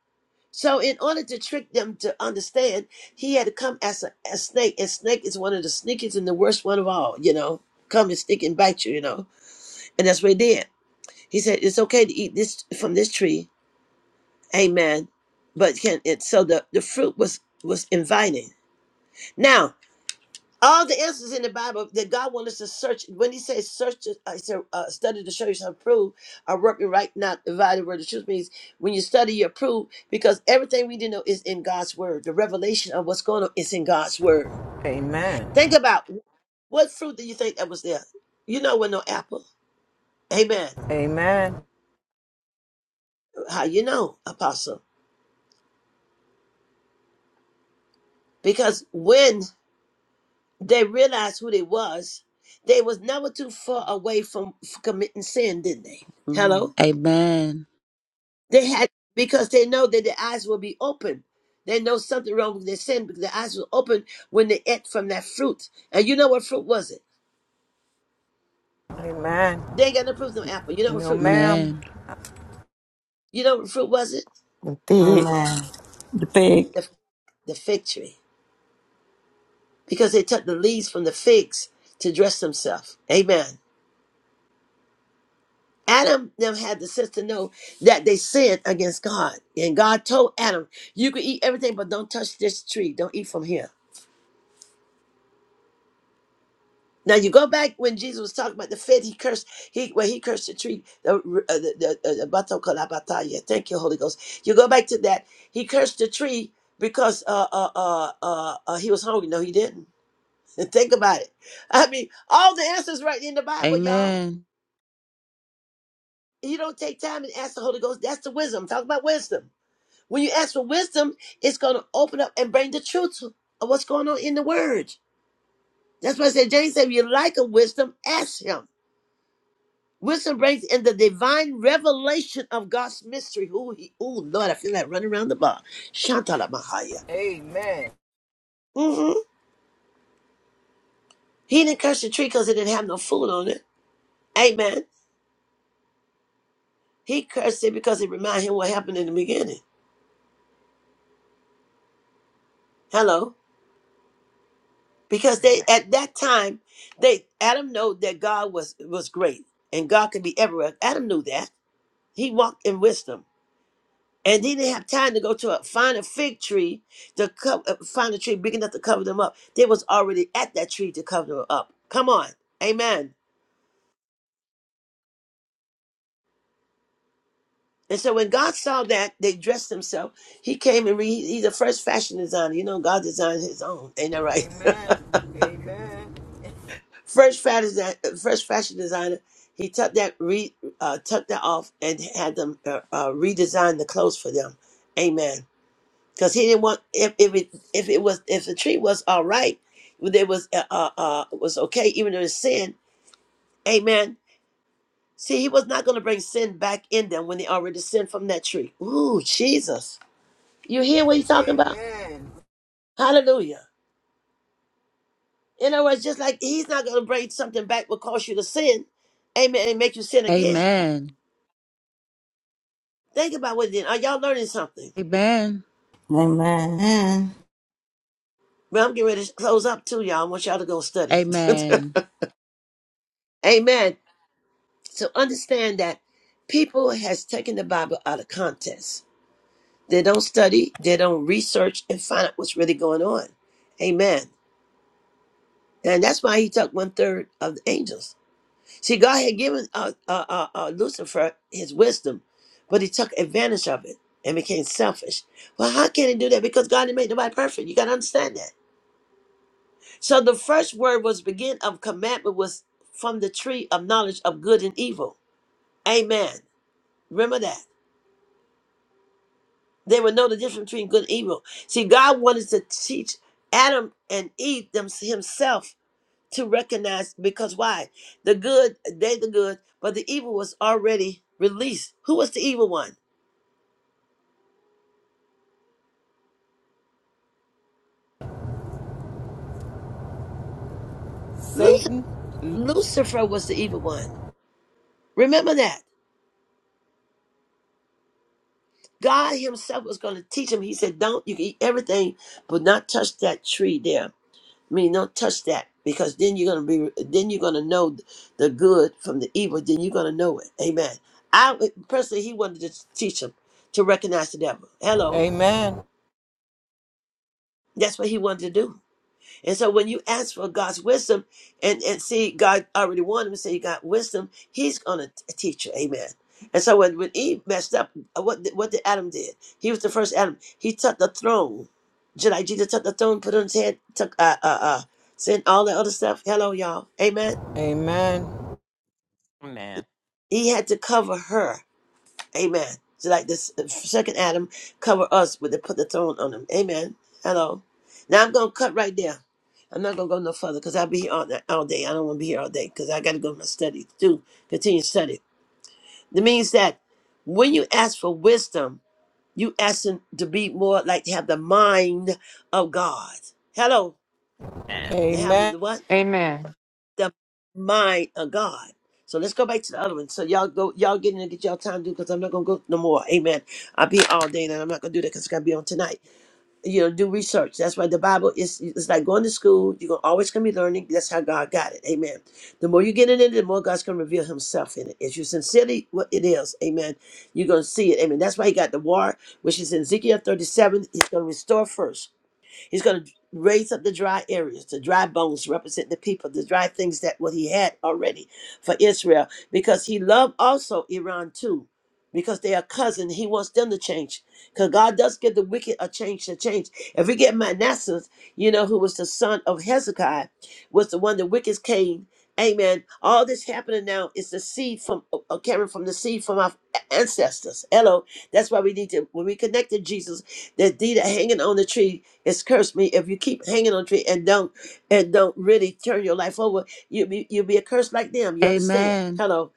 Speaker 2: So in order to trick them to understand, he had to come as a, a snake. And snake is one of the sneakiest and the worst one of all, you know. Come and stick and bite you, you know. And that's what he did. He said, it's okay to eat this from this tree. Amen. But can it, so the, the fruit was, was inviting. Now, All the answers in the Bible that God wants us to search. When He says search, uh, he said, uh, study to show yourself approved, are working right now, divided word. The truth means when you study, you approve because everything we do know is in God's word. The revelation of what's going on is in God's word.
Speaker 8: Amen.
Speaker 2: Think about what fruit do you think that was there? You know, with no apple. Amen.
Speaker 8: Amen.
Speaker 2: How you know, Apostle? Because when they realized who they was, they was never too far away from f- committing sin, didn't they? Hello.
Speaker 3: Amen.
Speaker 2: They had because they know that their eyes will be open. They know something wrong with their sin because their eyes were open when they ate from that fruit. And you know what fruit was it?
Speaker 8: Amen.
Speaker 2: They ain't got no proof of no apple. You know what
Speaker 8: No,
Speaker 2: fruit was?
Speaker 8: ma'am.
Speaker 3: Amen.
Speaker 2: You know what fruit was it?
Speaker 6: Indeed.
Speaker 4: Amen. The pig.
Speaker 2: The, the fig tree. Because they took the leaves from the figs to dress themselves. Amen. Adam them had the sense to know that they sinned against God. And God told Adam, you can eat everything, but don't touch this tree. Don't eat from here. Now you go back when Jesus was talking about the faith he cursed, he when he cursed the tree, the uh, the, the, uh, the bato kalabataya. Thank you, Holy Ghost. You go back to that. He cursed the tree because uh uh uh uh, uh he was hungry. No, he didn't. Think about it. I mean, all the answers right in the Bible, y'all.
Speaker 3: Amen.
Speaker 2: You don't take time and ask the Holy Ghost. That's the wisdom. Talk about wisdom. When you ask for wisdom, it's going to open up and bring the truth of what's going on in the Word. That's why I said James said, if you like a wisdom, ask him. Wisdom brings in the divine revelation of God's mystery. Ooh, he, ooh Lord, I feel like running around the bar. Shantala Mahaya.
Speaker 8: Amen.
Speaker 2: hmm He didn't curse the tree because it didn't have no food on it. Amen. He cursed it because it reminded him what happened in the beginning. Hello. Because they
Speaker 6: Amen.
Speaker 2: at that time, they Adam knew that God was was great and God could be everywhere. Adam knew that. He walked in wisdom. And they didn't have time to go to a, find a fig tree to co- uh, find a tree big enough to cover them up. They was already at that tree to cover them up. Come on, Amen. And so when God saw that they dressed themselves, He came and re, He's the first fashion designer. You know, God designed His own, ain't that right?
Speaker 8: Amen. Amen.
Speaker 2: First fashion, desi- first fashion designer. He took that re, uh, took that off and had them uh, uh, redesign the clothes for them. Amen. because he didn't want if if it if it was if the tree was all right, if it was uh uh uh, was okay, even though it's sin. Amen. See, he was not going to bring sin back in them when they already sinned from that tree. Ooh, Jesus! You hear what he's talking about?
Speaker 8: Amen.
Speaker 2: Hallelujah! In other words, just like he's not going to bring something back will cause you to sin, amen, and make you sin again.
Speaker 3: Amen.
Speaker 2: Think about what it did. Are y'all learning something?
Speaker 3: Amen.
Speaker 4: Amen. Amen.
Speaker 2: Well, I'm getting ready to close up too, y'all. I want y'all to go study.
Speaker 3: Amen.
Speaker 2: amen. So understand that people has taken the Bible out of context. They don't study, they don't research and find out what's really going on. Amen. And that's why he took one third of the angels. See, God had given uh, uh, uh, uh, Lucifer his wisdom, but he took advantage of it and became selfish. Well, how can he do that? Because God didn't make nobody perfect. You got to understand that. So the first word was begin of commandment was from the tree of knowledge of good and evil. Amen. Remember that. They would know the difference between good and evil. See, God wanted to teach Adam and Eve them, himself to recognize because why? The good, they the good, but the evil was already released. Who was the evil one? Luc-
Speaker 8: Satan.
Speaker 2: Lucifer was the evil one. Remember that. God himself was going to teach him. He said, don't, you can eat everything, but not touch that tree there I mean, don't touch that because then you're gonna be then you're gonna know the good from the evil. Then you're gonna know it. Amen. I personally, he wanted to teach him to recognize the devil. Hello,
Speaker 8: Amen.
Speaker 2: that's what he wanted to do. And so when you ask for God's wisdom and, and see God already warned him, and say you got wisdom, he's gonna teach you. Amen. And so when, when Eve messed up, uh, what did, what did Adam did? He was the first Adam. He took the throne. Just like Jesus took the throne, put it on his head, took uh uh uh sin, all that other stuff. Hello, y'all. Amen.
Speaker 8: Amen.
Speaker 6: Amen.
Speaker 2: He had to cover her. Amen. So like this uh, second Adam cover us with the put the throne on him. Amen. Hello. Now I'm gonna cut right there. I'm not gonna go no further because I'll be here all, night, all day. I don't want to be here all day because I got to go to my study too. Continue study. That means that when you ask for wisdom, you asking to be more like to have the mind of God. Hello.
Speaker 6: Amen.
Speaker 2: To have
Speaker 8: Amen.
Speaker 2: the what?
Speaker 5: Amen.
Speaker 2: the mind of God. So let's go back to the other one. So y'all go, y'all get in and get y'all time to do because I'm not gonna go no more. Amen. I'll be all day and I'm not gonna do that because it's gonna be on tonight. You know, do research. That's why the Bible is it's like going to school. You're gonna always gonna be learning. That's how God got it. Amen. The more you get in it, the more God's gonna reveal Himself in it. If you sincerely what it is, Amen. You're gonna see it. Amen. That's why He got the war, which is in Ezekiel 37. He's gonna restore first. He's going to raise up the dry areas, the dry bones represent the people, the dry things that what he had already for Israel, because he loved also Iran too, because they are cousin. He wants them to change, because God does give the wicked a change to change. If we get Manasseh, you know, who was the son of Hezekiah, was the one the wicked came. Amen. All this happening now is the seed from uh, uh, coming from the seed from our ancestors. Hello. That's why we need to when we connect to Jesus, that deed of hanging on the tree it's cursed me if you keep hanging on tree and don't and don't really turn your life over you be you'll be a curse like them you understand
Speaker 3: Amen.
Speaker 2: hello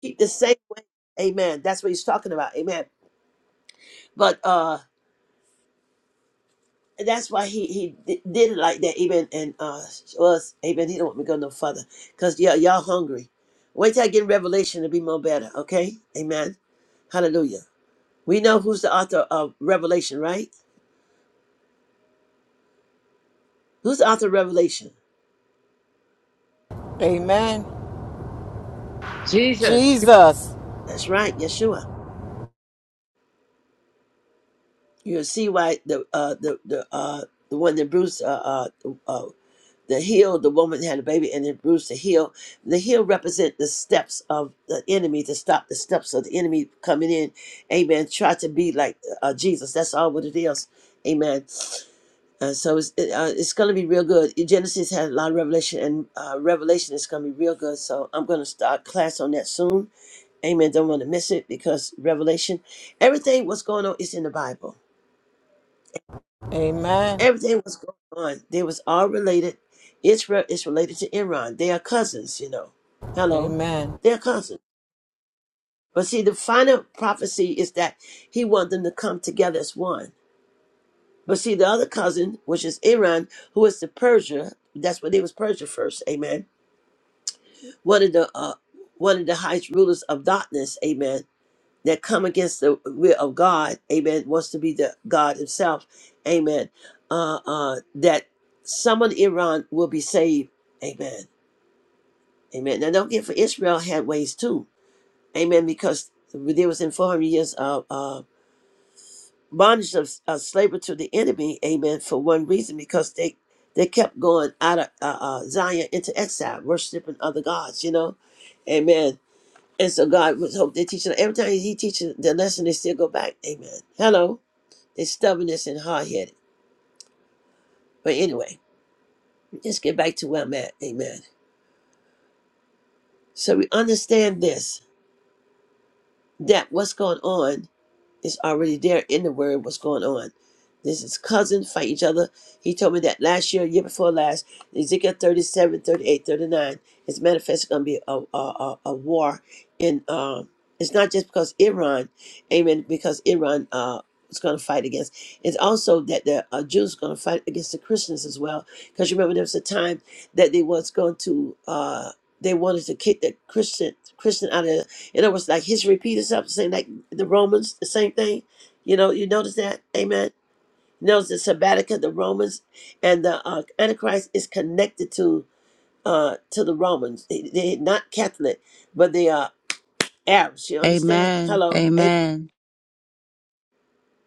Speaker 2: keep the same way amen that's what he's talking about amen but uh that's why he he di- did it like that amen and uh was amen he don't want me to go no further because yeah y'all hungry wait till i get revelation to be more better okay amen hallelujah we know who's the author of revelation right who's the author of revelation
Speaker 8: Amen.
Speaker 5: Jesus.
Speaker 8: Jesus.
Speaker 2: that's right yeshua You'll see why the uh the the uh the one that Bruce uh uh, uh the heel, the woman had a baby, and then Bruce the heel. The heel represent the steps of the enemy to stop the steps of the enemy coming in. Amen. Try to be like uh, Jesus. That's all what it is. Amen. Uh, so it's it, uh, it's gonna be real good. Genesis had a lot of revelation, and uh, Revelation is gonna be real good. So I'm gonna start class on that soon. Amen. Don't want to miss it because Revelation, everything what's going on is in the Bible.
Speaker 8: Amen.
Speaker 2: Everything was going on. They was all related. Israel is related to Iran. They are cousins, you know. Hello,
Speaker 8: Amen.
Speaker 2: they're cousins. But see, the final prophecy is that he wanted them to come together as one. But see, the other cousin, which is Iran, who is the Persia, that's what they was Persia first, amen. One of the uh, one of the highest rulers of darkness, amen. that come against the will of God, amen, wants to be the God himself, amen, uh, uh, that someone in Iran will be saved, amen, amen. Now, don't get for Israel had ways too, amen, because there was in 400 years of uh, bondage of, of slavery to the enemy, amen, for one reason, because they they kept going out of uh, uh, Zion into exile, worshiping other gods, you know, amen. And so God was hope they teaching every time he teaches the lesson, they still go back. Amen. Hello. It's stubbornness and hard headed. But anyway, let's get back to where I'm at. Amen. So we understand this that what's going on It's already there in the word what's going on. This is cousins fight each other. He told me that last year, year before last, Ezekiel thirty seven, thirty eight, thirty nine 38, thirty-nine, It's manifest going to be a, a, a, a war. In, um, it's not just because Iran, amen, because Iran uh, is going to fight against. It's also that the uh, Jews going to fight against the Christians as well. Because remember, there was a time that they was going to, uh, they wanted to kick the Christian Christian out of, in other words, like history repeat itself, saying like the Romans, the same thing. You know, you notice that, Amen. You notice the Sabbatica, the Romans, and the uh, Antichrist is connected to uh to the Romans. They, they're not Catholic, but they are Arabs. You understand?
Speaker 3: Amen.
Speaker 2: Hello, Amen.
Speaker 3: Amen.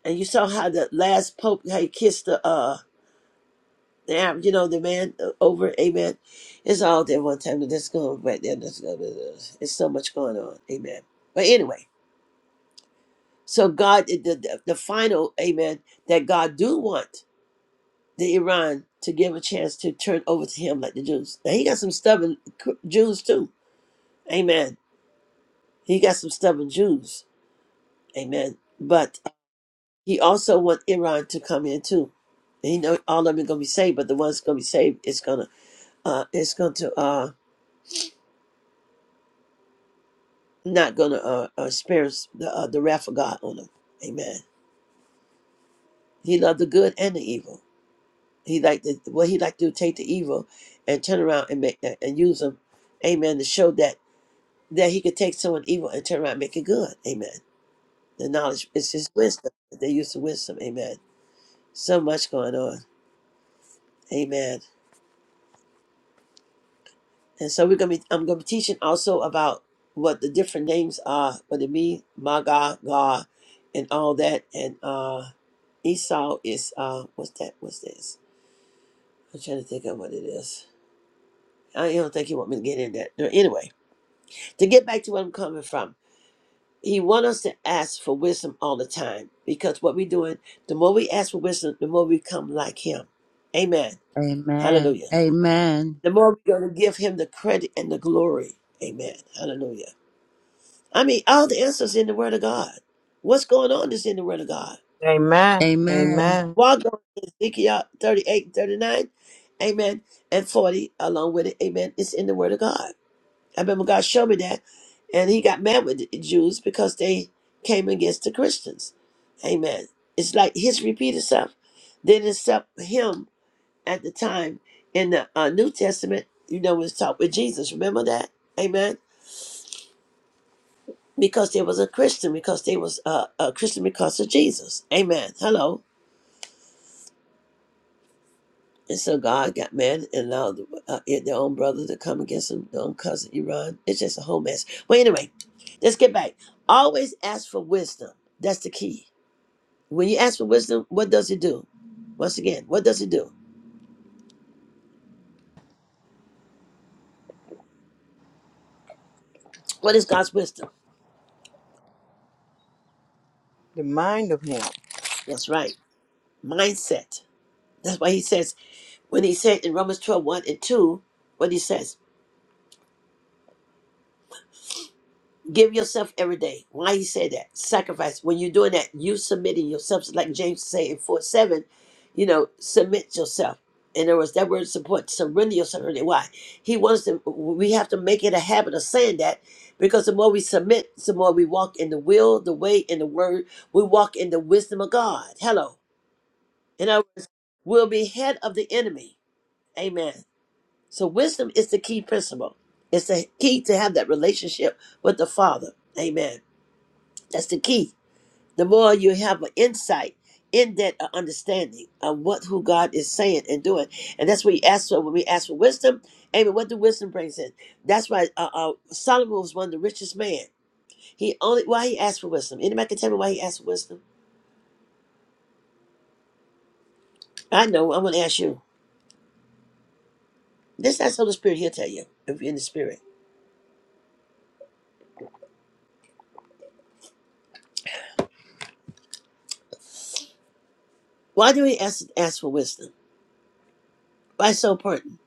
Speaker 2: and you saw how the last Pope how he kissed the uh the Arab, you know, the man uh, over, Amen. It's all there one time. and That's going right there. That's going. It's so much going on, Amen. But anyway, so God, the the, the final, Amen, that God do want. the Iran to give a chance to turn over to him like the Jews. Now he got some stubborn cr- Jews too. Amen. He got some stubborn Jews. Amen. But he also want Iran to come in too. And He know all of them are gonna be saved, but the ones gonna be saved is gonna uh it's going to uh not gonna uh, uh experience the uh, the wrath of God on them. Amen. He loved the good and the evil. He liked the what he liked to do, take the evil and turn around and make and use them. Amen. To show that. that he could take someone evil and turn around and make it good. Amen. The knowledge is his wisdom. They use the wisdom. Amen. So much going on. Amen. And so we're gonna be I'm gonna be teaching also about what the different names are, what it mean, my God, God, and all that. And uh Esau is uh what's that? What's this? I'm trying to think of what it is. I don't think you want me to get in that. No, anyway, to get back to where I'm coming from. He wants us to ask for wisdom all the time because what we're doing, the more we ask for wisdom, the more we become like Him. Amen.
Speaker 3: Amen.
Speaker 2: Hallelujah.
Speaker 3: Amen.
Speaker 2: The more we're going to give Him the credit and the glory. Amen. Hallelujah. I mean, all the answers in the Word of God. What's going on is in the Word of God.
Speaker 8: Amen.
Speaker 3: Amen.
Speaker 8: Amen.
Speaker 2: Walk on Ezekiel 38, 39, amen, and 40, along with it, amen. It's in the Word of God. I remember God showed me that, and He got mad with the Jews because they came against the Christians. Amen. It's like history repeat itself. Then except Him at the time in the uh, New Testament, you know, was taught with Jesus. Remember that? Amen. Because they was a Christian, because they was uh, a Christian because of Jesus. Amen. Hello. And so God got mad and allowed uh, their own brother to come against them, their own cousin Iran. It's just a whole mess. Well, anyway, let's get back. Always ask for wisdom. That's the key. When you ask for wisdom, what does it do? Once again, what does it do? What is God's wisdom?
Speaker 8: The mind of Him
Speaker 2: That's right. Mindset. That's why he says, when he said in Romans twelve one and 2, what he says. Give yourself every day. Why he say that? Sacrifice. When you're doing that, you submitting yourself, like James say in 4 7, you know, submit yourself. In other words, that word support, surrender yourself every day. Why? He wants to, we have to make it a habit of saying that because the more we submit, the more we walk in the will, the way, and the word. We walk in the wisdom of God. Hello. In other words, we'll be head of the enemy. Amen. So wisdom is the key principle. It's the key to have that relationship with the Father. Amen. That's the key. The more you have an insight in that uh, understanding of what who God is saying and doing, and that's what you ask for when we ask for wisdom. Amen. What do wisdom brings in? That's why uh, uh, Solomon was one of the richest man. He only why he asked for wisdom. Anybody can tell me why he asked for wisdom? I know. I'm going to ask you. This that's Holy Spirit. He'll tell you if you're in the Spirit. Why do we ask ask for wisdom? Why it's so important?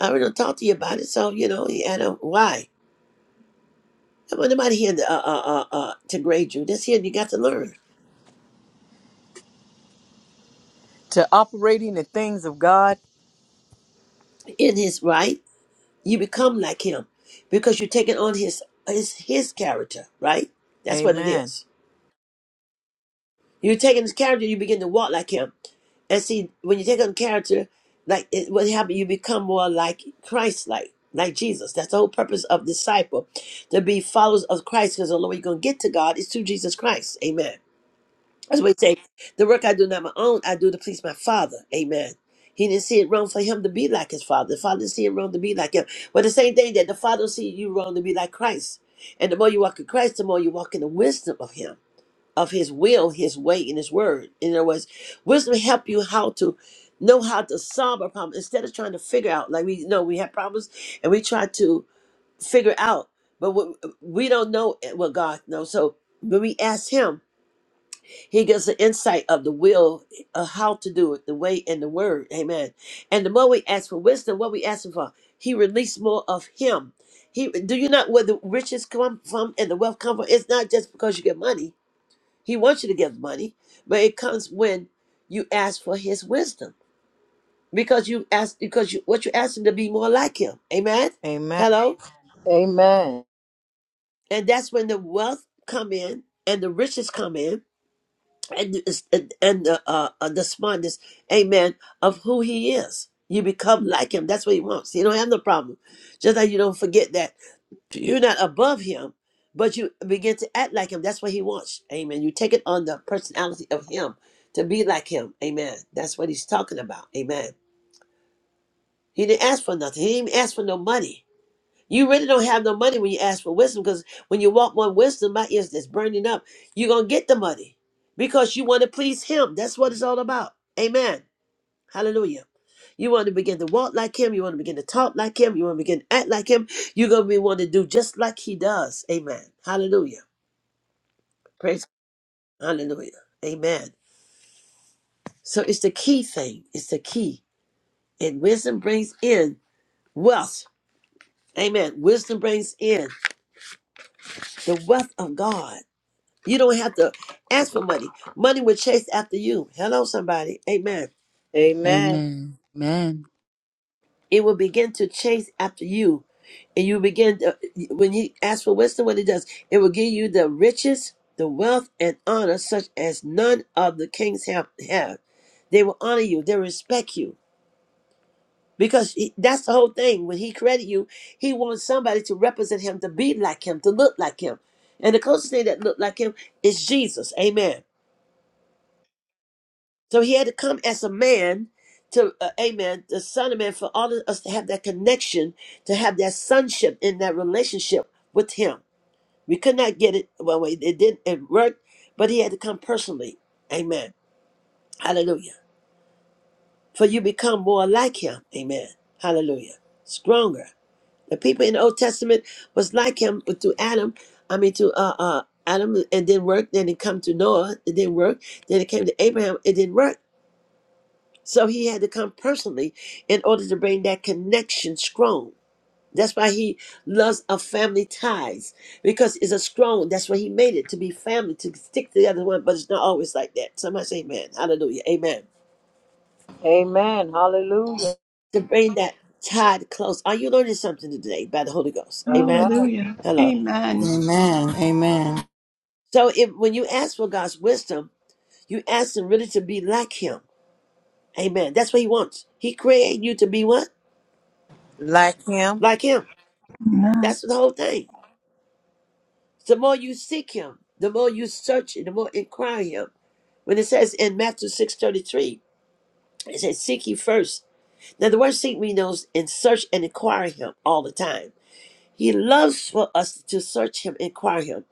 Speaker 2: I already talked to you about it, so you know. I know why. I want nobody here to, uh, uh, uh, uh, to grade you. This here you got to learn.
Speaker 8: to operating the things of God.
Speaker 2: in his right, you become like him because you're taking on his his his character, right? That's what it
Speaker 8: Amen.
Speaker 2: is. You're taking his character, you begin to walk like him. And see, when you take on character, like it, what happened, you become more like Christ, like like Jesus. That's the whole purpose of disciple, to be followers of Christ. Because the only way you're gonna get to God is through Jesus Christ. Amen. That's what he say. The work I do not my own, I do to please my father. Amen. He didn't see it wrong for him to be like his father. The father didn't see it wrong to be like him. But the same thing that the father see you wrong to be like Christ. And the more you walk in Christ, the more you walk in the wisdom of him, of his will, his way, and his word. In other words, wisdom help you how to know how to solve a problem instead of trying to figure out. Like we know we have problems and we try to figure out, but we, we don't know what God knows. So when we ask him, he gives an insight of the will, of how to do it, the way and the word. Amen. And the more we ask for wisdom, what we asking for, He released more of Him. He do you not where the riches come from and the wealth come from? It's not just because you get money. He wants you to give money, but it comes when you ask for His wisdom because you ask because you what you asking to be more like Him. Amen.
Speaker 8: Amen.
Speaker 2: Hello.
Speaker 8: Amen.
Speaker 2: And that's when the wealth come in and the riches come in and and, and the, uh, uh, the smartness, amen, of who he is. You become like him. That's what he wants. You don't have no problem. Just like you don't forget that you're not above him, but you begin to act like him. That's what he wants. Amen. You take it on the personality of him to be like him. Amen. That's what he's talking about. Amen. He didn't ask for nothing. He didn't even ask for no money. You really don't have no money when you ask for wisdom because when you want more wisdom, my ears is burning up. You're going to get the money because you want to please Him. That's what it's all about. Amen. Hallelujah. You want to begin to walk like Him. You want to begin to talk like Him. You want to begin to act like Him. You're going to be want to do just like He does. Amen. Hallelujah. Praise. Hallelujah. Amen. So it's the key thing. It's the key. And wisdom brings in wealth. Amen. Wisdom brings in the wealth of God. You don't have to ask for money. Money will chase after you. Hello, somebody. Amen.
Speaker 8: Amen.
Speaker 3: Amen. Amen.
Speaker 2: It will begin to chase after you. And you begin to, when you ask for wisdom, what it does, it will give you the riches, the wealth, and honor such as none of the kings have. have. They will honor you, they respect you. Because he- that's the whole thing. When he created you, he wants somebody to represent him, to be like him, to look like him. And the closest thing that looked like him is Jesus. Amen. So he had to come as a man to, uh, amen, the son of man, for all of us to have that connection, to have that sonship in that relationship with him. We could not get it, well, it it didn't it worked, but he had to come personally. Amen. Hallelujah. For you become more like him. Amen. Hallelujah. Stronger. The people in the Old Testament was like him but through Adam. I mean, to uh, uh, Adam, it didn't work. Then it come to Noah, it didn't work. Then it came to Abraham, it didn't work. So he had to come personally in order to bring that connection strong. That's why he loves a family ties because it's a strong. That's why he made it to be family to stick together one, but it's not always like that. Somebody say, "Amen, Hallelujah, Amen."
Speaker 8: Amen. Hallelujah.
Speaker 2: To bring that tie close. Are you learning something today by the Holy Ghost? Amen.
Speaker 8: Amen.
Speaker 1: Hallelujah.
Speaker 2: Hello.
Speaker 1: Amen.
Speaker 4: Amen. Amen.
Speaker 2: So if when you ask for God's wisdom, you ask Him really to be like Him. Amen. That's what He wants. He created you to be what
Speaker 8: Like Him.
Speaker 2: like Him.
Speaker 1: Amen.
Speaker 2: That's the whole thing. The more you seek him, the more you search him, the more inquire him. When it says in Matthew 6.33, it says, seek ye first." Now the word seek means those and search and inquire him all the time. He loves for us to search him, inquire him.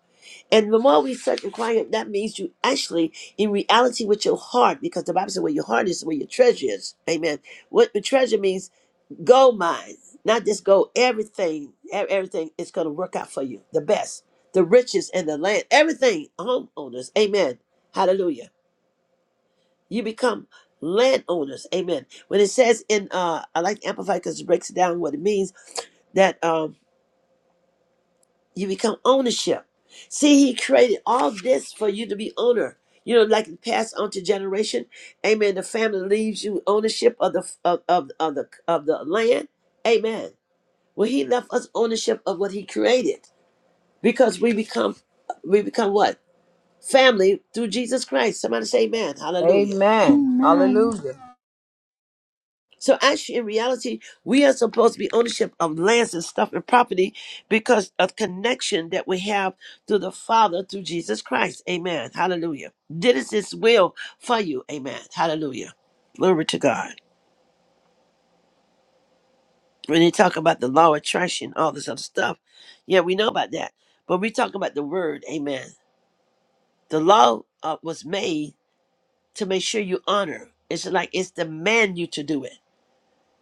Speaker 2: And the more we search, inquire him, that means you actually, in reality, with your heart, because the Bible says where your heart is, where your treasure is. Amen. What the treasure means Gold mine, not just gold, everything, e- everything is going to work out for you. The best, the riches and the land, everything, homeowners. Amen. Hallelujah. You become landowners. Amen. When it says in, uh, I like Amplify because it breaks down what it means that um, you become ownership. See, he created all this for you to be owner. You know, like it passed on to generation. Amen. The family leaves you ownership of the of, of, of the of the land. Amen. Well, he left us ownership of what he created because we become we become what? Family through Jesus Christ. Somebody say amen. Hallelujah.
Speaker 8: Amen.
Speaker 1: Amen.
Speaker 8: Hallelujah.
Speaker 2: So actually in reality, we are supposed to be ownership of lands and stuff and property because of connection that we have through the Father through Jesus Christ. Amen. Hallelujah. This is his will for you. Amen. Hallelujah. Glory to God. When they talk about the law of attraction, all this other stuff. Yeah, we know about that. But we talk about the word, amen. The law uh, was made to make sure you honor. It's like it's demand you to do it.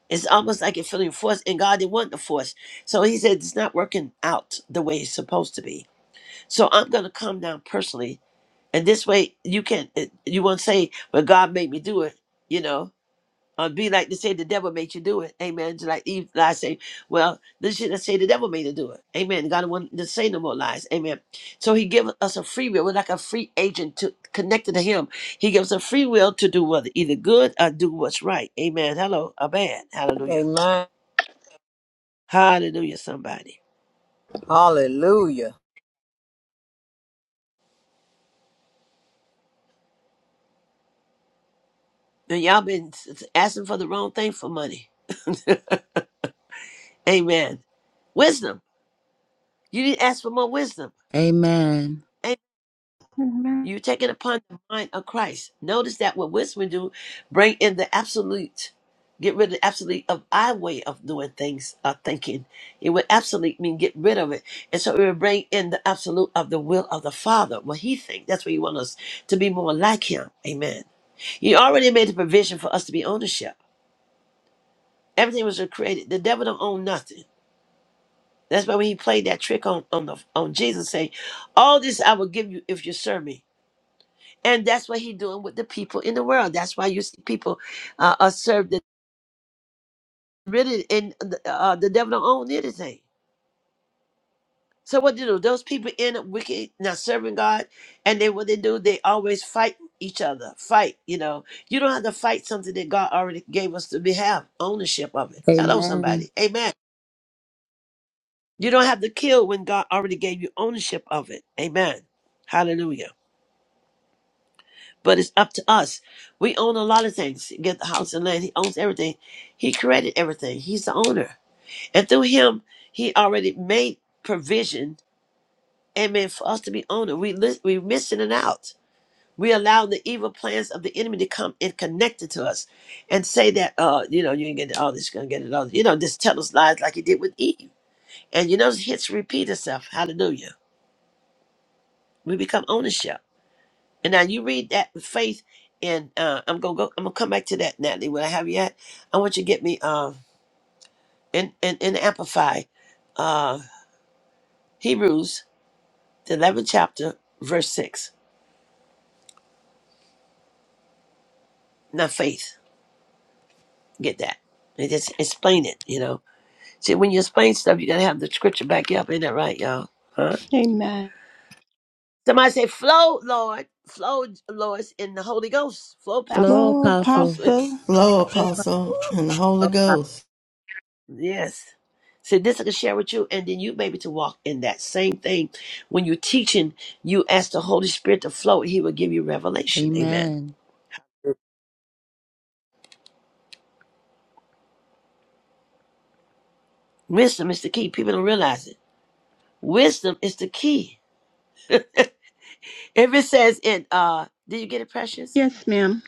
Speaker 2: It's almost like it feeling forced, and God didn't want the force. So He said it's not working out the way it's supposed to be. So I'm gonna come down personally, and this way you can. not You won't say, "Well, God made me do it," you know uh, be like to say the devil made you do it. Amen. Just like Eve lies say, well, this shit I say the devil made you do it. Amen. God won't to say no more lies. Amen. So he gives us a free will. We're like a free agent to connected to him. He gives us a free will to do what either good or do what's right. Amen. Hello, or bad. Hallelujah.
Speaker 8: Amen.
Speaker 2: Hallelujah, somebody.
Speaker 8: Hallelujah.
Speaker 2: And y'all been s- asking for the wrong thing for money. Amen. Wisdom. You need to ask for more wisdom.
Speaker 3: Amen.
Speaker 1: Amen.
Speaker 2: You take it upon the mind of Christ. Notice that what wisdom do, bring in the absolute. Get rid of the absolute of our way of doing things, of thinking. It would absolute mean get rid of it. And so it would bring in the absolute of the will of the Father, what He thinks. That's what He wants us to be more like Him. Amen. He already made the provision for us to be ownership. Everything was created. The devil don't own nothing. That's why when he played that trick on on, the, on Jesus, saying, "All this I will give you if you serve me." And that's what he's doing with the people in the world. That's why you see people uh, are served that really, and the- uh, the devil don't own anything. So what they do? Those people end up wicked, not serving God, and then what they do? They always fight each other. Fight, you know. You don't have to fight something that God already gave us to be have ownership of it. Hello,
Speaker 3: Amen.
Speaker 2: somebody. Amen. You don't have to kill when God already gave you ownership of it. Amen. Hallelujah. But it's up to us. We own a lot of things. Get the house and land. He owns everything. He created everything. He's the owner. And through him, he already made provision, amen, for us to be owner. We li- we missing it out. We allow the evil plans of the enemy to come and connect it to us and say that, uh, you know, you ain't getting all this, you're gonna get it all. You know, just tell us lies like he did with Eve. And you know, hits repeat itself. Hallelujah. We become ownership. And now you read that with faith, and uh, I'm gonna go. I'm gonna come back to that, Natalie. What I have yet, I want you to get me uh, in in in amplify uh, Hebrews the 11th chapter, verse six. Now faith, get that. And just explain it. You know, see when you explain stuff, you gotta have the scripture back you up. Ain't that right, y'all? Huh?
Speaker 1: Amen.
Speaker 2: Somebody say, "Flow, Lord, flow, Lord, in the Holy Ghost, flow,
Speaker 3: Flow
Speaker 2: Pastor,
Speaker 1: Well,
Speaker 3: apostle.
Speaker 2: Apostle."
Speaker 1: Apostle.
Speaker 4: Flow, Apostle, and the Holy Ghost.
Speaker 2: Yes. So this I can share with you, and then you maybe to walk in that same thing. When you're teaching, you ask the Holy Spirit to flow, and He will give you revelation. Amen.
Speaker 3: Amen.
Speaker 2: Wisdom is the key. People don't realize it. Wisdom is the key. If it says in uh, did you get it, precious?
Speaker 1: Yes, ma'am.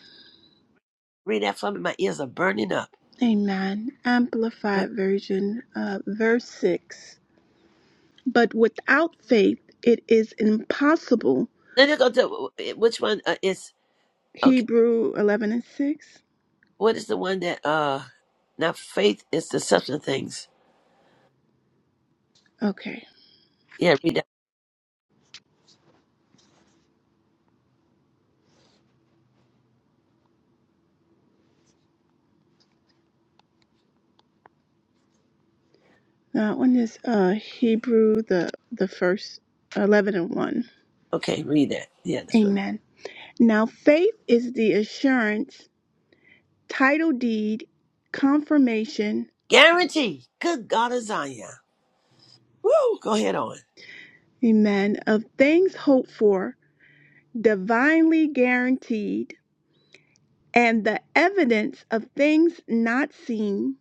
Speaker 2: Read that for me. My ears are burning up.
Speaker 1: Amen.
Speaker 2: Go ahead.
Speaker 1: Amplified version, uh, verse 6. But without faith, it is impossible.
Speaker 2: Then you go to which one uh, is okay.
Speaker 1: Hebrew 11 and 6.
Speaker 2: What is the one that uh, now faith is the substance of things.
Speaker 1: Okay.
Speaker 2: Yeah, read that.
Speaker 1: That one is uh, Hebrew, the, the first 11 and 1.
Speaker 2: Okay, read that. Yeah, that's what.
Speaker 1: Amen. Now, faith is the assurance, title deed, confirmation,
Speaker 2: Guarantee. Good God of Zion. Woo! Go ahead on.
Speaker 1: amen, of things hoped for, divinely guaranteed, and the evidence of things not seen,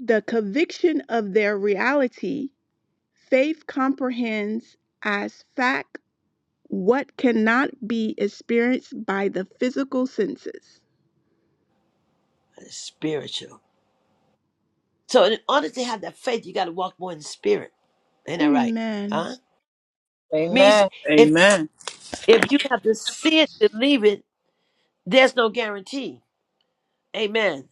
Speaker 1: the conviction of their reality, Faith comprehends as fact what cannot be experienced by the physical senses.
Speaker 2: That is spiritual. So in order to have that faith, you got to walk more in the spirit. Ain't that right?
Speaker 1: Amen.
Speaker 2: Huh? Means
Speaker 8: Amen.
Speaker 2: if
Speaker 8: Amen.
Speaker 2: if you have to see it, believe it, there's no guarantee. Amen.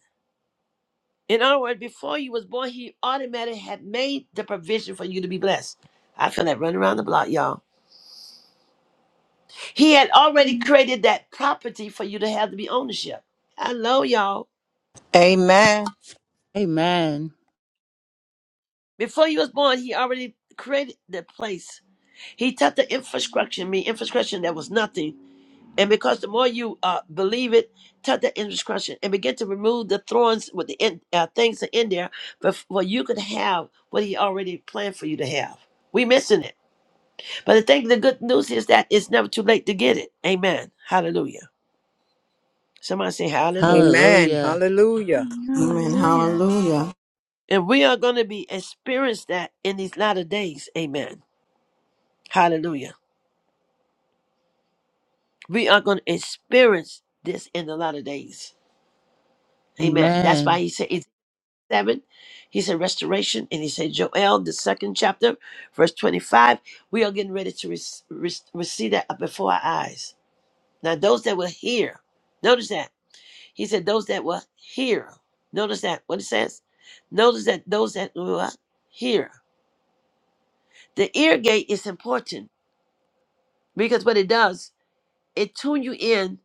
Speaker 2: In other words, before you was born, he automatically had made the provision for you to be blessed. I feel that running around the block, y'all. He had already created that property for you to have to be ownership. Hello, y'all.
Speaker 8: Amen.
Speaker 3: Amen.
Speaker 2: Before you was born, he already created the place. He taught the infrastructure, me infrastructure that was nothing And because the more you uh, believe it, touch that indiscretion and begin to remove the thorns with the in, uh, things that in there, before you could have what He already planned for you to have. We missing it, but the thing, the good news is that it's never too late to get it. Amen. Hallelujah. Somebody say Hallelujah.
Speaker 8: Amen.
Speaker 3: Hallelujah.
Speaker 8: Hallelujah.
Speaker 4: Amen.
Speaker 1: Hallelujah.
Speaker 4: Hallelujah.
Speaker 2: And we are going to be experience that in these latter days. Amen. Hallelujah. We are going to experience this in the latter days. Amen. That's why
Speaker 3: Amen.
Speaker 2: He said. seven. He said restoration, and he said Joel, the second chapter, verse twenty-five. We are getting ready to rec- rec- receive that up before our eyes. Now, those that will hear, notice that he said those that will hear. Notice that what it says. Notice that those that will hear. The ear gate is important because what it does, it tune you in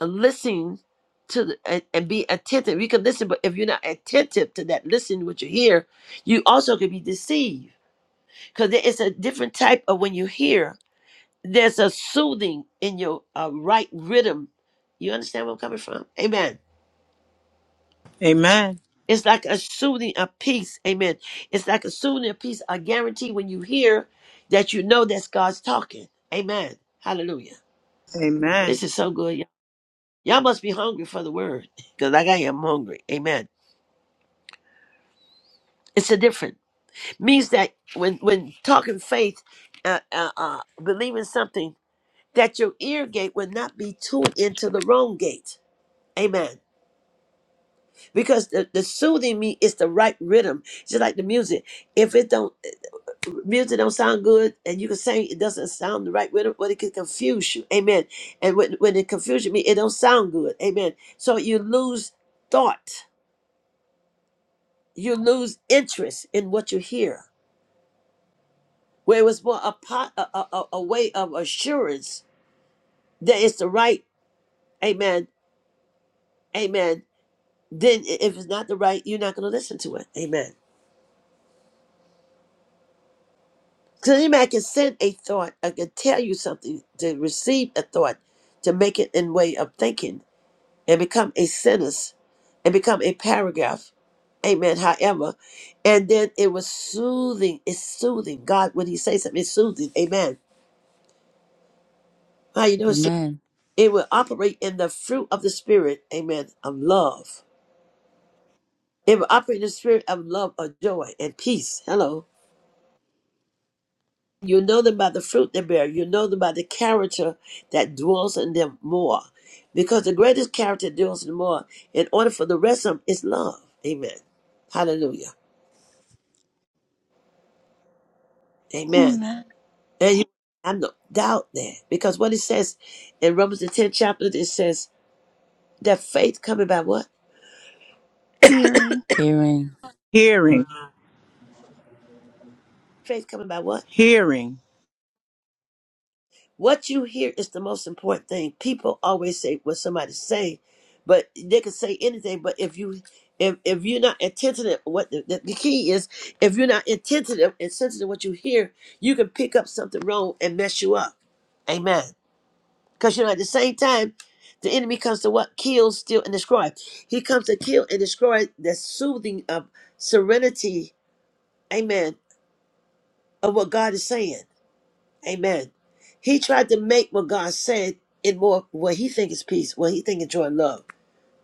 Speaker 2: and listen to the, and, and be attentive. You can listen, but if you're not attentive to that, listen what you hear, you also could be deceived. because it's a different type of when you hear there's a soothing in your uh, right rhythm you understand where i'm coming from amen
Speaker 8: Amen.
Speaker 2: it's like a soothing a peace amen it's like a soothing a peace I guarantee when you hear that you know that's god's talking amen hallelujah
Speaker 8: Amen.
Speaker 2: this is so good y'all Y'all must be hungry for the word because like i am hungry amen it's a different means that when when talking faith uh, uh, uh, believing something that your ear gate will not be tuned into the wrong gate. Amen. Because the, the soothing me is the right rhythm. Just like the music. If it don't music don't sound good and you can sing it doesn't sound the right rhythm, but it can confuse you. Amen. And when when it confuses me, it don't sound good. Amen. So you lose thought. You lose interest in what you hear. Where it was more a pot a, a, a a way of assurance that it's the right, amen, amen. then i- if it's not the right, you're not going to listen to it. Amen. Because any man can send a thought, I can tell you something, to receive a thought, to make it in way of thinking, and become a sentence, and become a paragraph. Amen. However, and then it was soothing. It's soothing. God, when He says something, it's soothing. Amen. How you know? It's, soothing?
Speaker 3: Amen.
Speaker 2: it will operate in the fruit of the Spirit. Amen. Of love. It will operate in the spirit of love, of joy, and peace. Hello You know them by the fruit they bear. You know them by the character that dwells in them more. Because the greatest character dwells in them more. In order for the rest of them is love. Amen. Hallelujah. Amen.
Speaker 1: Amen.
Speaker 2: And you have no doubt there. Because what it says in Romans the 10th chapter, it says that faith coming by what?
Speaker 1: Hearing.
Speaker 3: Hearing.
Speaker 8: Hearing.
Speaker 2: Faith coming by what?
Speaker 8: Hearing.
Speaker 2: What you hear is the most important thing. People always say what somebody's saying, but they can say anything. But if you if if you're not attentive, what the, the, the key is, if you're not attentive and sensitive to what you hear, you can pick up something wrong and mess you up. Amen. Because you know, at the same time, the enemy comes to what kills, steal, and destroy. He comes to kill and destroy the soothing of serenity. Amen. Of what God is saying. Amen. He tried to make what God said in more what he think is peace, what he think is joy, and love.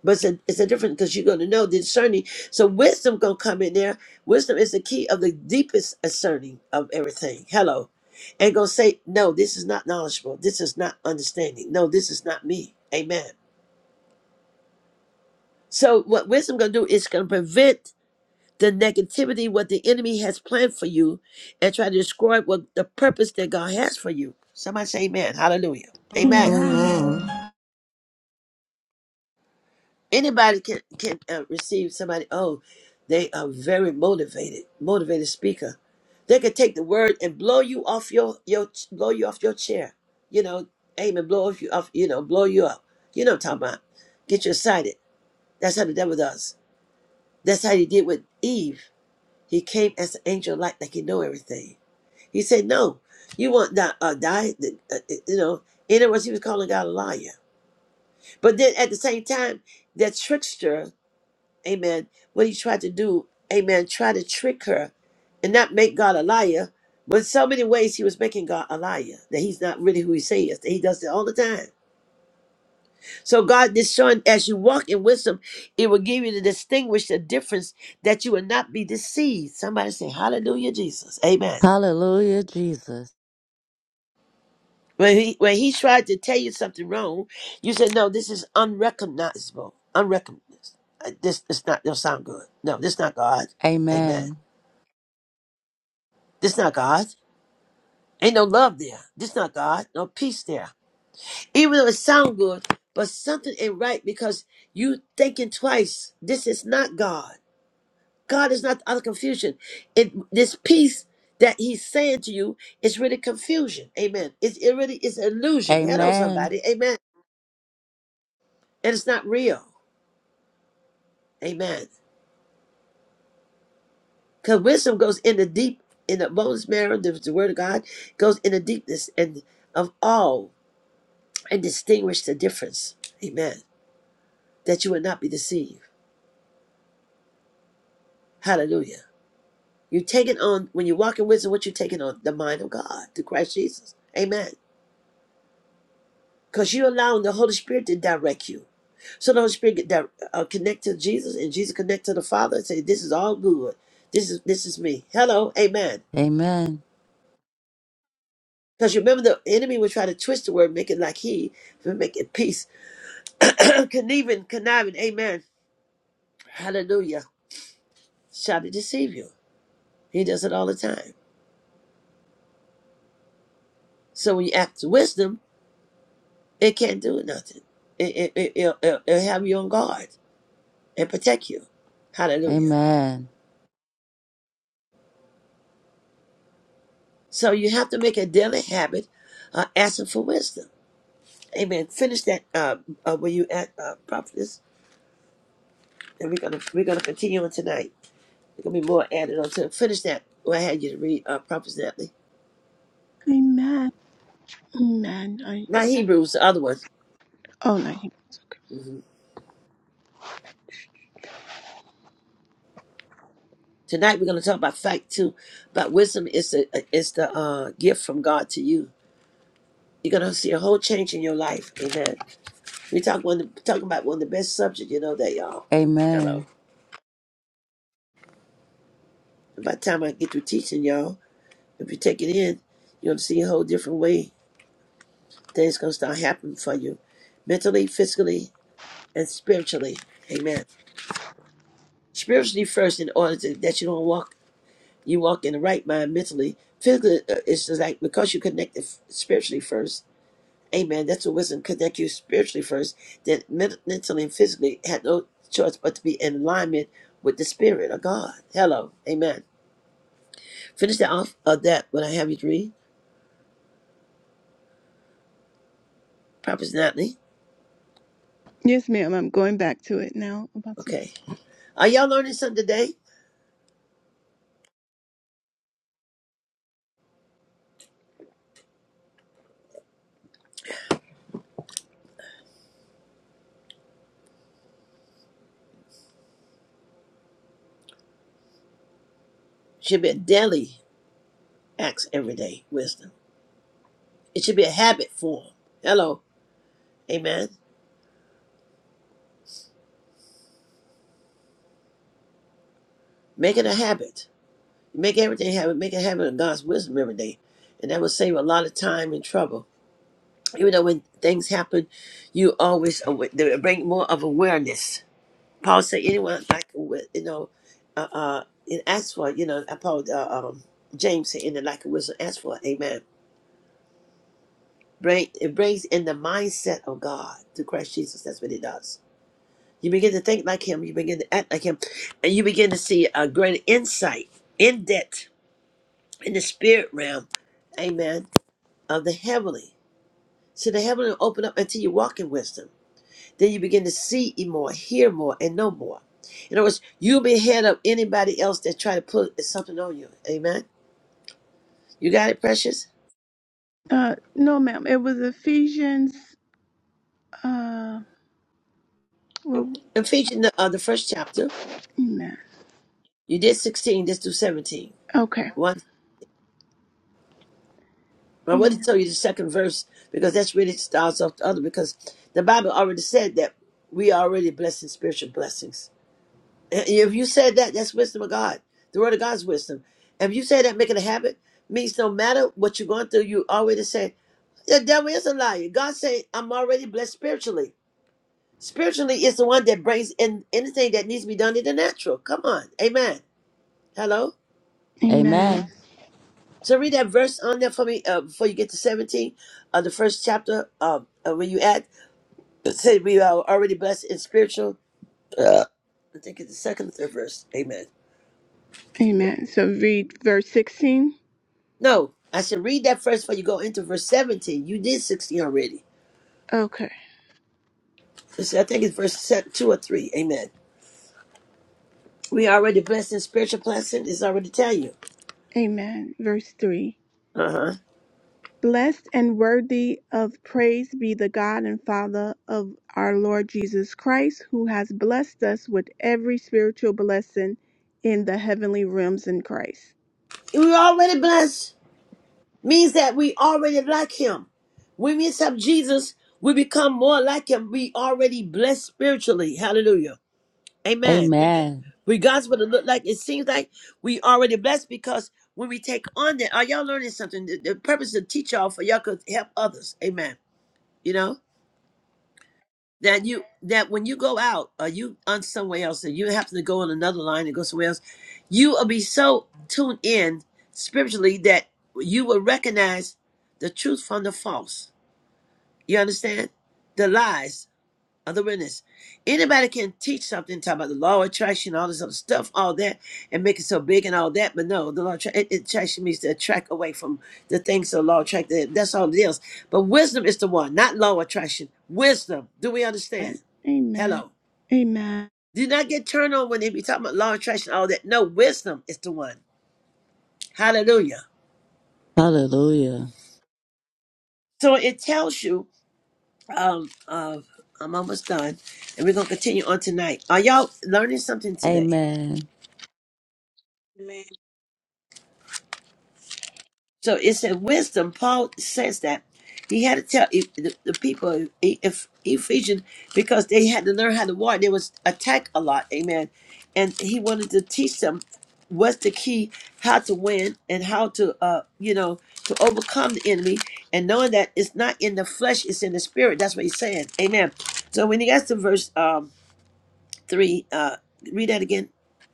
Speaker 2: But it's a, it's a different because you're going to know the discerning. So wisdom going to come in there. Wisdom is the key of the deepest discerning of everything. Hello. And going to say, no, this is not knowledgeable. This is not understanding. No, this is not me. Amen. So what wisdom going to do is going to prevent the negativity, what the enemy has planned for you, and try to destroy what the purpose that God has for you. Somebody say amen. Hallelujah. Amen.
Speaker 1: Amen.
Speaker 4: Amen.
Speaker 2: Anybody can, can uh, receive somebody. Oh, they are very motivated, motivated speaker. They can take the word and blow you off your, your blow you off your chair. You know, amen, blow off you off, you know, blow you up. You know what I'm talking about. Get you excited. That's how the devil does. That's how he did with Eve He came as an angel of light, like he know everything. He said, "No, you want die, uh, die uh, you know." In other words, he was calling God a liar. But then at the same time, that trickster, Amen. What he tried to do, Amen, try to trick her, and not make God a liar. But in so many ways, he was making God a liar that he's not really who he says. That he does it all the time. So God is showing as you walk in wisdom, it will give you to distinguish the difference that you will not be deceived. Somebody say, "Hallelujah, Jesus, Amen."
Speaker 3: Hallelujah, Jesus.
Speaker 2: When he when he tried to tell you something wrong, you said, "No, this is unrecognizable. Unrecognizable. Uh, This is not. Don't sound good. No, this not God. Amen.
Speaker 3: Amen.
Speaker 2: This not God. Ain't no love there. This not God. No peace there. Even though it sound good, but something ain't right because you thinking twice. This is not God. God is not the other confusion. It this peace that He's saying to you is really confusion. Amen. It's it really is illusion. Hello,
Speaker 3: Amen.
Speaker 2: somebody. Amen. And it's not real. Amen. Because wisdom goes in the deep, in the bones marrow, the, the word of God goes in the deepness and of all and distinguish the difference. Amen. That you would not be deceived. Hallelujah. You're taking on, when you walk in wisdom, what you're taking on? The mind of God, the Christ Jesus. Amen. Because you're allowing the Holy Spirit to direct you. So the Holy Spirit get that uh, connect to Jesus, and Jesus connect to the Father, and say, "This is all good. This is this is me." Hello, Amen.
Speaker 3: Amen.
Speaker 2: Because remember, the enemy will try to twist the word, make it like he, to make it peace. Conniving, conniving, amen. Hallelujah. Try to deceive you. He does it all the time. So when you act wisdom, it can't do nothing. It, it, it, it'll, it'll, it'll have you on guard and protect you. Hallelujah.
Speaker 3: Amen.
Speaker 2: So you have to make a daily habit of asking for wisdom. Amen. Finish that uh, uh, when you at uh, prophetess, and we're gonna we're gonna continue on tonight. There's gonna be more added on to finish that. What I had you to read, uh, Prophet Natalie.
Speaker 1: Amen. Amen. I,
Speaker 2: Not Hebrews, the other one.
Speaker 1: oh, no.
Speaker 2: hmm Tonight we're going to talk about fact too. But wisdom is the is the uh, gift from God to you. You're going to see a whole change in your life. Amen. We talk one talking about one of the best subjects. You know that y'all. Hello.
Speaker 3: Amen.
Speaker 2: And by the time I get through teaching y'all, if you take it in, you're going to see a whole different way things going to start happening for you, mentally, physically, and spiritually. Amen. Spiritually first, in order to, that you don't walk You walk in the right mind mentally. Physically, uh, it's just like because you connected f- spiritually first. Amen. That's what wisdom connect you spiritually first. Then men- mentally and physically had no choice but to be in alignment with the spirit of God. Hello. Amen. Finish that off of that when I have you to read. Prophet Natalie.
Speaker 1: Yes, ma'am. I'm going back to it now. Apostle.
Speaker 2: Okay. Are y'all learning something today? Should be a daily acts everyday wisdom. It should be a habit form. Hello. Amen. Make it a habit. Make everything happen. Make a habit of God's wisdom every day. And that will save a lot of time and trouble. Even though when things happen, you always awa- they bring more of awareness. Paul said, anyone like, wi- you know, uh, uh, and ask for, you know, uh, Paul, uh, um, James said, in the like of wisdom, ask for, it." amen. Bring, it brings in the mindset of God through Christ Jesus. That's what it does. You begin to think like him. You begin to act like him. And you begin to see a greater insight in depth in the spirit realm. Amen of the heavenly. So the heavenly will open up until you walk in wisdom. Then you begin to see more, hear more, and know more. In other words, you'll be ahead of anybody else that try to put something on you. Amen. You got it, precious?
Speaker 1: Uh, no, ma'am. It was Ephesians. Uh, well,
Speaker 2: Ephesians, the, uh, the first chapter,
Speaker 1: amen.
Speaker 2: you did 16, this through 17.
Speaker 1: Okay.
Speaker 2: One, I want to
Speaker 1: Amen.
Speaker 2: tell you the second verse because that's really starts off the other because the Bible already said that we are already blessed in spiritual blessings. If you said that, that's wisdom of God. The word of God's wisdom. If you say that, making a habit, means no matter what you're going through, you already say, the devil is a liar. God say, I'm already blessed spiritually. Spiritually is the one that brings in anything that needs to be done in the natural. Come on. Amen. Hello?
Speaker 1: Amen.
Speaker 3: Amen.
Speaker 2: So read that verse on there for me uh, before you get to 17 of the first chapter um, uh, when you add, say we are already blessed in spiritual. Uh, I think it's the second or third verse. Amen.
Speaker 1: Amen. So read verse 16.
Speaker 2: No, I said read that first before you go into verse 17. You did 16 already.
Speaker 1: Okay.
Speaker 2: It's- I think it's verse se- 2 or 3. Amen. We already blessed in spiritual blessing. It's already tell you.
Speaker 1: Amen. Verse 3
Speaker 2: Uh-huh.
Speaker 1: Blessed and worthy of praise be the God and Father of our Lord Jesus Christ, who has blessed us with every spiritual blessing in the heavenly realms in Christ.
Speaker 2: We're already blessed. Means that we already like him. When we accept Jesus, we become more like him. We already blessed spiritually. Hallelujah. Amen.
Speaker 3: Amen.
Speaker 2: Regardless what it look like, it seems like we already blessed because when we take on that, are y'all learning something? The, the purpose of teach y'all for y'all could help others. Amen. You know? that you that when you go out or you on somewhere else and you happen to go on another line and go somewhere else, you will be so tuned in spiritually that you will recognize the truth from the false. You understand? The lies other witness. Anybody can teach something, talk about the law of attraction, all this other stuff, all that, and make it so big and all that. But no, the law of attra- it- it- attraction means to attract away from the things of the law of attraction. That's all it is. But wisdom is the one, not law of attraction. Wisdom. Do we
Speaker 1: Amen.
Speaker 2: understand?
Speaker 1: Amen.
Speaker 2: Hello.
Speaker 1: Amen.
Speaker 2: Do not get turned on when they be talking about law of attraction, all that. No, wisdom is the one. Hallelujah.
Speaker 3: Hallelujah.
Speaker 2: So it tells you, um, uh, I'm almost done, and we're gonna continue on tonight. Are y'all learning something today?
Speaker 3: Amen.
Speaker 9: Amen.
Speaker 2: So it's in wisdom. Paul says that he had to tell E- the, the people of E- if Ephesians because they had to learn how to war. They was attacked a lot, amen. And he wanted to teach them what's the key, how to win, and how to uh you know to overcome the enemy. And knowing that it's not in the flesh, it's in the spirit. That's what he's saying, amen. So when he gets to verse um three, uh read that again,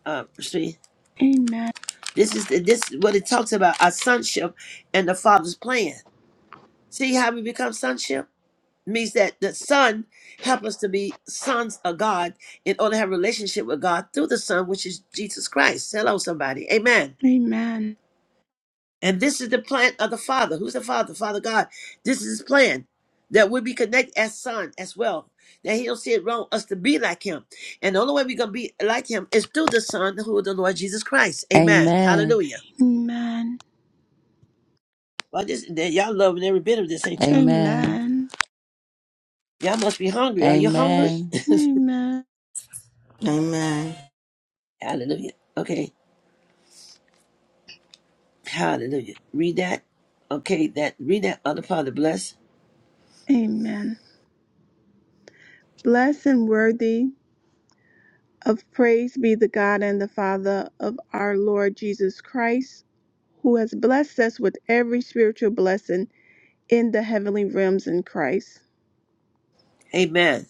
Speaker 2: uh verse three.
Speaker 1: Amen.
Speaker 2: This is this is what it talks about our sonship and the Father's plan. See how we become sonship? Means that the Son help us to be sons of God in order to have a relationship with God through the Son, which is Jesus Christ. Hello, somebody. Amen.
Speaker 1: Amen.
Speaker 2: And this is the plan of the Father. Who's the Father? Father God. This is his plan. That we be connected as son as well. That he don't see it wrong us to be like him. And the only way we're gonna be like him is through the Son who is the Lord Jesus Christ. Amen.
Speaker 3: Amen.
Speaker 2: Hallelujah.
Speaker 1: Amen.
Speaker 2: Well, this y'all loving every bit of this, ain't y'all?
Speaker 3: Amen.
Speaker 1: Amen.
Speaker 2: Y'all must be hungry. Are you hungry?
Speaker 3: Amen.
Speaker 1: Amen.
Speaker 4: Amen.
Speaker 2: Hallelujah. Okay. Hallelujah. Read that. Okay, that read that other part of the bless.
Speaker 1: Amen. Blessed and worthy of praise be the God and the Father of our Lord Jesus Christ who has blessed us with every spiritual blessing in the heavenly realms in Christ.
Speaker 2: Amen.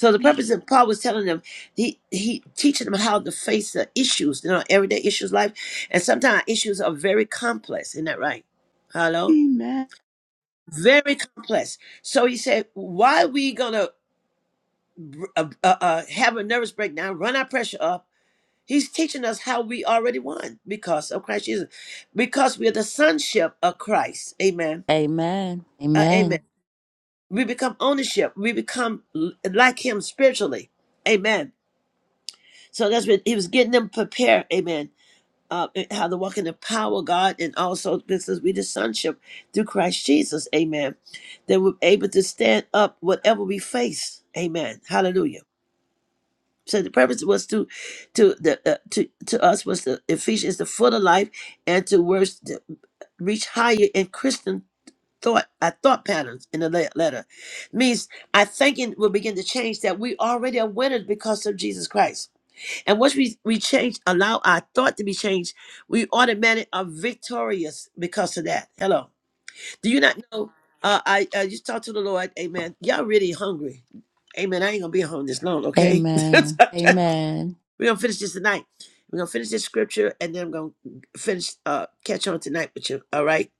Speaker 2: So the purpose of Paul was telling them, he he teaching them how to face the issues, you know, everyday issues of life. And sometimes issues are very complex. Isn't that right? Hello?
Speaker 1: Amen.
Speaker 2: Very complex. So he said, why are we gonna uh, uh, uh, have a nervous breakdown, run our pressure up? He's teaching us how we already won because of Christ Jesus, because we are the sonship of Christ. Amen.
Speaker 3: Amen.
Speaker 2: Uh, amen.
Speaker 3: Amen.
Speaker 2: We become ownership. We become l- like him spiritually. Amen. So that's what he was getting them prepared. Amen. Uh, how to walk in the power of God and also this is we the sonship through Christ Jesus. Amen. That we're able to stand up whatever we face. Amen. Hallelujah. So the purpose was to, to the uh, to to us was the Ephesians the foot of life and to worse to reach higher in Christian thought our thought patterns in the le- letter means our thinking will begin to change that we already are winners because of jesus christ and once we we change allow our thought to be changed we automatically are victorious because of that hello do you not know uh i uh, just talked to the lord amen y'all really hungry amen i ain't gonna be home this long okay we're
Speaker 3: Amen. Amen.
Speaker 2: gonna finish this tonight we're gonna finish this scripture and then i'm gonna finish uh catch on tonight with you all right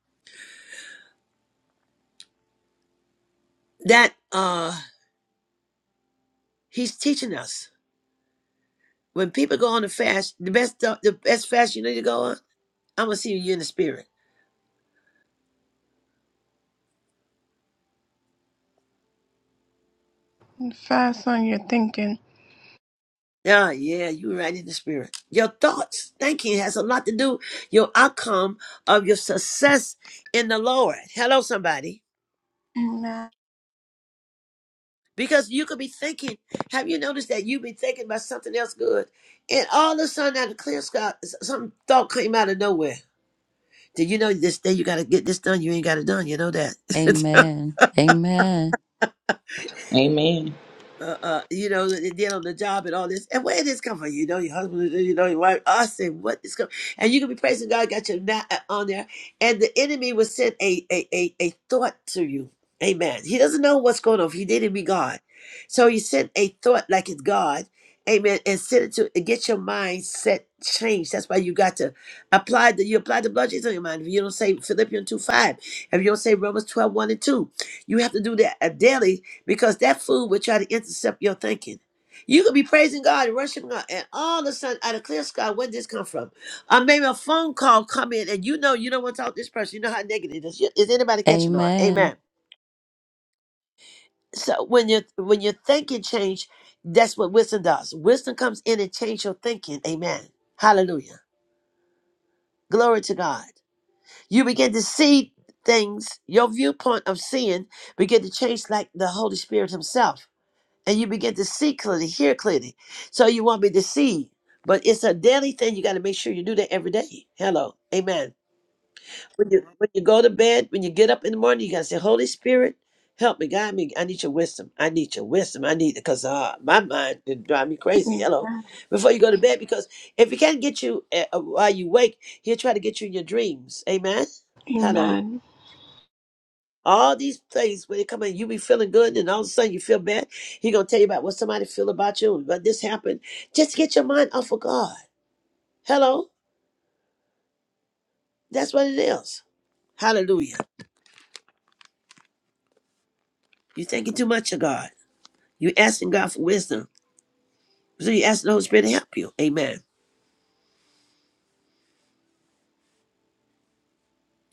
Speaker 2: that uh he's teaching us When people go on the fast, the best the best fast you need to go on, I'm gonna see you in the spirit.
Speaker 1: Fast on your thinking.
Speaker 2: Yeah, yeah, you right in the spirit. Your thoughts, thinking has a lot to do your outcome of your success in the Lord. Hello, somebody.
Speaker 1: Amen.
Speaker 2: Because you could be thinking, have you noticed that you've been thinking about something else good? And all of a sudden out of clear sky, some thought came out of nowhere. Did you know this day you gotta get this done? You ain't got it done, you know
Speaker 3: Amen.
Speaker 2: that.
Speaker 3: Amen.
Speaker 7: Amen.
Speaker 2: uh, uh, you know, and did on the job and all this. And where did this come from? You know, your husband, you know, your wife. I said, what is coming? And you can be praising God, got your not on there. And the enemy will send a, a, a, a thought to you. Amen. He doesn't know what's going on. If He didn't be God. So he sent a thought like it's God. Amen. And send it to and get your mindset changed. That's why you got to apply the you apply the blood Jesus on your mind. If you don't say Philippians 2 5, if you don't say Romans twelve one and 2, you have to do that uh, daily because that food will try to intercept your thinking. You could be praising God and worshiping God, and all of a sudden, out of clear sky, where did this come from? Or maybe a phone call come in, and you know you don't want to talk to this person. You know how negative this is. Is anybody catching on? Amen.
Speaker 3: Amen.
Speaker 2: So when you when your thinking change, that's what wisdom does. Wisdom comes in and change your thinking. Amen. Hallelujah. Glory to God. You begin to see things. Your viewpoint of seeing begin to change like the Holy Spirit Himself. and you begin to see clearly, hear clearly. So you won't be deceived. But it's a daily thing. You got to make sure you do that every day. Hello. Amen. When you when you go to bed, when you get up in the morning, you got to say, Holy Spirit, help me, guide me. I need your wisdom. I need your wisdom. I need it because uh, my mind it drive me crazy.
Speaker 1: Amen.
Speaker 2: Hello. Before you go to bed, because if he can't get you uh, uh, while you wake, he'll try to get you in your dreams. Amen. Hello.
Speaker 1: Amen.
Speaker 2: All these things when they come in, you be feeling good, and all of a sudden you feel bad. He gonna tell you about what somebody feel about you, But this happened. Just get your mind off of God. Hello, that's what it is. Hallelujah. You thinking too much of God. You asking God for wisdom, so you asking the Holy Spirit to help you. Amen.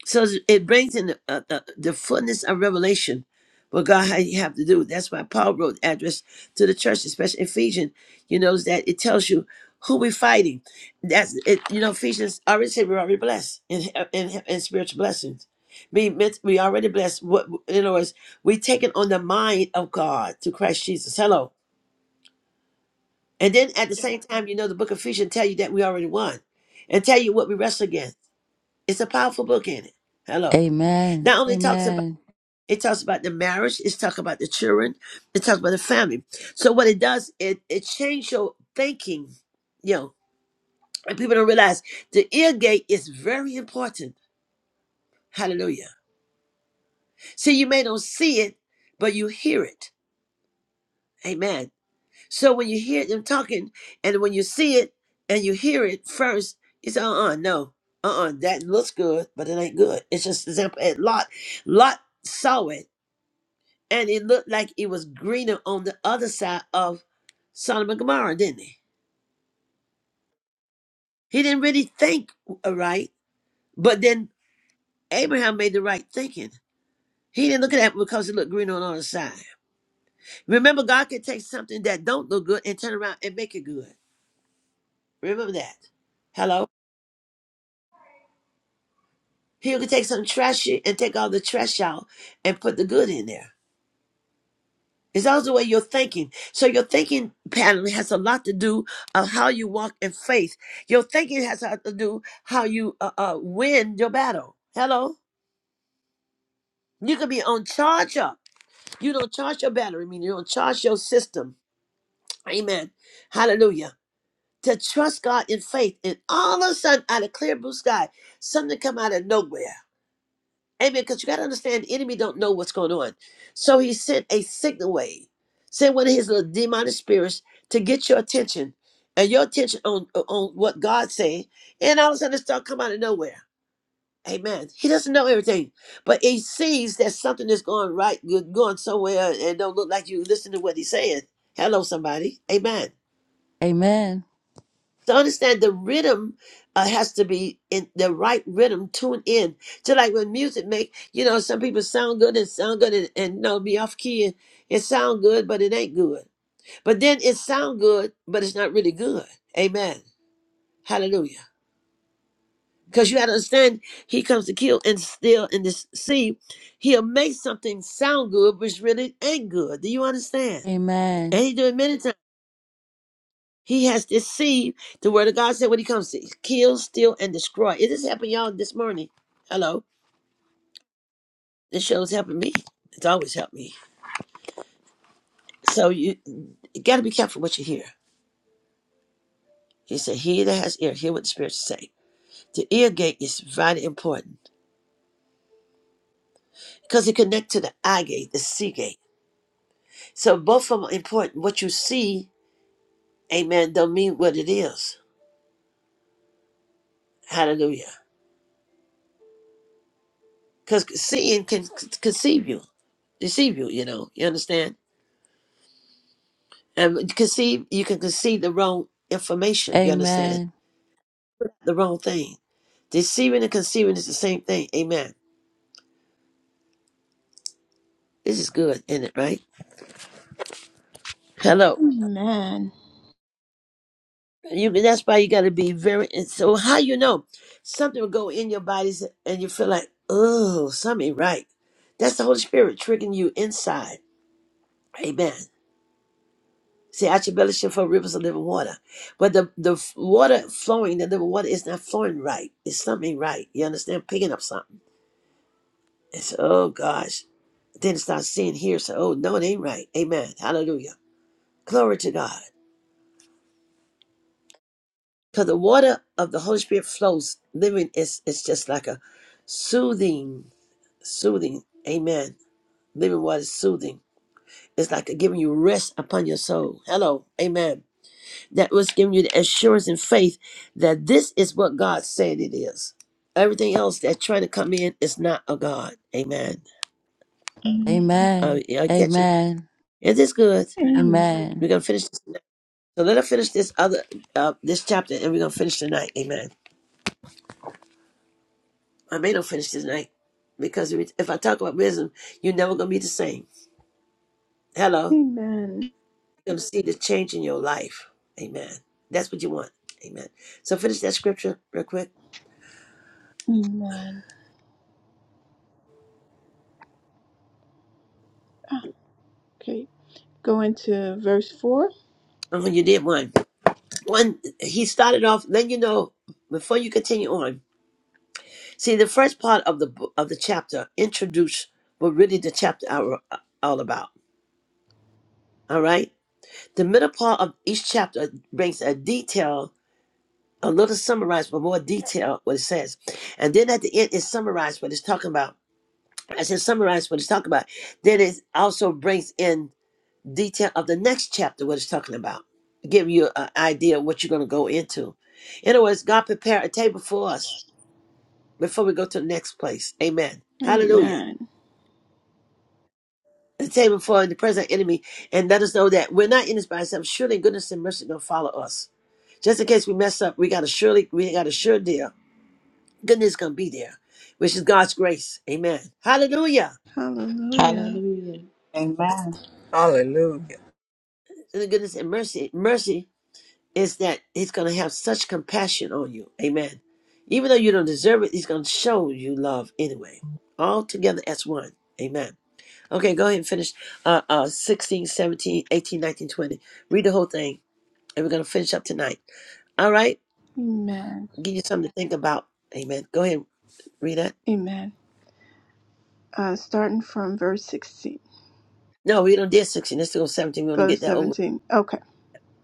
Speaker 2: So it brings in the, uh, uh, the fullness of revelation what God had you have to do. That's why Paul wrote address to the church, especially Ephesians. You notice that it tells you who we're fighting. That's it. You know Ephesians already said we're already blessed in in, in spiritual blessings. We meant we already blessed. What in other words, we taking on the mind of God through Christ Jesus. Hello, and then at the same time, you know the book of Ephesians tell you that we already won, and tell you what we wrestle against. It's a powerful book in it.
Speaker 3: Amen.
Speaker 2: Hello.
Speaker 3: Amen.
Speaker 2: Not only talks it talks about the marriage. It's talking about the children. It talks about the family. So what it does, it it changes your thinking, you know. And people don't realize the ear gate is very important. Hallelujah. See, you may not see it, but you hear it. Amen. So when you hear them talking, and when you see it and you hear it first, you say, uh-uh, no, uh-uh, that looks good, but it ain't good. It's just example. And Lot, Lot saw it and it looked like it was greener on the other side of Sodom and Gomorrah, didn't it? He didn't really think uh, right, but then Abraham made the right thinking. He didn't look at it because it looked green on the other side. Remember, God can take something that don't look good and turn around and make it good. Remember that. Hello? He can take some trashy and take all the trash out and put the good in there. It's also where you're thinking. So your thinking pattern has a lot to do of how you walk in faith. Your thinking has a lot to do how you uh, uh, win your battle. Hello, you can be on charge up. You don't charge your battery. I mean, you don't charge your system. Amen. Hallelujah. To trust God in faith, and all of a sudden, out of clear blue sky, something come out of nowhere. Amen. Because you got to understand, the enemy don't know what's going on. So he sent a signal wave, sent one of his little demonic spirits to get your attention and your attention on, on what God's saying. And all of a sudden, it start coming out of nowhere. Amen. He doesn't know everything, but he sees that something is going right, you're going somewhere, and don't look like you listen to what he's saying. Hello, somebody. Amen.
Speaker 3: Amen.
Speaker 2: So understand the rhythm uh, has to be in the right rhythm, tuned in. Just like when music make, you know, some people sound good and sound good and, and no, be off key and it sound good, but it ain't good. But then it sound good, but it's not really good. Amen. Hallelujah. Because you got to understand, he comes to kill and steal and deceive. He'll make something sound good, which really ain't good. Do you
Speaker 3: Amen.
Speaker 2: understand?
Speaker 3: Amen.
Speaker 2: And he do it many times. He has deceived. The word of God said when he comes to kill, steal, and destroy. It just happened, y'all, this morning. Hello. This show's helping me. It's always helped me. So you, you got to be careful what you hear. He said, He that has ear, hear what the Spirit say." The ear gate is vitally important because it connects to the eye gate, the C gate. So both of them are important. What you see, amen, don't mean what it is. Hallelujah. Because seeing can c- conceive you, deceive you, you know. You understand? And you can see you can conceive the wrong information, you understand? The wrong thing. Deceiving and conceiving is the same thing. Amen. This is good, isn't it, right? Hello.
Speaker 1: Amen.
Speaker 2: You that's why you gotta be very and so how you know something will go in your body and you feel like, oh, something ain't right. That's the Holy Spirit triggering you inside. Amen. See, out your belly shall flow rivers of living water. But the, the f- water flowing, the living water is not flowing right. It's something right. You understand? Picking up something. It's, oh gosh. Then start seeing here, say, oh, no, it ain't right. Amen. Hallelujah. Glory to God. Because the water of the Holy Spirit flows, living is it's just like a soothing, soothing. Amen. Living water is soothing. It's like giving you rest upon your soul. Hello. Amen. That was giving you the assurance and faith that this is what God said it is. Everything else that's trying to come in is not a God. Amen.
Speaker 1: Amen.
Speaker 2: Uh,
Speaker 3: Amen.
Speaker 2: y'all catching?
Speaker 3: Amen.
Speaker 2: Is this good?
Speaker 1: Amen.
Speaker 3: Amen.
Speaker 2: We're gonna finish. So let her finish this other uh, this chapter, and we're gonna finish tonight. Amen. I may not finish tonight because if if I talk about wisdom, you're never gonna be the same. Hello,
Speaker 1: Amen.
Speaker 2: you're gonna see the change in your life. Amen. That's what you want. Amen. So finish that scripture real quick.
Speaker 1: Amen. Ah, Okay. Go into verse 4.
Speaker 2: And when you did one, one he started off. Then you know before you continue on. See the first part of the bo- of the chapter introduced what really the chapter are uh, all about. All right. The middle part of each chapter brings a detail a little summarized with more detail what it says. And then at the end, it summarized what it's talking about. As it summarized what it's talking about, then it also brings in detail of the next chapter, what it's talking about, give you an idea of what you're going to go into. In other words, God prepare a table for us before we go to the next place. Amen. Hallelujah.
Speaker 1: Amen.
Speaker 2: The table for the present enemy, and let us know that we're not in this by ourselves. Surely goodness and mercy gonna follow us. Just in case we mess up, we got a surely we got a sure deal goodness gonna be there, which is God's grace. Amen. Hallelujah.
Speaker 1: Hallelujah.
Speaker 7: Hallelujah.
Speaker 8: Amen. Hallelujah.
Speaker 2: And the goodness and mercy, mercy is that He's gonna have such compassion on you. Amen. Even though you don't deserve it, He's gonna show you love anyway. All together as one. Amen. Okay, go ahead and finish uh, uh 16, seventeen, eighteen, nineteen, twenty. Read the whole thing, and we're gonna finish up tonight. All right?
Speaker 1: Amen.
Speaker 2: Give you something to think about. Amen. Go ahead and read that.
Speaker 1: Amen. Uh, starting from verse 16.
Speaker 2: No, we don't did 16. Let's go 17. We want to
Speaker 1: Go to
Speaker 2: get that over.
Speaker 1: 17. Okay.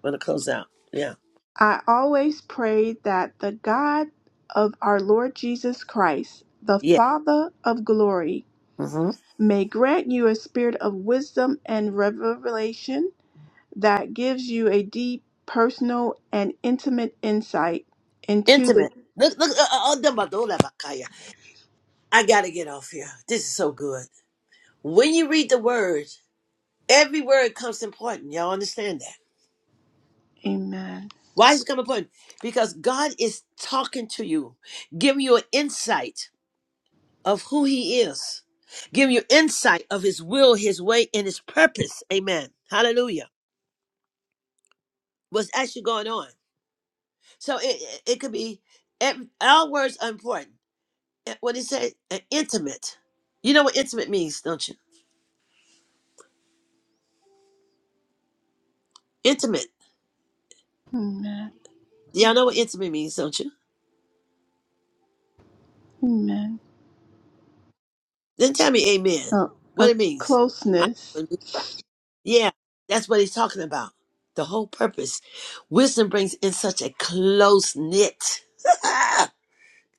Speaker 2: We want to close out. Yeah.
Speaker 1: I always pray that the God of our Lord Jesus Christ, the
Speaker 2: Yeah.
Speaker 1: Father of glory,
Speaker 2: Mm-hmm.
Speaker 1: may grant you a spirit of wisdom and revelation that gives you a deep, personal, and intimate insight into the
Speaker 2: Intimate. Look, look, uh, uh, uh, done about the whole lot Kaya. I gotta get off here. This is so good. When you read the word, every word comes important. Y'all understand that?
Speaker 1: Amen.
Speaker 2: Why is it come important? Because God is talking to you, giving you an insight of who He is, giving you insight of His will, His way, and His purpose. Amen. Hallelujah. What's actually going on? So it it, it could be. ev- Our words are important. Uh, When it says uh, intimate, you know what intimate means, don't you? Intimate.
Speaker 1: Amen.
Speaker 2: Y'all know what intimate means, don't you?
Speaker 1: Amen.
Speaker 2: Then tell me amen.
Speaker 1: Oh,
Speaker 2: What
Speaker 1: a
Speaker 2: it means. I,
Speaker 1: closeness.
Speaker 2: yeah, that's what he's talking about. The whole purpose. Wisdom brings in such a close knit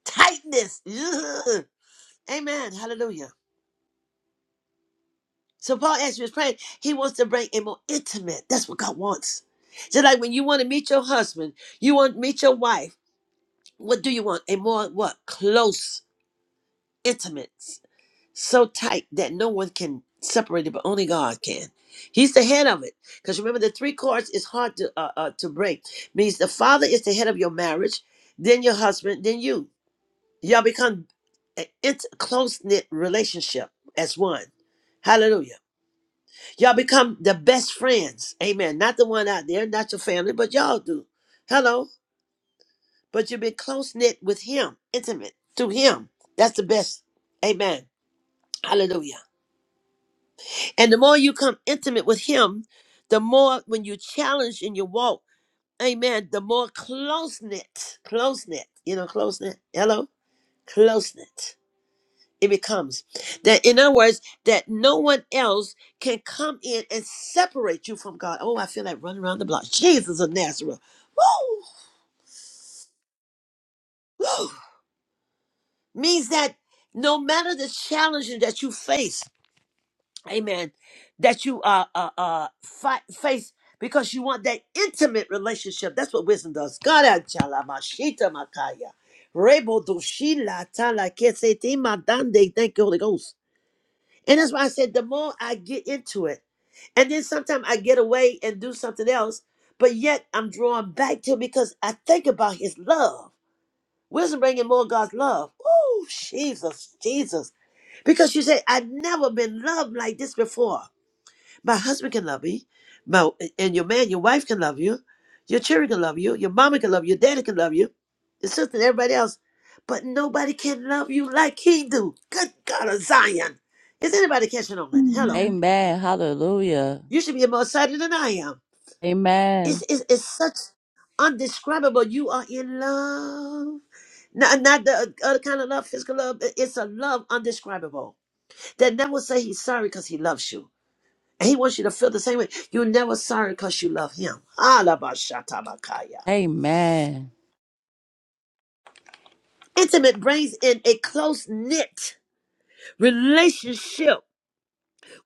Speaker 2: tightness. Ugh. Amen. Hallelujah. So Paul as he was praying, he wants to bring a more intimate. That's what God wants. Just like when you want to meet your husband, you want to meet your wife. What do you want? A more what? Close, intimate so tight that no one can separate it, but only God can. He's the head of it. Because remember, the three cords is hard to uh, uh, to break. Means the father is the head of your marriage, then your husband, then you. Y'all become a int- close knit relationship as one. Hallelujah. Y'all become the best friends. Amen. Not the one out there, not your family, but y'all do. Hello. But you've been close knit with him, intimate through him. That's the best. Amen. Hallelujah. And the more you come intimate with him, the more when you challenge in your walk, amen, the more close knit, close knit, you know, close knit, hello, close knit it becomes. That in other words, that no one else can come in and separate you from God. Oh, I feel like running around the block. Jesus of Nazareth. Woo! Woo! Means that no matter the challenges that you face, amen, that you uh, uh, uh, fight, face because you want that intimate relationship. That's what wisdom does. Kara chala mashita makaya. Rebo doshila tala kesete madande. Thank you, Holy Ghost. And that's why I said the more I get into it, and then sometimes I get away and do something else, but yet I'm drawn back to it because I think about his love. Wisdom bringing more of God's love. Oh, Jesus, Jesus. Because you say, I've never been loved like this before. My husband can love me. My, and your man, your wife can love you. Your children can love you. Your mama can love you. Your daddy can love you. Your sister and everybody else. But nobody can love you like he do. Good God of Zion. Is anybody catching on it? Hello.
Speaker 1: Amen.
Speaker 3: Amen. Hallelujah.
Speaker 2: You should be more excited than I am. It's,
Speaker 3: Amen.
Speaker 2: it's, it's such undescribable. You are in love. Not, not the other kind of love, physical love. It's a love undescribable. That never say he's sorry because he loves you. And he wants you to feel the same way. You're never sorry because you love him. Alabashatabakaya.
Speaker 3: Amen.
Speaker 2: Intimate brings in a close knit relationship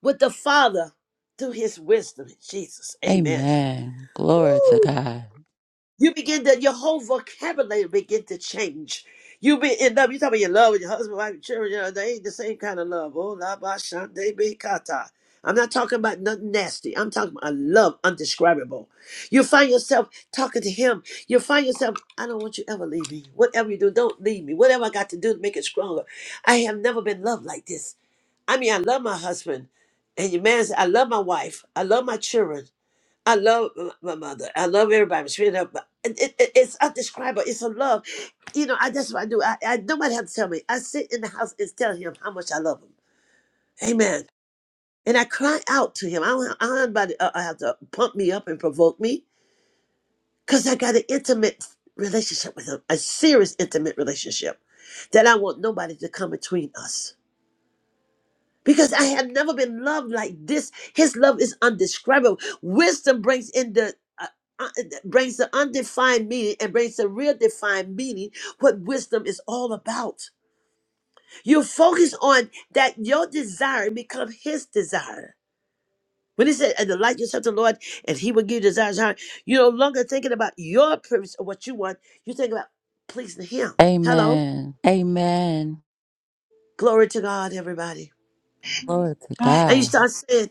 Speaker 2: with the Father through his wisdom in Jesus. Amen.
Speaker 3: Amen. Glory to God.
Speaker 2: You begin that your whole vocabulary begin to change. You be in love. You talk about your love with your husband, wife, and children. You know, they ain't the same kind of love. Oh, la ba shante be kata. I'm not talking about nothing nasty. I'm talking about a love undescribable. You find yourself talking to him. You find yourself, I don't want you to ever leave me. Whatever you do, don't leave me. Whatever I got to do to make it stronger. I have never been loved like this. I mean, I love my husband. And your man said, I love my wife. I love my children. I love m- my mother. I love everybody. She up, but it, it, it- it's undescribable. It's a love. You know, I that's what I do. I, I nobody have to tell me. I sit in the house and tell him how much I love him. Amen. And I cry out to him. I don't, I don't have anybody uh, I have to pump me up and provoke me because I got an intimate relationship with him, a serious intimate relationship that I want nobody to come between us. because I have never been loved like this. His love is undescribable. Wisdom brings in the uh, uh, brings the undefined meaning and brings the real defined meaning what wisdom is all about. You focus on that your desire become his desire. When he said, and delight yourself to the Lord, and he will give you desires of your heart, you're no longer thinking about your purpose or what you want. You think about pleasing him. Hello.
Speaker 3: Amen. Amen.
Speaker 2: Glory to God, everybody.
Speaker 3: Glory to
Speaker 2: And you
Speaker 3: God.
Speaker 2: start saying,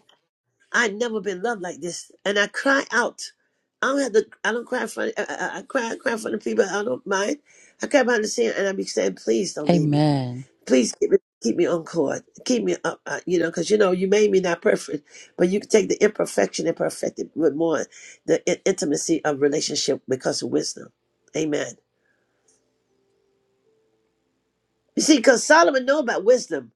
Speaker 2: I'd never been loved like this, and I cry out. I don't have to. I don't cry in front. I, I, I cry. I cry in front of people. I don't mind. I cry behind the scene, and I be saying, "Please don't leave me.
Speaker 3: Amen.
Speaker 2: Please keep me, keep me on court. Keep me up. Uh, you know, because you know you made me not perfect, but you can take the imperfection and perfect it with more the in- intimacy of relationship because of wisdom. Amen. You see, because Solomon know about wisdom,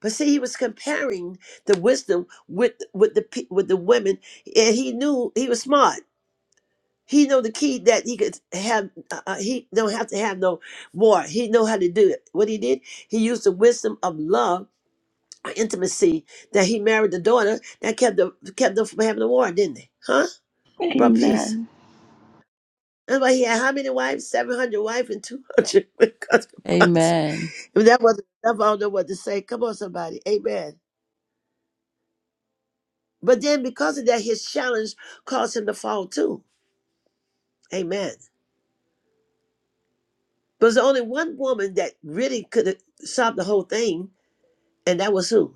Speaker 2: but see, he was comparing the wisdom with with the pe- with the women, and he knew he was smart. He know the key that he could have. Uh, uh, he don't have to have no war. He know how to do it. What he did, he used the wisdom of love, or intimacy that he married the daughter that kept the kept them from having a war, didn't they? Huh? Brought peace.
Speaker 1: Amen.
Speaker 2: That's why he had how many wives? Seven hundred wives and two hundred concubines.
Speaker 3: Amen.
Speaker 2: If that wasn't enough, I don't know what to say. Come on, somebody. Amen. But then because of that, his challenge caused him to fall too. Amen. But there's only one woman that really could have solved the whole thing And that was who?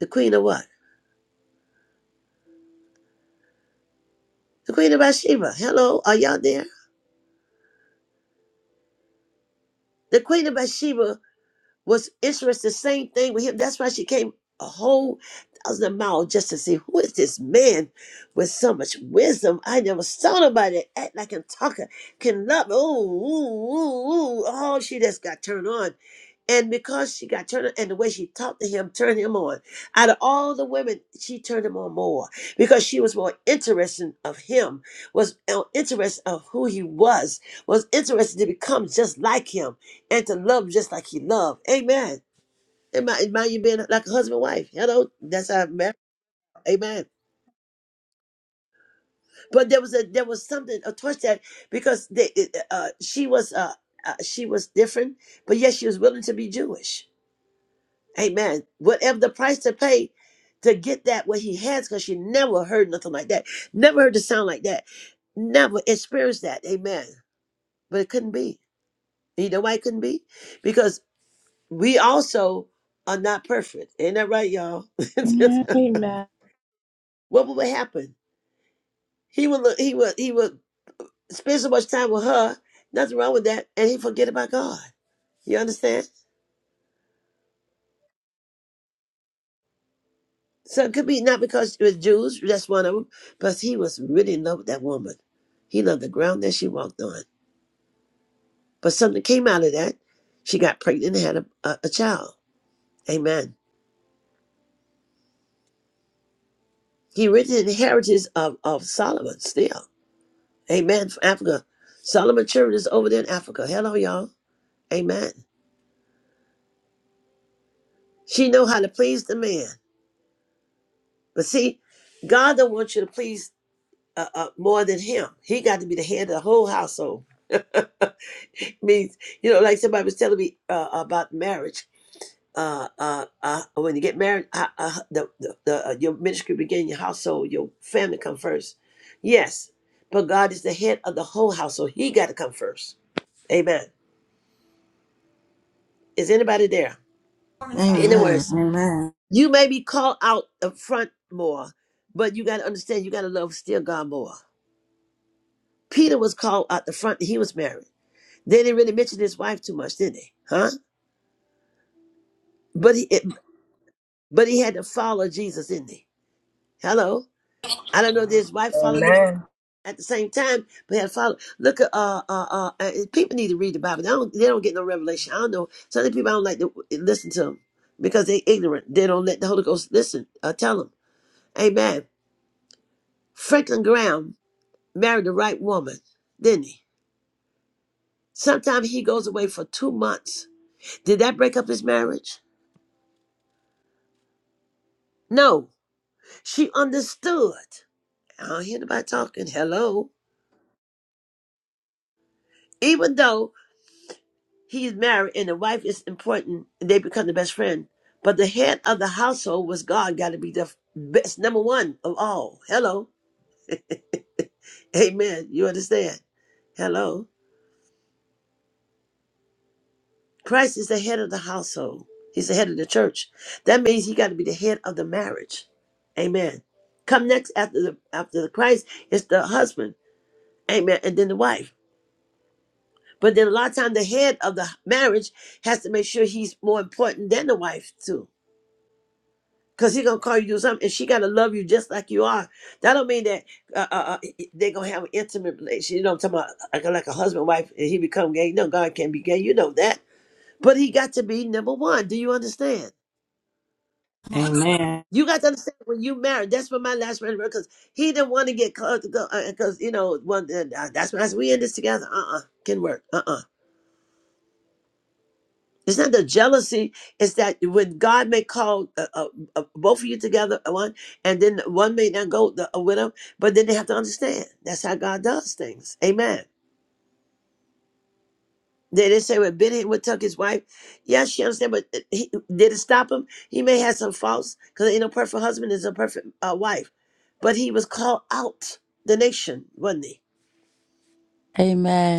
Speaker 2: The queen of what? The queen of Bathsheba. Hello, are y'all there? The queen of Bathsheba was interested the same thing with him. That's why she came a whole thousand miles just to see who is this man with so much wisdom. I never saw nobody that act like and talker can love. Ooh, ooh, ooh, ooh. Oh, she just got turned on. And because she got turned on, and the way she talked to him turned him on. Out of all the women, she turned him on more because she was more interested of him, was uh, interested of who he was, was interested to become just like him and to love just like he loved. Amen. It might, it might you being like a husband and wife. Hello, that's how it married. Amen. But there was a there was something a touch that because they it, uh, she was uh, uh, she was different, but yet she was willing to be Jewish. Amen. Whatever the price to pay to get that what he has, because she never heard nothing like that, never heard the sound like that, never experienced that. Amen. But it couldn't be. You know why it couldn't be? Because we also are not perfect. Ain't that right, y'all?
Speaker 1: Amen. Amen.
Speaker 2: what would happen? He would look, he would he would spend so much time with her, nothing wrong with that, and he forget about God. You understand? So it could be not because it was Jews, that's one of them, but he was really in love with that woman. He loved the ground that she walked on. But something came out of that. She got pregnant and had a, a, a child. Amen. He written inheritance of, of Solomon still. Amen. From Africa. Solomon Children is over there in Africa. Hello, y'all. Amen. She know how to please the man. But see, God don't want you to please uh, uh, more than him. He got to be the head of the whole household. Means, you know, like somebody was telling me uh, about marriage. Uh, uh, uh, when you get married, uh, uh, the, the, the, uh, your ministry begin, your household, your family come first. Yes, but God is the head of the whole household. He got to come first. Amen. Is anybody there? In other
Speaker 4: Amen.
Speaker 2: words,
Speaker 4: Amen.
Speaker 2: you may be called out the front more, but you got to understand you got to love still God more. Peter was called out the front; and he was married. They didn't really mention his wife too much, did they? Huh? But he, it, but he had to follow Jesus, didn't he? Hello, I don't know if his wife followed him
Speaker 8: Amen.
Speaker 2: at the same time, but he had to follow. Look at uh uh uh. uh, People need to read the Bible. They don't they don't get no revelation. I don't know. Some of the people I don't like to listen to them because they're ignorant. They don't let the Holy Ghost listen. Uh, tell them. Amen. Franklin Graham married the right woman, didn't he? Sometimes he goes away for two months. Did that break up his marriage? No. She understood. I don't hear nobody talking. Hello. Even though he's married and the wife is important and they become the best friend, but the head of the household was God, got to be the best, number one of all. Hello. Amen. You understand? Hello. Christ is the head of the household. He's the head of the church. That means he got to be the head of the marriage. Amen. Come next after the after the Christ is the husband. Amen. And then the wife. But then a lot of time the head of the marriage has to make sure he's more important than the wife too. Cause he gonna call you to do something, and she gotta love you just like you are. That don't mean that uh, uh, uh, they gonna have an intimate relationship. You know, what I'm talking about like, like a husband wife, and he become gay. No, God can't be gay. You know that. But he got to be number one. Do you understand?
Speaker 4: Amen.
Speaker 2: You got to understand when you married. That's what my last friend because he didn't want to get close because you know one. Uh, uh, that's why I said, we in this together. Uh uh-uh, uh, can work. Uh uh-uh. uh. It's not the jealousy. It's that when God may call uh, uh, uh, both of you together uh, one, and then one may not go the, uh, with him, but then they have to understand that's how God does things. Amen. They Did not say when Benny would tuck his wife? Yes, she understand, but uh, he, did it stop him? He may have some faults because ain't no perfect husband is a perfect uh, wife. But he was called out the nation, wasn't he?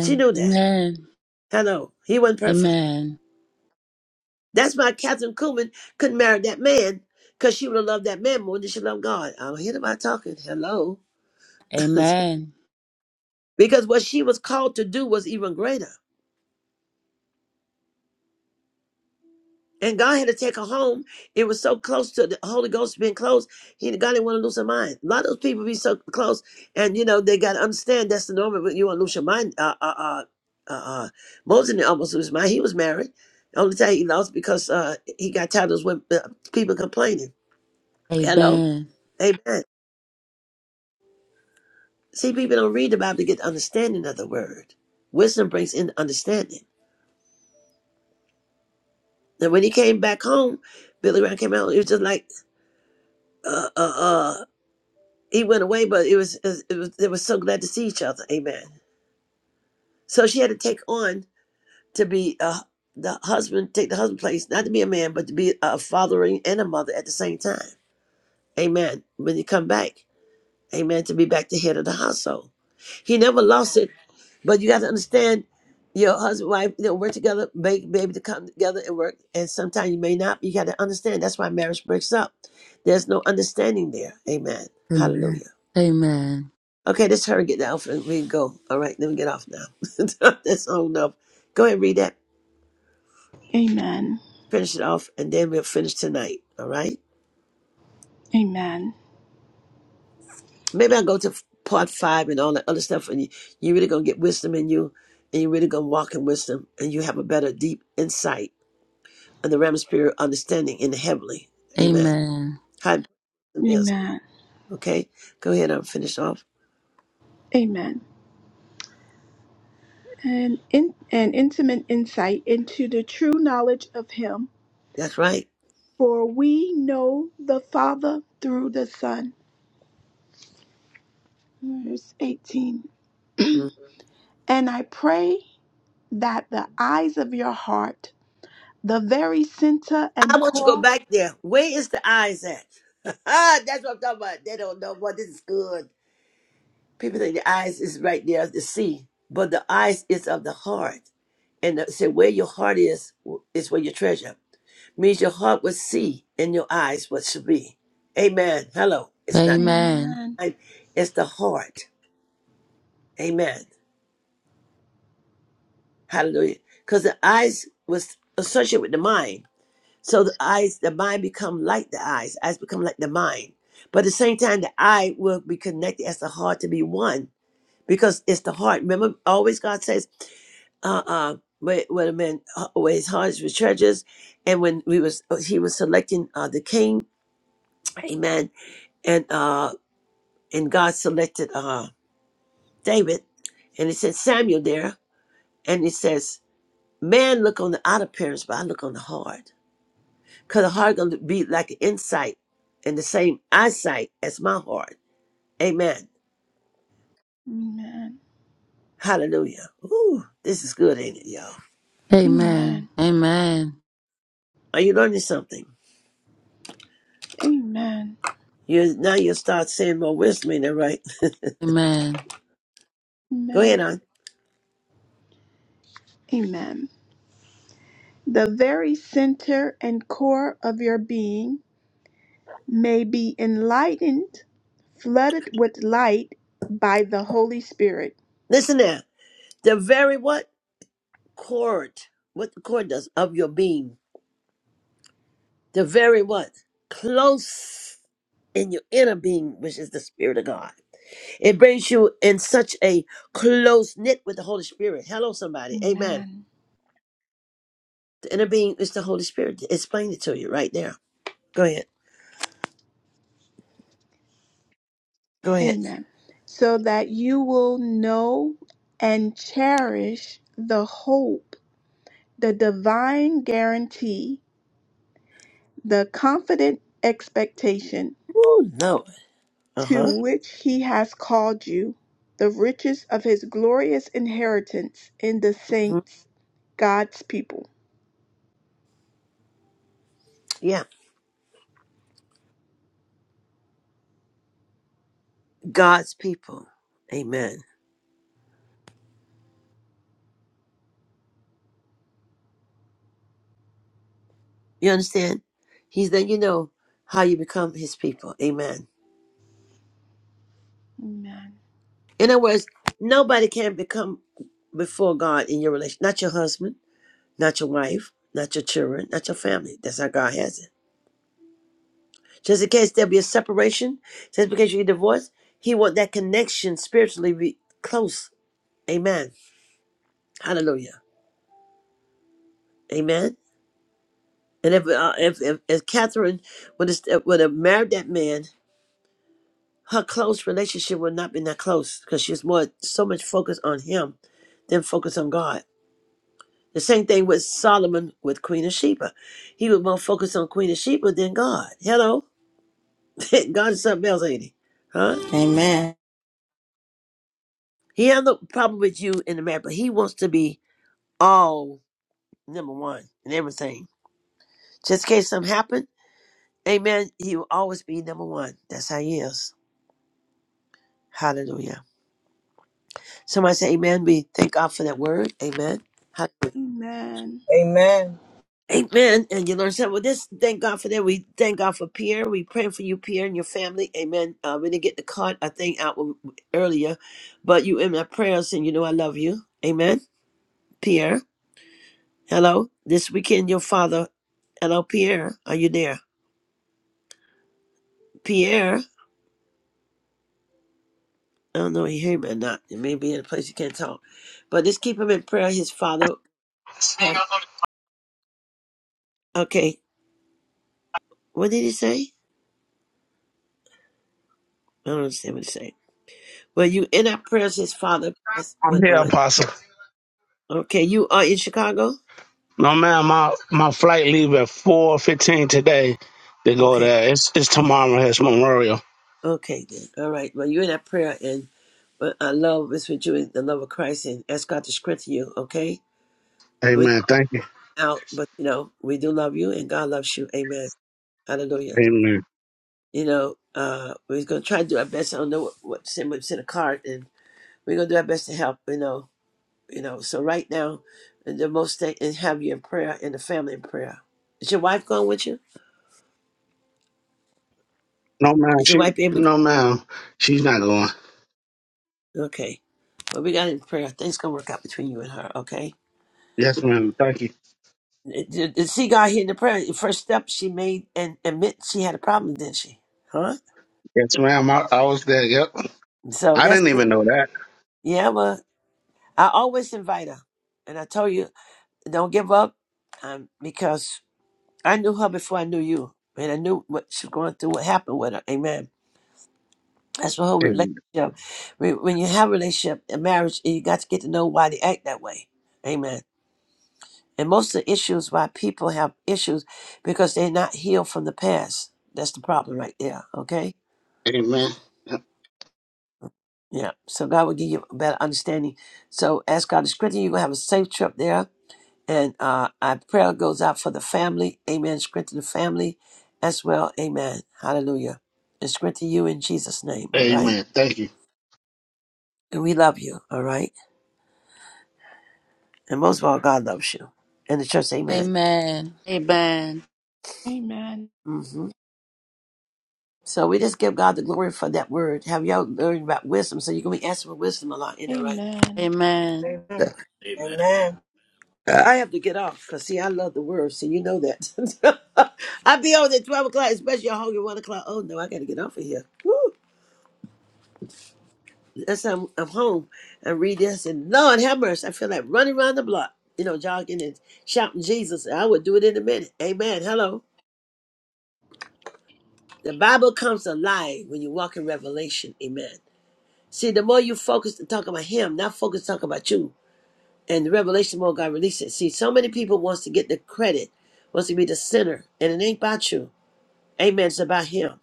Speaker 2: She knew that.
Speaker 3: Amen.
Speaker 2: Hello, he wasn't perfect.
Speaker 3: Amen.
Speaker 2: That's why Catherine Kuhlman couldn't marry that man because she would have loved that man more than she loved God. I don't hear about talking. Hello.
Speaker 3: Amen.
Speaker 2: because what she was called to do was even greater. And God had to take her home. It was so close to the Holy Ghost being close. He God didn't want to lose her mind. A lot of those people be so close, and you know they got to understand that's the norm. But you want to lose your mind. Uh, uh, uh, uh, uh, Moses didn't almost lose his mind. He was married. The only time he lost because uh, he got tired of those women, uh, people complaining.
Speaker 3: Amen.
Speaker 2: Hello,
Speaker 3: Amen.
Speaker 2: amen. See, people don't read the Bible to get the understanding of the word. Wisdom brings in understanding. And when he came back home, Billy Graham came out. It was just like uh, uh, uh. He went away, but it was it was they were so glad to see each other. Amen. So she had to take on to be uh, the husband, take the husband place, not to be a man, but to be a father and a mother at the same time. Amen. When you come back, amen, to be back the head of the household. He never lost it, but you got to understand your husband, wife, you know, work together, make baby to come together and work. And sometimes you may not. You got to understand. That's why marriage breaks up. There's no understanding there. Amen. Hallelujah.
Speaker 3: Amen.
Speaker 2: Okay, let's hurry get down and we can go. All right, let me get off now. That's old enough. Go ahead and read that,
Speaker 1: Amen.
Speaker 2: finish it off, and then we'll finish tonight. All right? Maybe I'll go to part five and all that other stuff, and you, you really going to get wisdom in you, and you really going to walk in wisdom, and you have a better, deep insight and the realm of spirit understanding in the heavenly. Amen.
Speaker 3: Amen.
Speaker 2: How important it is.
Speaker 1: Amen.
Speaker 2: Okay? Go ahead and finish off.
Speaker 1: Amen. an, in, an intimate insight into the true knowledge of Him,
Speaker 2: That's right.
Speaker 1: for we know the Father through the Son. Verse 18.
Speaker 2: Mm.
Speaker 1: and I pray that the eyes of your heart, the very center
Speaker 2: I
Speaker 1: and
Speaker 2: want you to go
Speaker 1: core.
Speaker 2: back there. Where is the eyes at? Ah, that's what I'm talking about. They don't know. Boy, this is good. People think the eyes is right there to see, but the eyes is of the heart. And it said, where your heart is, is where your treasure. Means your heart will see and your eyes what should be. Amen. Hello. It's not
Speaker 3: Amen.
Speaker 1: Amen.
Speaker 2: time, it's the heart. Amen. Hallelujah. Because the eyes was associated with the mind. So the eyes, the mind become like the eyes. Eyes become like the mind. But at the same time, the eye will be connected as the heart to be one because it's the heart. Remember, always God says uh-uh what what a man always hearts with treasures and when we was uh, he was selecting uh the king amen and uh and god selected uh david and He says samuel there and He says man look on the outer appearance but i look on the heart because the heart gonna be like an insight and the same eyesight as my heart amen
Speaker 1: Amen.
Speaker 2: hallelujah Ooh, this is good ain't it y'all
Speaker 3: Amen.
Speaker 1: Amen.
Speaker 3: Amen.
Speaker 2: are you learning something
Speaker 1: Amen.
Speaker 2: you now you start saying more wisdom in there right
Speaker 3: Amen.
Speaker 2: go
Speaker 1: Amen.
Speaker 2: ahead on
Speaker 1: Amen. The very center and core of your being may be enlightened, flooded with light by the Holy Spirit.
Speaker 2: listen now The very what? Cord. What the cord does of your being. The very what? Close in your inner being, which is the Spirit of God. It brings you in such a close knit with the Holy Spirit. Hello, somebody. Amen.
Speaker 1: Amen.
Speaker 2: The inner being is the Holy Spirit. Explain it to you right there. Go ahead. Go ahead.
Speaker 1: Amen. So that you will know and cherish the hope, the divine guarantee, the confident expectation
Speaker 2: Oh, no. Uh
Speaker 1: to
Speaker 2: huh.
Speaker 1: which He has called you, the riches of His glorious inheritance in the saints, God's people.
Speaker 2: Yeah. God's people. Amen. You understand? He's letting you know how you become his people. Amen.
Speaker 1: Amen.
Speaker 2: In other words, nobody can become before God in your relation. Not your husband, not your wife, not your children, not your family. That's how God has it. Just in case there'll be a separation, just because you get divorced, He want that connection spiritually be close. Amen. Hallelujah. Amen. And if uh, if, if if Catherine would have, would have married that man, her close relationship would not been that close because she was more so much focused on him than focused on God. The same thing with Solomon with Queen of Sheba. He was more focused on Queen of Sheba than God. Hello? God is something else, ain't he? Huh?
Speaker 4: Amen.
Speaker 2: He has no problem with you in the matter, but he wants to be all number one in everything. Just in case something happened, amen, he will always be number one. That's how he is. Hallelujah. Somebody say amen. We thank God for that word. Amen. Hallelujah.
Speaker 1: Amen.
Speaker 8: Amen.
Speaker 2: Amen. And you learn something with this. Thank God for that. We thank God for Pierre. We pray for you, Pierre, and your family. Amen. Uh, we didn't get the card, I think, out w- earlier, but you in my prayers, and you know I love you. Amen. Pierre, hello. This weekend, your father, hello, Pierre. Are you there? Pierre, I don't know if you hear me or not. It may be in a place you can't talk, but just keep him in prayer. His father. Okay. Okay. What did he say? I don't understand what he said. Well, you in our prayers, his father passed,
Speaker 10: I'm
Speaker 2: went
Speaker 10: here,
Speaker 2: on.
Speaker 10: Apostle.
Speaker 2: Okay, you are in Chicago?
Speaker 10: No, man, my my flight leave at four fifteen today to go
Speaker 2: Okay,
Speaker 10: there. It's it's tomorrow. It's Memorial.
Speaker 2: okay then. All right. Well, you're in that prayer, and but I love is with you in the love of Christ, and ask God to strengthen you. Okay, we're
Speaker 10: Amen. Thank you.
Speaker 2: out, but you know we do love you, and God loves you. Amen. Hallelujah.
Speaker 10: Amen.
Speaker 2: You know, uh, we're gonna try to do our best. I don't know what, what to send. We send a card, and we're gonna do our best to help. You know, you know. So right now, the most thing and have you in prayer and the family in prayer. Is your wife going with you?
Speaker 10: No, ma'am.
Speaker 2: Is your
Speaker 10: She
Speaker 2: wife able to? go?
Speaker 10: no, ma'am. She's not going.
Speaker 2: Okay. But we got in prayer. Things gonna work out between you and her, okay?
Speaker 10: Yes, ma'am. Thank you.
Speaker 2: Did, did see God hear the prayer? The first step she made and admit she had a problem, didn't she? Huh?
Speaker 10: Yes, ma'am. I, I was there. Yep.
Speaker 2: So
Speaker 10: I
Speaker 2: that's
Speaker 10: didn't even know that.
Speaker 2: yeah. Well, I always invite her, and I told you don't give up, um, because I knew her before I knew you, and I knew what she was going through, what happened with her. Amen. That's what whole
Speaker 10: Amen.
Speaker 2: relationship. When when you have a relationship, a marriage, you got to get to know why they act that way. Amen. And most of the issues why people have issues because they're not healed from the past. That's the problem right there. Okay.
Speaker 10: Amen.
Speaker 2: Yeah. So God will give you a better understanding. So ask God to strengthen you. You're gonna have a safe trip there. And uh our prayer goes out for the family. Amen. Strengthen the family as well. Amen. Hallelujah. And strengthen you in Jesus' name. All right.
Speaker 10: Amen. Thank
Speaker 2: And we love you. All right. And most of all, God loves you. And the church,
Speaker 3: Amen.
Speaker 10: you.
Speaker 2: amen.
Speaker 3: Amen.
Speaker 1: Amen.
Speaker 2: hmm So we just give God the glory for that word. Have y'all learned about wisdom? So you're gonna be asking for wisdom a lot, you know, right?
Speaker 1: Amen.
Speaker 3: Amen.
Speaker 8: Amen.
Speaker 11: Amen.
Speaker 8: Amen.
Speaker 2: I have to get off because see, I love the word. So you know that. I'll be on at twelve o'clock, especially a hungry one o'clock. Oh no, I gotta get off of here. Woo. That's I'm, I'm home and read this and Lord have mercy. I feel like running around the block, you know, jogging and shouting Jesus. I would do it in a minute. Amen. Hello. The Bible comes alive when you walk in revelation. Amen. See, the more you focus to talk about him, not focus to talk about you. and the revelation more God releases. See, so many people wants to get the credit, wants to be the center, and it ain't about you. Amen. It's about Him.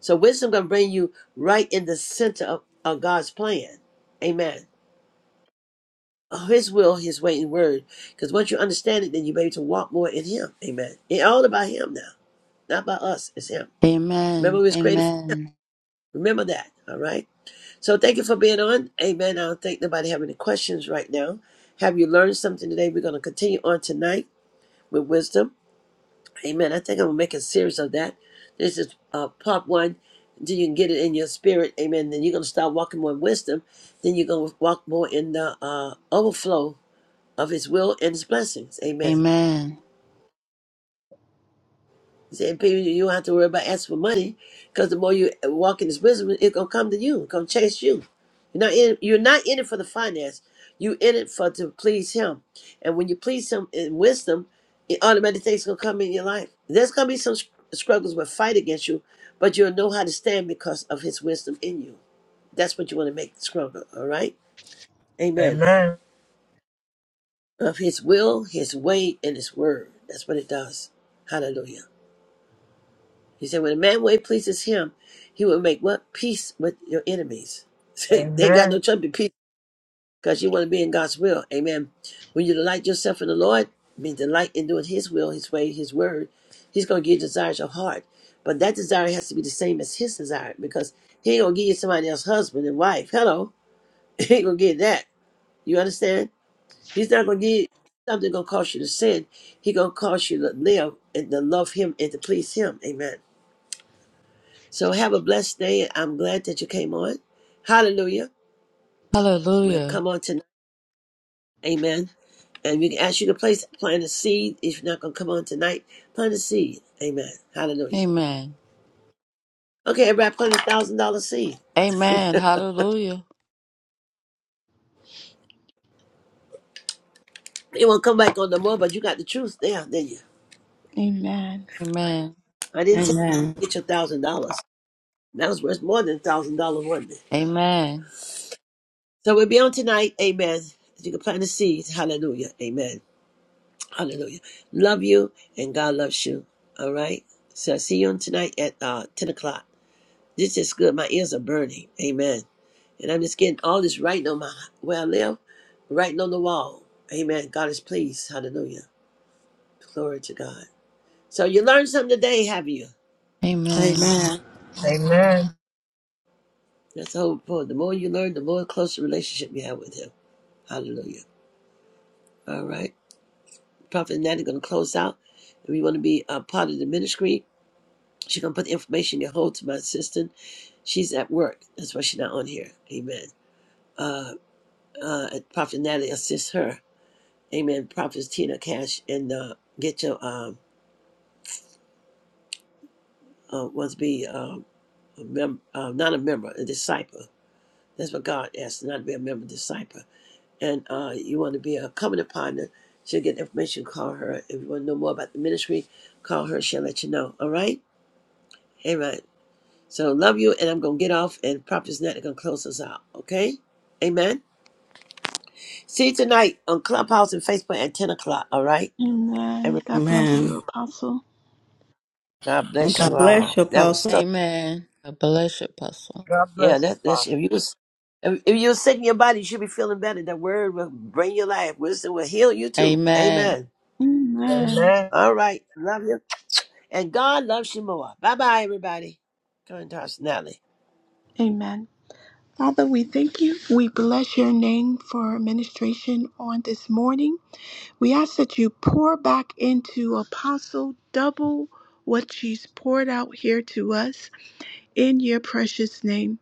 Speaker 2: So wisdom gonna bring you right in the center of, of God's plan. Amen. Oh, His will, His way, and word. Because once you understand it, then you're able to walk more in Him. Amen. It's all about Him now, not about us. It's Him. Remember,
Speaker 3: Amen.
Speaker 2: we was created. For,
Speaker 3: Amen.
Speaker 2: remember that. All right. So thank you for being on. Amen. I don't think nobody have any questions right now. Have you learned something today? We're gonna continue on tonight with wisdom. Amen. I think I'm gonna make a series of that. This is uh, part one. Then you can get it in your spirit. Amen. Then you're gonna start walking more in wisdom. Then you're gonna walk more in the uh, overflow of His will and His blessings. Amen.
Speaker 3: Amen.
Speaker 2: He said, people, you don't have to worry about asking for money because the more you walk in His wisdom, it's gonna come to you, it's gonna chase you. You're not in. You're not in it for the finance. You in it for to please Him, and when you please Him in wisdom, it automatic things gonna come in your life. There's gonna be some str- struggles with fight against you, but you'll know how to stand because of His wisdom in you. That's what you want to make stronger. All right, Amen.
Speaker 8: Amen.
Speaker 2: Of His will, His way, and His word. That's what it does. Hallelujah. He said, when a man way pleases him, he will make what? Peace with your enemies. Say, they ain't got no
Speaker 8: Amen.
Speaker 2: trouble to peace because you want to be in God's will. Amen. When you delight yourself in the Lord, mean delight in doing his will, his way, his word, he's going to give you desires of heart. But that desire has to be the same as his desire because he ain't going to give you somebody else's husband and wife. Hello. He ain't going to give you that. You understand? He's not going to give you something going to cause you to sin. He going to cause you to live and to love him and to please him. Amen. So have a blessed day. I'm glad that you came on. Hallelujah. We'll
Speaker 3: Hallelujah.
Speaker 2: come on tonight. Amen. And we can ask you to place plant a seed. If you're not gonna come on tonight, plant a seed. Amen. Hallelujah.
Speaker 3: Amen.
Speaker 2: Okay, everybody plant a thousand dollar seed.
Speaker 3: Amen. Hallelujah.
Speaker 2: It won't come back on no more, but you got the truth there, didn't you?
Speaker 1: Amen.
Speaker 3: Amen.
Speaker 2: I didn't tell
Speaker 4: Amen.
Speaker 2: you to get your thousand dollars. That was worth more than a thousand dollars, wasn't it?
Speaker 3: Amen.
Speaker 2: So we'll be on tonight, amen. If you can plant a seed, hallelujah, amen. Hallelujah. Love you and God loves you. All right. So I see you on tonight at uh, 10 o'clock. This is good. My ears are burning. Amen. And I'm just getting all this writing on my where I live, writing on the wall. Amen. God is pleased. Hallelujah. Glory to God. So you learned something today, have you?
Speaker 3: Amen.
Speaker 4: Amen.
Speaker 8: Amen.
Speaker 2: That's the whole point. The more you learn, the more closer relationship you have with Him. Hallelujah. All right. Prophet Natty going to close out. If you want to be a part of the ministry, she's going to put the information in your hold to my assistant She's at work. That's why she's not on here. Amen. Uh, uh, Prophet Natalie assists her. Amen. Prophet Tina Cash and uh, get your um, uh, wants to be um, a mem- uh, not a member, a disciple. That's what God asked, not to be a member, disciple. And uh, you want to be a covenant partner. She'll get information. Call her. If you want to know more about the ministry, call her. She'll let you know. All right. Amen. So love you, and I'm gonna get off, and Prophet Natalie gonna close us out. Okay. Amen. See you tonight on Clubhouse and Facebook at ten o'clock. All right.
Speaker 1: Amen.
Speaker 2: Every
Speaker 1: God bless
Speaker 4: Amen.
Speaker 1: you, Apostle.
Speaker 2: God
Speaker 4: And
Speaker 2: bless you
Speaker 4: God bless
Speaker 2: all.
Speaker 4: you,
Speaker 2: That was
Speaker 4: Apostle.
Speaker 2: so.
Speaker 3: Amen. God bless you, Apostle.
Speaker 8: God
Speaker 2: Yeah,
Speaker 8: bless you,
Speaker 2: that that's
Speaker 8: Apostle.
Speaker 2: if you was if, if you're sick in your body, you should be feeling better. That word will bring your life. Wisdom will heal you too.
Speaker 3: Amen.
Speaker 2: Amen.
Speaker 1: Amen.
Speaker 8: Amen.
Speaker 2: All right. Love you. And God loves you more. Bye bye, everybody. Go into our Nelly.
Speaker 1: Amen. Father, we thank you. We bless your name for administration on this morning. We ask that you pour back into Apostle double what she's poured out here to us in your precious name.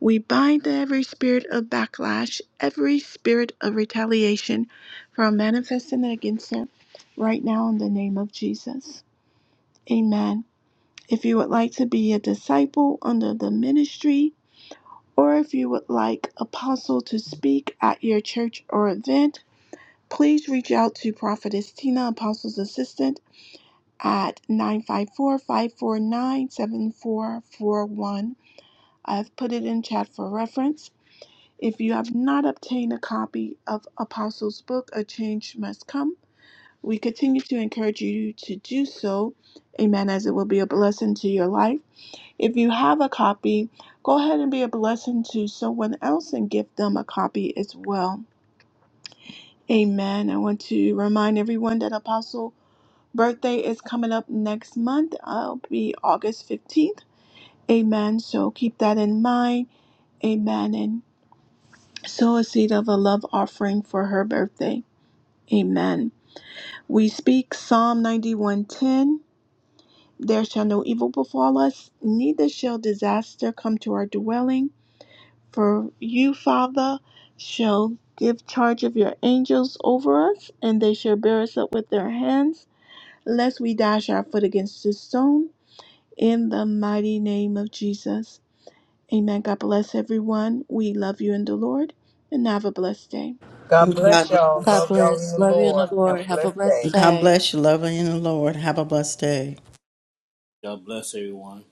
Speaker 1: We bind every spirit of backlash, every spirit of retaliation from manifesting against her right now in the name of Jesus. Amen. If you would like to be a disciple under the ministry, or if you would like Apostle to speak at your church or event, please reach out to Prophetess Tina, Apostle's assistant, at 954 549 7441. I've put it in chat for reference. If you have not obtained a copy of Apostle's book, A Change Must Come, we continue to encourage you to do so. Amen, as it will be a blessing to your life. If you have a copy, go ahead and be a blessing to someone else and give them a copy as well. Amen. I want to remind everyone that Apostle birthday is coming up next month. I'll be August 15th. Amen. So keep that in mind. Amen. And sow a seed of a love offering for her birthday. Amen. We speak Psalm 91:10. There shall no evil befall us, neither shall disaster come to our dwelling. For you, Father, shall give charge of your angels over us, and they shall bear us up with their hands, lest we dash our foot against a stone. In the mighty name of Jesus. Amen. God bless everyone. We love you in the Lord, and have a blessed day.
Speaker 8: God
Speaker 4: And God
Speaker 8: bless y'all.
Speaker 4: bless.
Speaker 3: God
Speaker 8: Love y'all in
Speaker 3: bless.
Speaker 8: the
Speaker 3: Love you in the
Speaker 8: Lord. Have a
Speaker 3: Lord. Have a
Speaker 8: blessed day.
Speaker 3: blessed
Speaker 4: God
Speaker 3: day.
Speaker 4: bless you, lover in the Lord. Have a blessed day.
Speaker 11: God bless everyone.